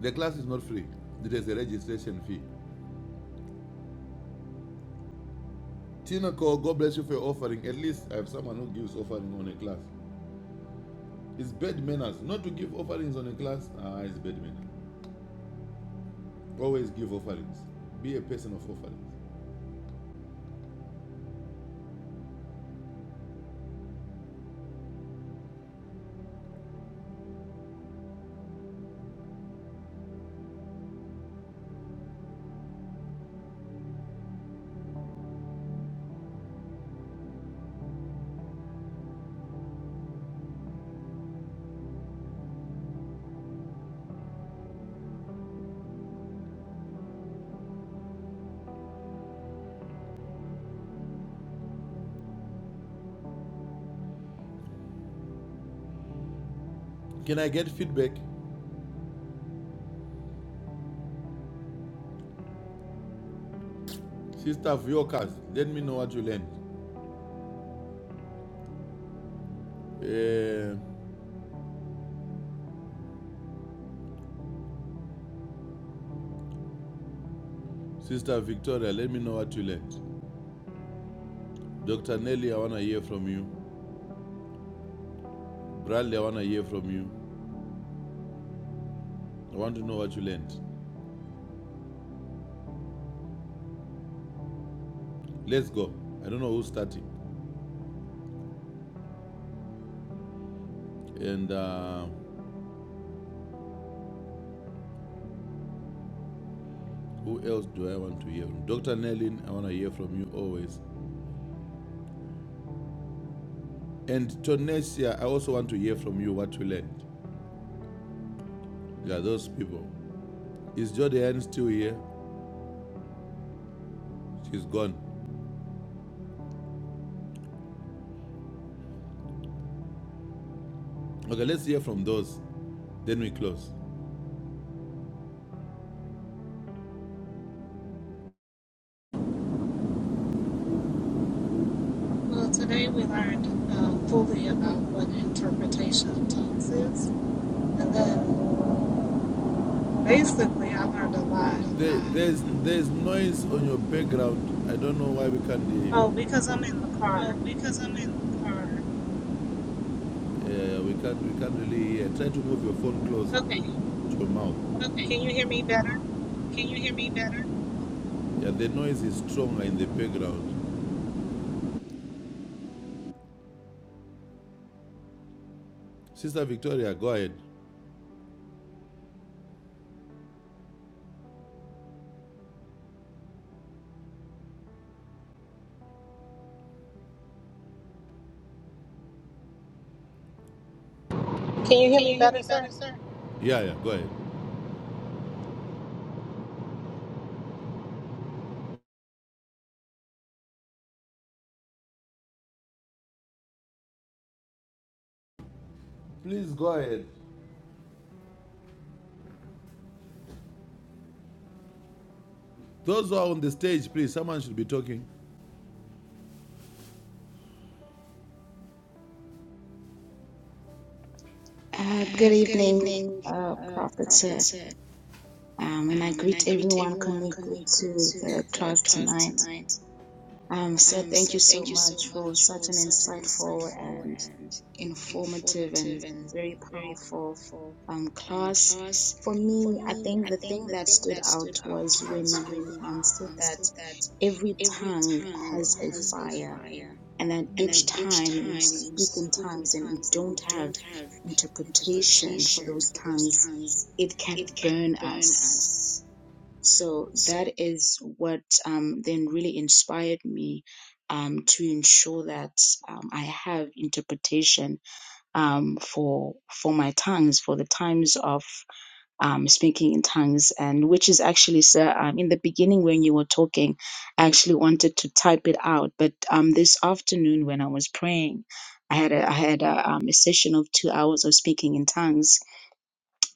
Speaker 5: The class is not free. There is a registration fee. Tina Cole, God bless you for your offering. At least I have someone who gives offering on a class. It's bad manners not to give offerings on a class. Ah, it's bad manners. Always give offerings. Be a person of offerings. Can I get feedback? Sister Viokas, let me know what you learned. Eh, Sister Victoria, let me know what you learned. Dr. Nelly, I want to hear from you. Bradley, I want to hear from you. I want to know what you learned. Let's go. I don't know who's starting. And uh, who else do I want to hear from? Dr. Nellin, I want to hear from you always. And Tonesia, I also want to hear from you what you learned. Yeah, those people. Is Jodianne still here? She's gone. Okay, let's hear from those. Then we close.
Speaker 6: Well, today we learned uh, fully about what interpretation of tongues is. And then basically, I learned a lot.
Speaker 5: There,
Speaker 6: Um,
Speaker 5: there's there's noise on your background. I don't know why we can't hear you.
Speaker 6: oh, because I'm in the
Speaker 5: Oh,
Speaker 6: car.
Speaker 5: because I'm in the car. Yeah, yeah, yeah, we can't we can't really hear. Try to move your phone closer
Speaker 6: Okay.
Speaker 5: to your mouth. Okay.
Speaker 6: Can you hear me better?
Speaker 5: Can you hear me better? Yeah, the noise is stronger in the background. Sister Victoria, go ahead.
Speaker 6: Can you hear
Speaker 5: Can
Speaker 6: me
Speaker 5: you hear
Speaker 6: better,
Speaker 5: me
Speaker 6: sir?
Speaker 5: better, sir? Yeah, yeah, go ahead. Please go ahead. Those who are on the stage, please, someone should be talking.
Speaker 7: Uh, good evening, uh, Prophet. sir. Um, and I greet everyone connected to the class tonight. Um, sir, thank you so much for such an insightful and informative and very powerful um, class. For me, I think the thing that stood out was when you um, said that every tongue has a fire and that each time we speak in tongues and we don't have interpretation for those tongues, it can burn us. So that is what um, then really inspired me um, to ensure that um, I have interpretation um, for for my tongues for the times of um, speaking in tongues, and which is actually, sir, um, in the beginning when you were talking, I actually wanted to type it out, but um, this afternoon when I was praying, I had a, I had a, um, a session of two hours of speaking in tongues,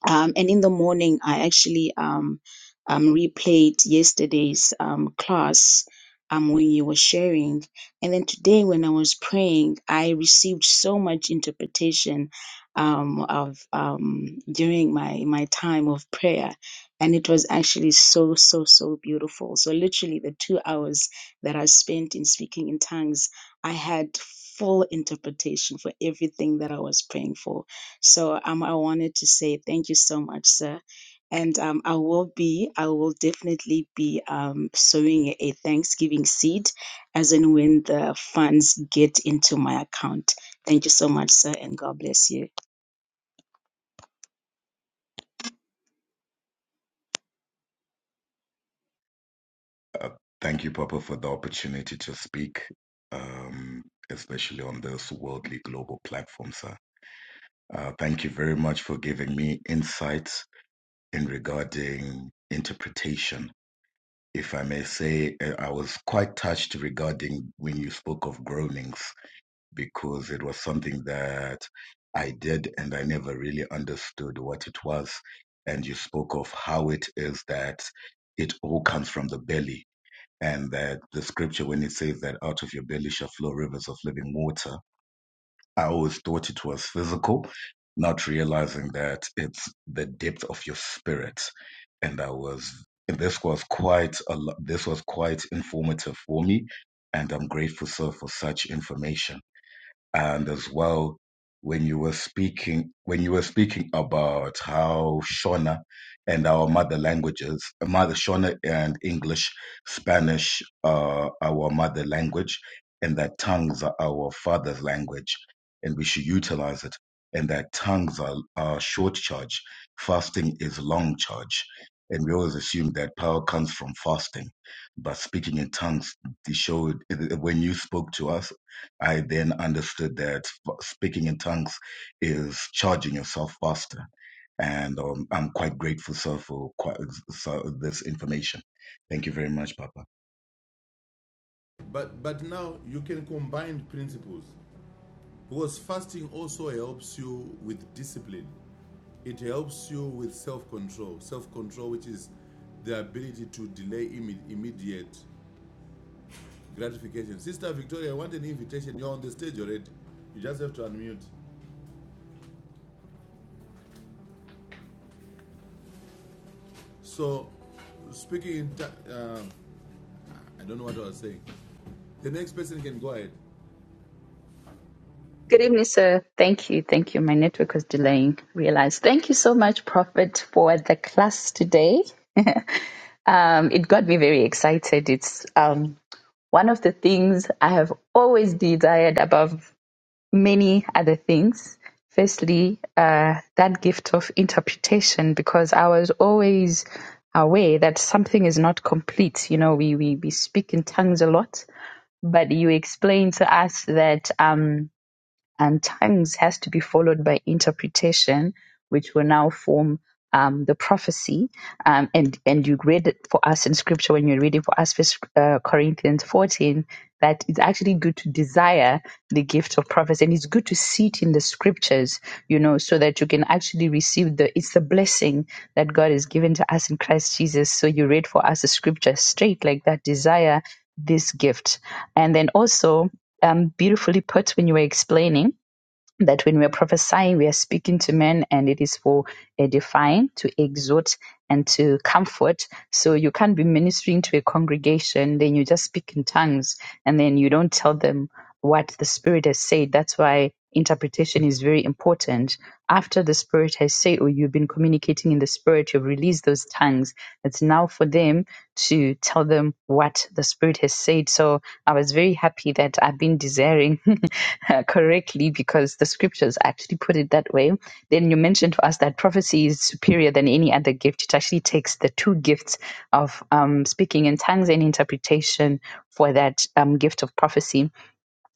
Speaker 7: um, and in the morning i actually um, um, replayed yesterday's um, class um, when you were sharing and then today when i was praying i received so much interpretation um, of um, during my my time of prayer and it was actually so so so beautiful so literally the two hours that i spent in speaking in tongues i had full interpretation for everything that i was praying for so um, I wanted to say thank you so much, sir. And um, I will be, I will definitely be um, sowing a Thanksgiving seed as and when the funds get into my account. Thank you so much, sir, and God bless you.
Speaker 8: Uh, thank you, Papa, for the opportunity to speak, um, especially on this worldly global platform, sir. Uh, thank you very much for giving me insights in regarding interpretation. If I may say, uh, I was quite touched regarding when you spoke of groanings, because it was something that I did and I never really understood what it was. And you spoke of how it is that it all comes from the belly and that the scripture when it says that out of your belly shall flow rivers of living water i always thought it was physical not realizing that it's the depth of your spirit and i was and this was quite a lo- this was quite informative for me and i'm grateful sir for such information and as well when you were speaking when you were speaking about how Shona and our mother languages, mother Shona and English, Spanish are our mother language, and that tongues are our father's language, and we should utilize it. And that tongues are, are short charge, fasting is long charge, and we always assume that power comes from fasting, but speaking in tongues. They showed when you spoke to us I then understood that speaking in tongues is charging yourself faster. And um, I'm quite grateful, sir, for quite, so this information. Thank you very much, Papa.
Speaker 5: But but now you can combine principles because fasting also helps you with discipline. It helps you with self-control. Self-control, which is the ability to delay imme- immediate gratification. Sister Victoria, I want an invitation. You're on the stage already. You just have to unmute. So, speaking in, uh, I don't know what I was saying. The next person can go ahead.
Speaker 9: Good evening, sir. Thank you. Thank you. My network was delaying. Realized. Thank you so much, Prophet, for the class today. <laughs> um, it got me very excited. It's um, one of the things I have always desired above many other things. Firstly, uh, that gift of interpretation, because I was always aware that something is not complete. You know, we, we, we speak in tongues a lot, but you explain to us that. Um, and tongues has to be followed by interpretation, which will now form um, the prophecy. Um, and and you read it for us in Scripture when you read it for us First uh, Corinthians 14 that it's actually good to desire the gift of prophecy, and it's good to see it in the Scriptures, you know, so that you can actually receive the. It's the blessing that God has given to us in Christ Jesus. So you read for us the Scripture straight like that. Desire this gift, and then also um, beautifully put when you were explaining that when we are prophesying, we are speaking to men and it is for edifying, to exhort, and to comfort. So you can't be ministering to a congregation, then you just speak in tongues and then you don't tell them what the Spirit has said. That's why interpretation is very important. After the Spirit has said, or you've been communicating in the Spirit, you've released those tongues tongues. It's now for them to tell them what the Spirit has said. So I was very happy that I've been desiring <laughs> correctly because the scriptures actually put it that way. Then you mentioned to us that prophecy is superior than any other gift. It actually takes the two gifts of um, speaking in tongues and interpretation for that um, gift of prophecy.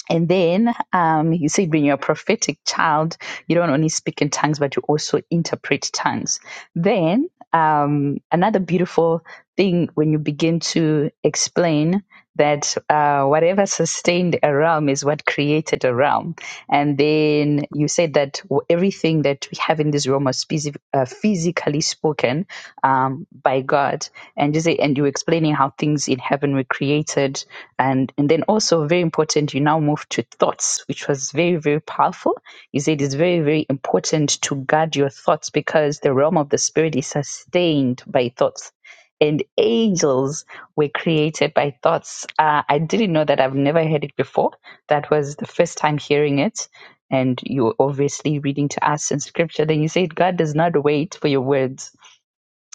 Speaker 9: And then um, he said, when you're a prophetic child, you don't only speak in tongues, but you also interpret tongues. Then um, another beautiful thing when you begin to explain that uh, whatever sustained a realm is what created a realm. And then you said that w- everything that we have in this realm was phys- uh, physically spoken, um, by God. And you say, and you were explaining how things in heaven were created, and and then also very important, you now move to thoughts, which was very very powerful. You said it's very very important to guard your thoughts because the realm of the spirit is sustained by thoughts. And angels were created by thoughts. Uh, I didn't know that. I've never heard it before. That was the first time hearing it and you're obviously reading to us in scripture, then you said, God does not wait for your words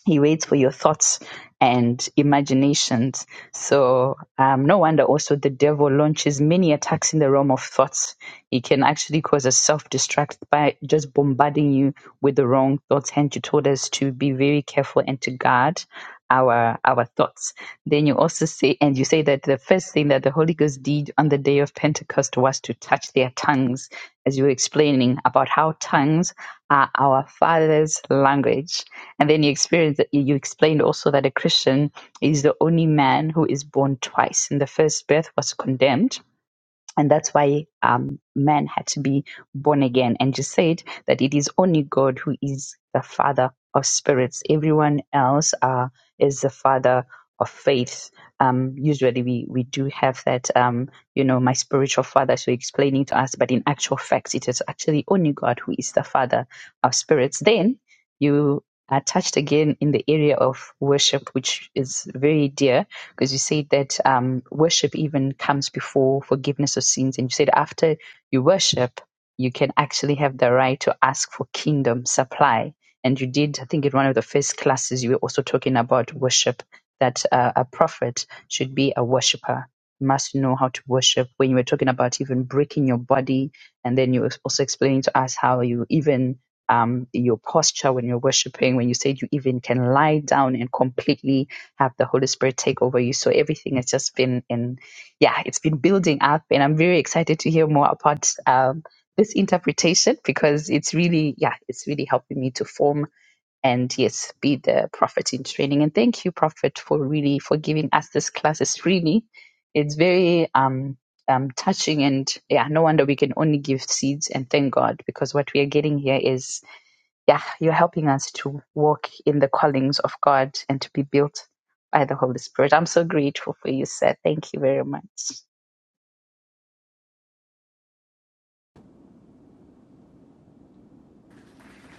Speaker 9: he waits for your thoughts and imaginations. So, um, no wonder also the devil launches many attacks in the realm of thoughts. He can actually cause a self destruct by just bombarding you with the wrong thoughts. Hence, you told us to be very careful and to guard our our thoughts. Then you also say, and you say that the first thing that the Holy Ghost did on the day of Pentecost was to touch their tongues, as you were explaining about how tongues are our Father's language and then you experience that you explained also that a Christian is the only man who is born twice. In the first birth was condemned, and that's why um, man had to be born again. And you said that it is only God who is the father of spirits. Everyone else uh, is the father of faith. Um, usually we, we do have that, um, you know, my spiritual father, so explaining to us, but in actual fact, it is actually only God who is the father of spirits. Then you are touched again in the area of worship, which is very dear because you said that um, worship even comes before forgiveness of sins. And you said after you worship, you can actually have the right to ask for kingdom supply. And you did, I think, in one of the first classes, you were also talking about worship, that uh, a prophet should be a worshiper, must know how to worship. When you were talking about even breaking your body, and then you were also explaining to us how you even um, your posture when you're worshiping, when you said you even can lie down and completely have the Holy Spirit take over you. So everything has just been in, yeah, it's been building up, and I'm very excited to hear more about um, this interpretation because it's really, yeah, it's really helping me to form and yes, be the prophet in training. And thank you, Prophet, for really for giving us this class. It's really, it's very um, um touching, and yeah, no wonder we can only give seeds and thank God because what we are getting here is yeah, you're helping us to walk in the callings of God and to be built by the Holy Spirit. I'm so grateful for you, sir. Thank you very much.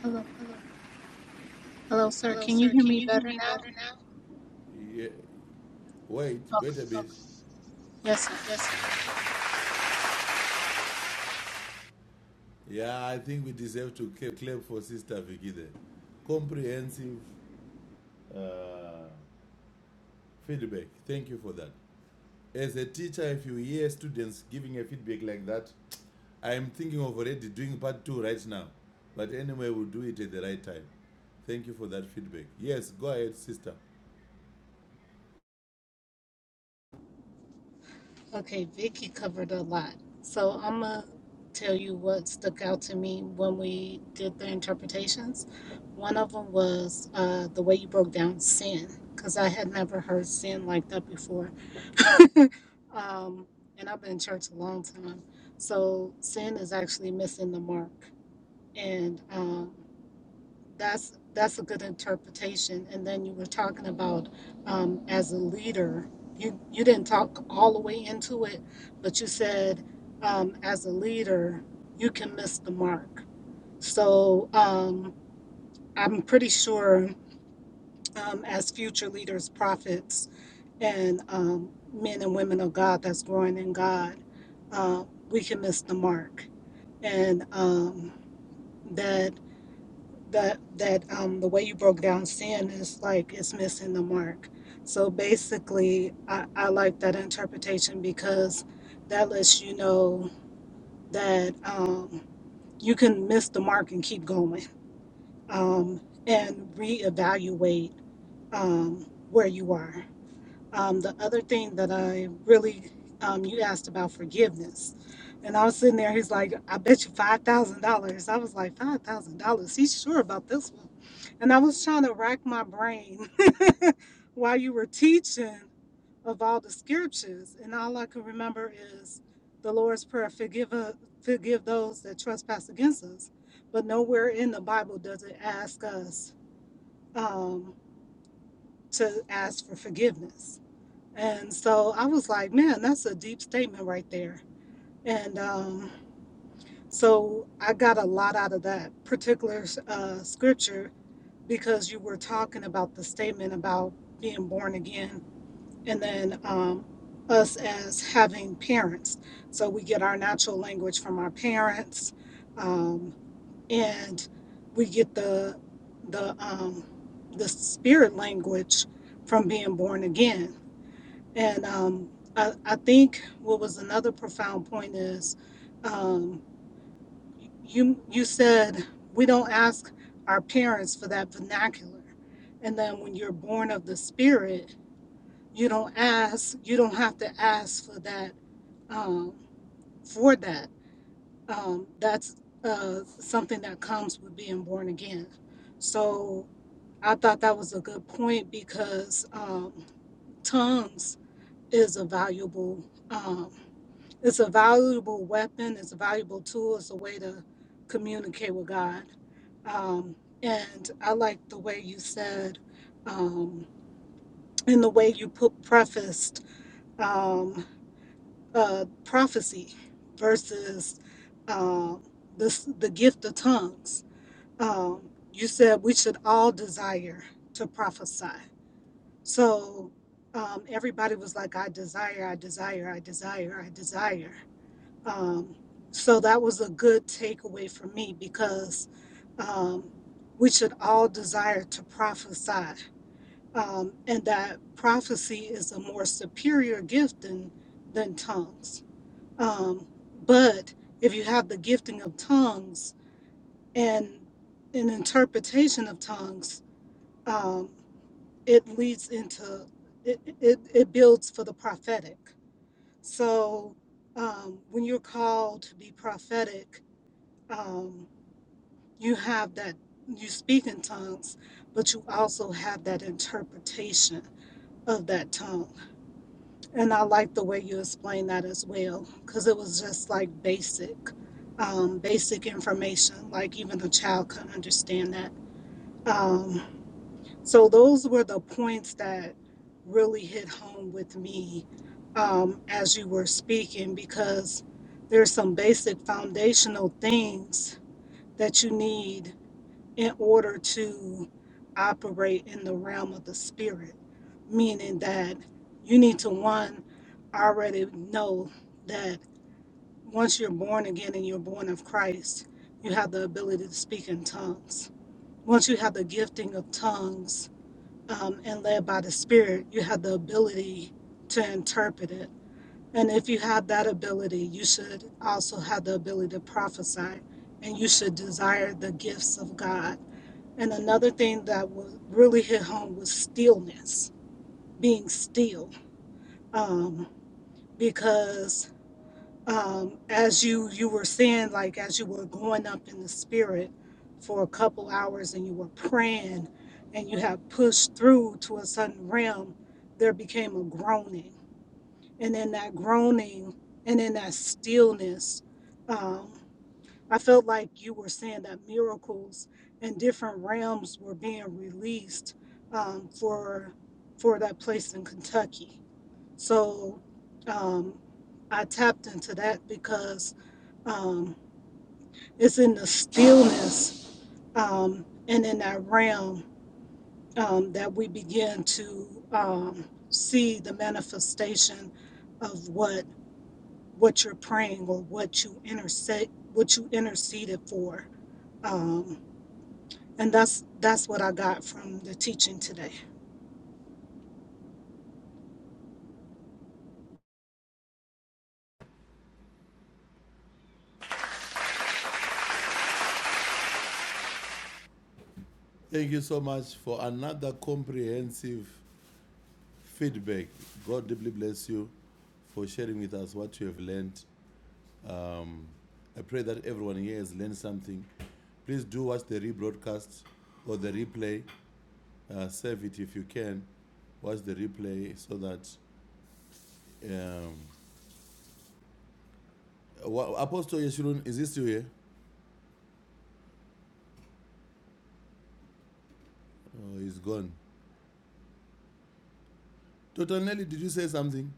Speaker 6: Hello. Hello, sir. Can you hear me better now?
Speaker 5: Yeah, wait,
Speaker 6: Okay.
Speaker 5: wait a bit.
Speaker 6: Yes, sir.
Speaker 5: Yeah, I think we deserve to clap for Sister Vicky there. Comprehensive uh, feedback. Thank you for that. As a teacher, if you hear students giving a feedback like that, I'm thinking of already doing part two right now. But anyway, we'll do it at the right time. Thank you for that feedback. Yes, go ahead, sister.
Speaker 6: Okay, Vicky covered a lot. So I'm going to tell you what stuck out to me when we did the interpretations. One of them was uh, the way you broke down sin, because I had never heard sin like that before um, and I've been in church a long time. So sin is actually missing the mark, and um, that's that's a good interpretation. And then you were talking about um, as a leader, you you didn't talk all the way into it, but you said um, as a leader you can miss the mark. So um, I'm pretty sure um, as future leaders, prophets and um, men and women of God that's growing in God, uh, we can miss the mark. And um, that that that um, the way you broke down sin is like it's missing the mark. So basically, I, I like that interpretation because that lets you know that um, you can miss the mark and keep going um, and reevaluate um, where you are. Um, the other thing that I really, um, you asked about forgiveness. And I was sitting there, he's like, I bet you $5,000. I was like, $5,000? He's sure about this one. And I was trying to rack my brain <laughs> while you were teaching of all the scriptures. And all I can remember is the Lord's Prayer forgive, uh, forgive those that trespass against us. But nowhere in the Bible does it ask us um, to ask for forgiveness and so I was like, man, that's a deep statement right there. And um, so I got a lot out of that particular uh, scripture because you were talking about the statement about being born again and then um, us as having parents. So we get our natural language from our parents um, and we get the, the, um, the spirit language from being born again and um, I, I think what was another profound point is um, you you said we don't ask our parents for that vernacular, and then when you're born of the Spirit, you don't ask you don't have to ask for that um, for that. Um, that's uh, something that comes with being born again. So I thought that was a good point because um, tongues is a valuable. Um, It's a valuable weapon. It's a valuable tool. It's a way to communicate with God. Um, and I like the way you said, um, and the way you put prefaced um, uh, prophecy versus um, this, the gift of tongues. Um, you said we should all desire to prophesy. So um, everybody was like, I desire, I desire, I desire, I desire. Um, so that was a good takeaway for me because um, we should all desire to prophesy, um, and that prophecy is a more superior gift than than tongues. Um, but if you have the gifting of tongues and an interpretation of tongues, um, it leads into it, it, it builds for the prophetic. So um, when you're called to be prophetic, um, you have that you speak in tongues but you also have that interpretation of that tongue and i like the way you explained that as well because it was just like basic um, basic information like even a child could understand that um, so those were the points that really hit home with me um, as you were speaking because there's some basic foundational things that you need in order to operate in the realm of the spirit, meaning that you need to one already know that once you're born again and you're born of Christ, you have the ability to speak in tongues. Once you have the gifting of tongues um, and led by the Spirit, you have the ability to interpret it. And if you have that ability, you should also have the ability to prophesy and you should desire the gifts of God and another thing that was really hit home was stillness, being still, um, because um, as you you were saying, like as you were going up in the spirit for a couple hours and you were praying, and you have pushed through to a certain realm, there became a groaning, and in that groaning and in that stillness. um, I felt like you were saying that miracles and different realms were being released um, for for that place in Kentucky. So um, I tapped into that because um, it's in the stillness um, and in that realm um, that we begin to um, see the manifestation of what what you're praying or what you intercede what you interceded for. Um, And that's that's what I got from the teaching today.
Speaker 5: Thank you so much for another comprehensive feedback. God deeply bless you for sharing with us what you have learned. I pray that everyone here has learned something. Please do watch the rebroadcast or the replay. Uh, save it if you can. Watch the replay so that. Um, Apostle Yeshurun, is he still here? Oh, he's gone. Dr. Nelly, did you say something?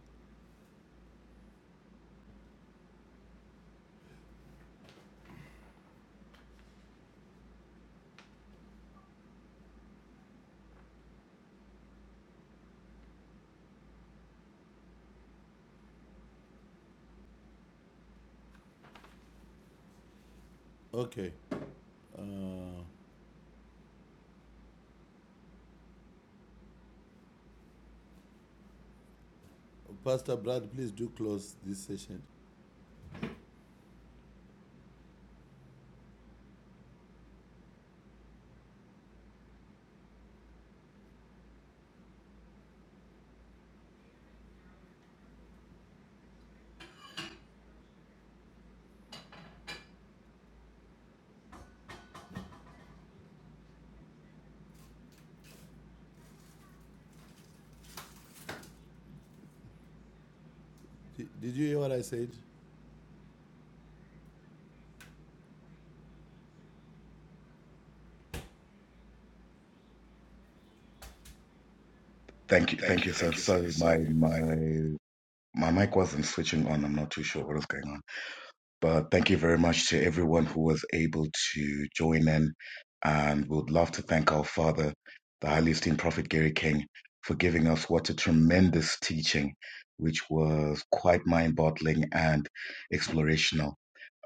Speaker 5: Okay. Uh, Pastor Brad, please do close this session. Did, did you hear what I said?
Speaker 8: Thank you, thank you, sir. Sorry, my my my mic wasn't switching on. I'm not too sure what was going on. But thank you very much to everyone who was able to join in. And we would love to thank our Father, the highly esteemed Prophet Gary King, for giving us what a tremendous teaching, which was quite mind boggling and explorational.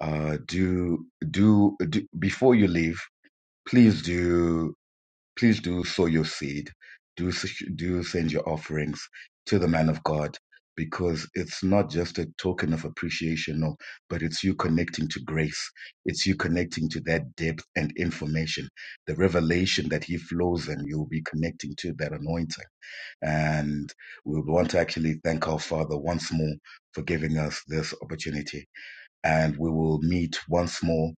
Speaker 8: Uh, do, do, do, before you leave, please do Please do sow your seed. Do do send your offerings to the man of God because it's not just a token of appreciation, no, but it's you connecting to grace. It's you connecting to that depth and information, the revelation that he flows and you'll be connecting to that anointing. And we would want to actually thank our Father once more for giving us this opportunity. And we will meet once more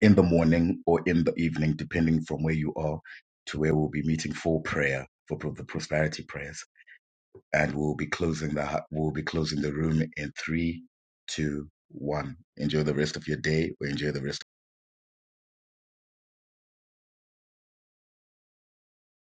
Speaker 8: in the morning or in the evening, depending from where you are to where we'll be meeting for prayer for pro- the prosperity prayers. And we'll be closing the hu- we'll be closing the room in three, two, one. Enjoy the rest of your day or enjoy the rest.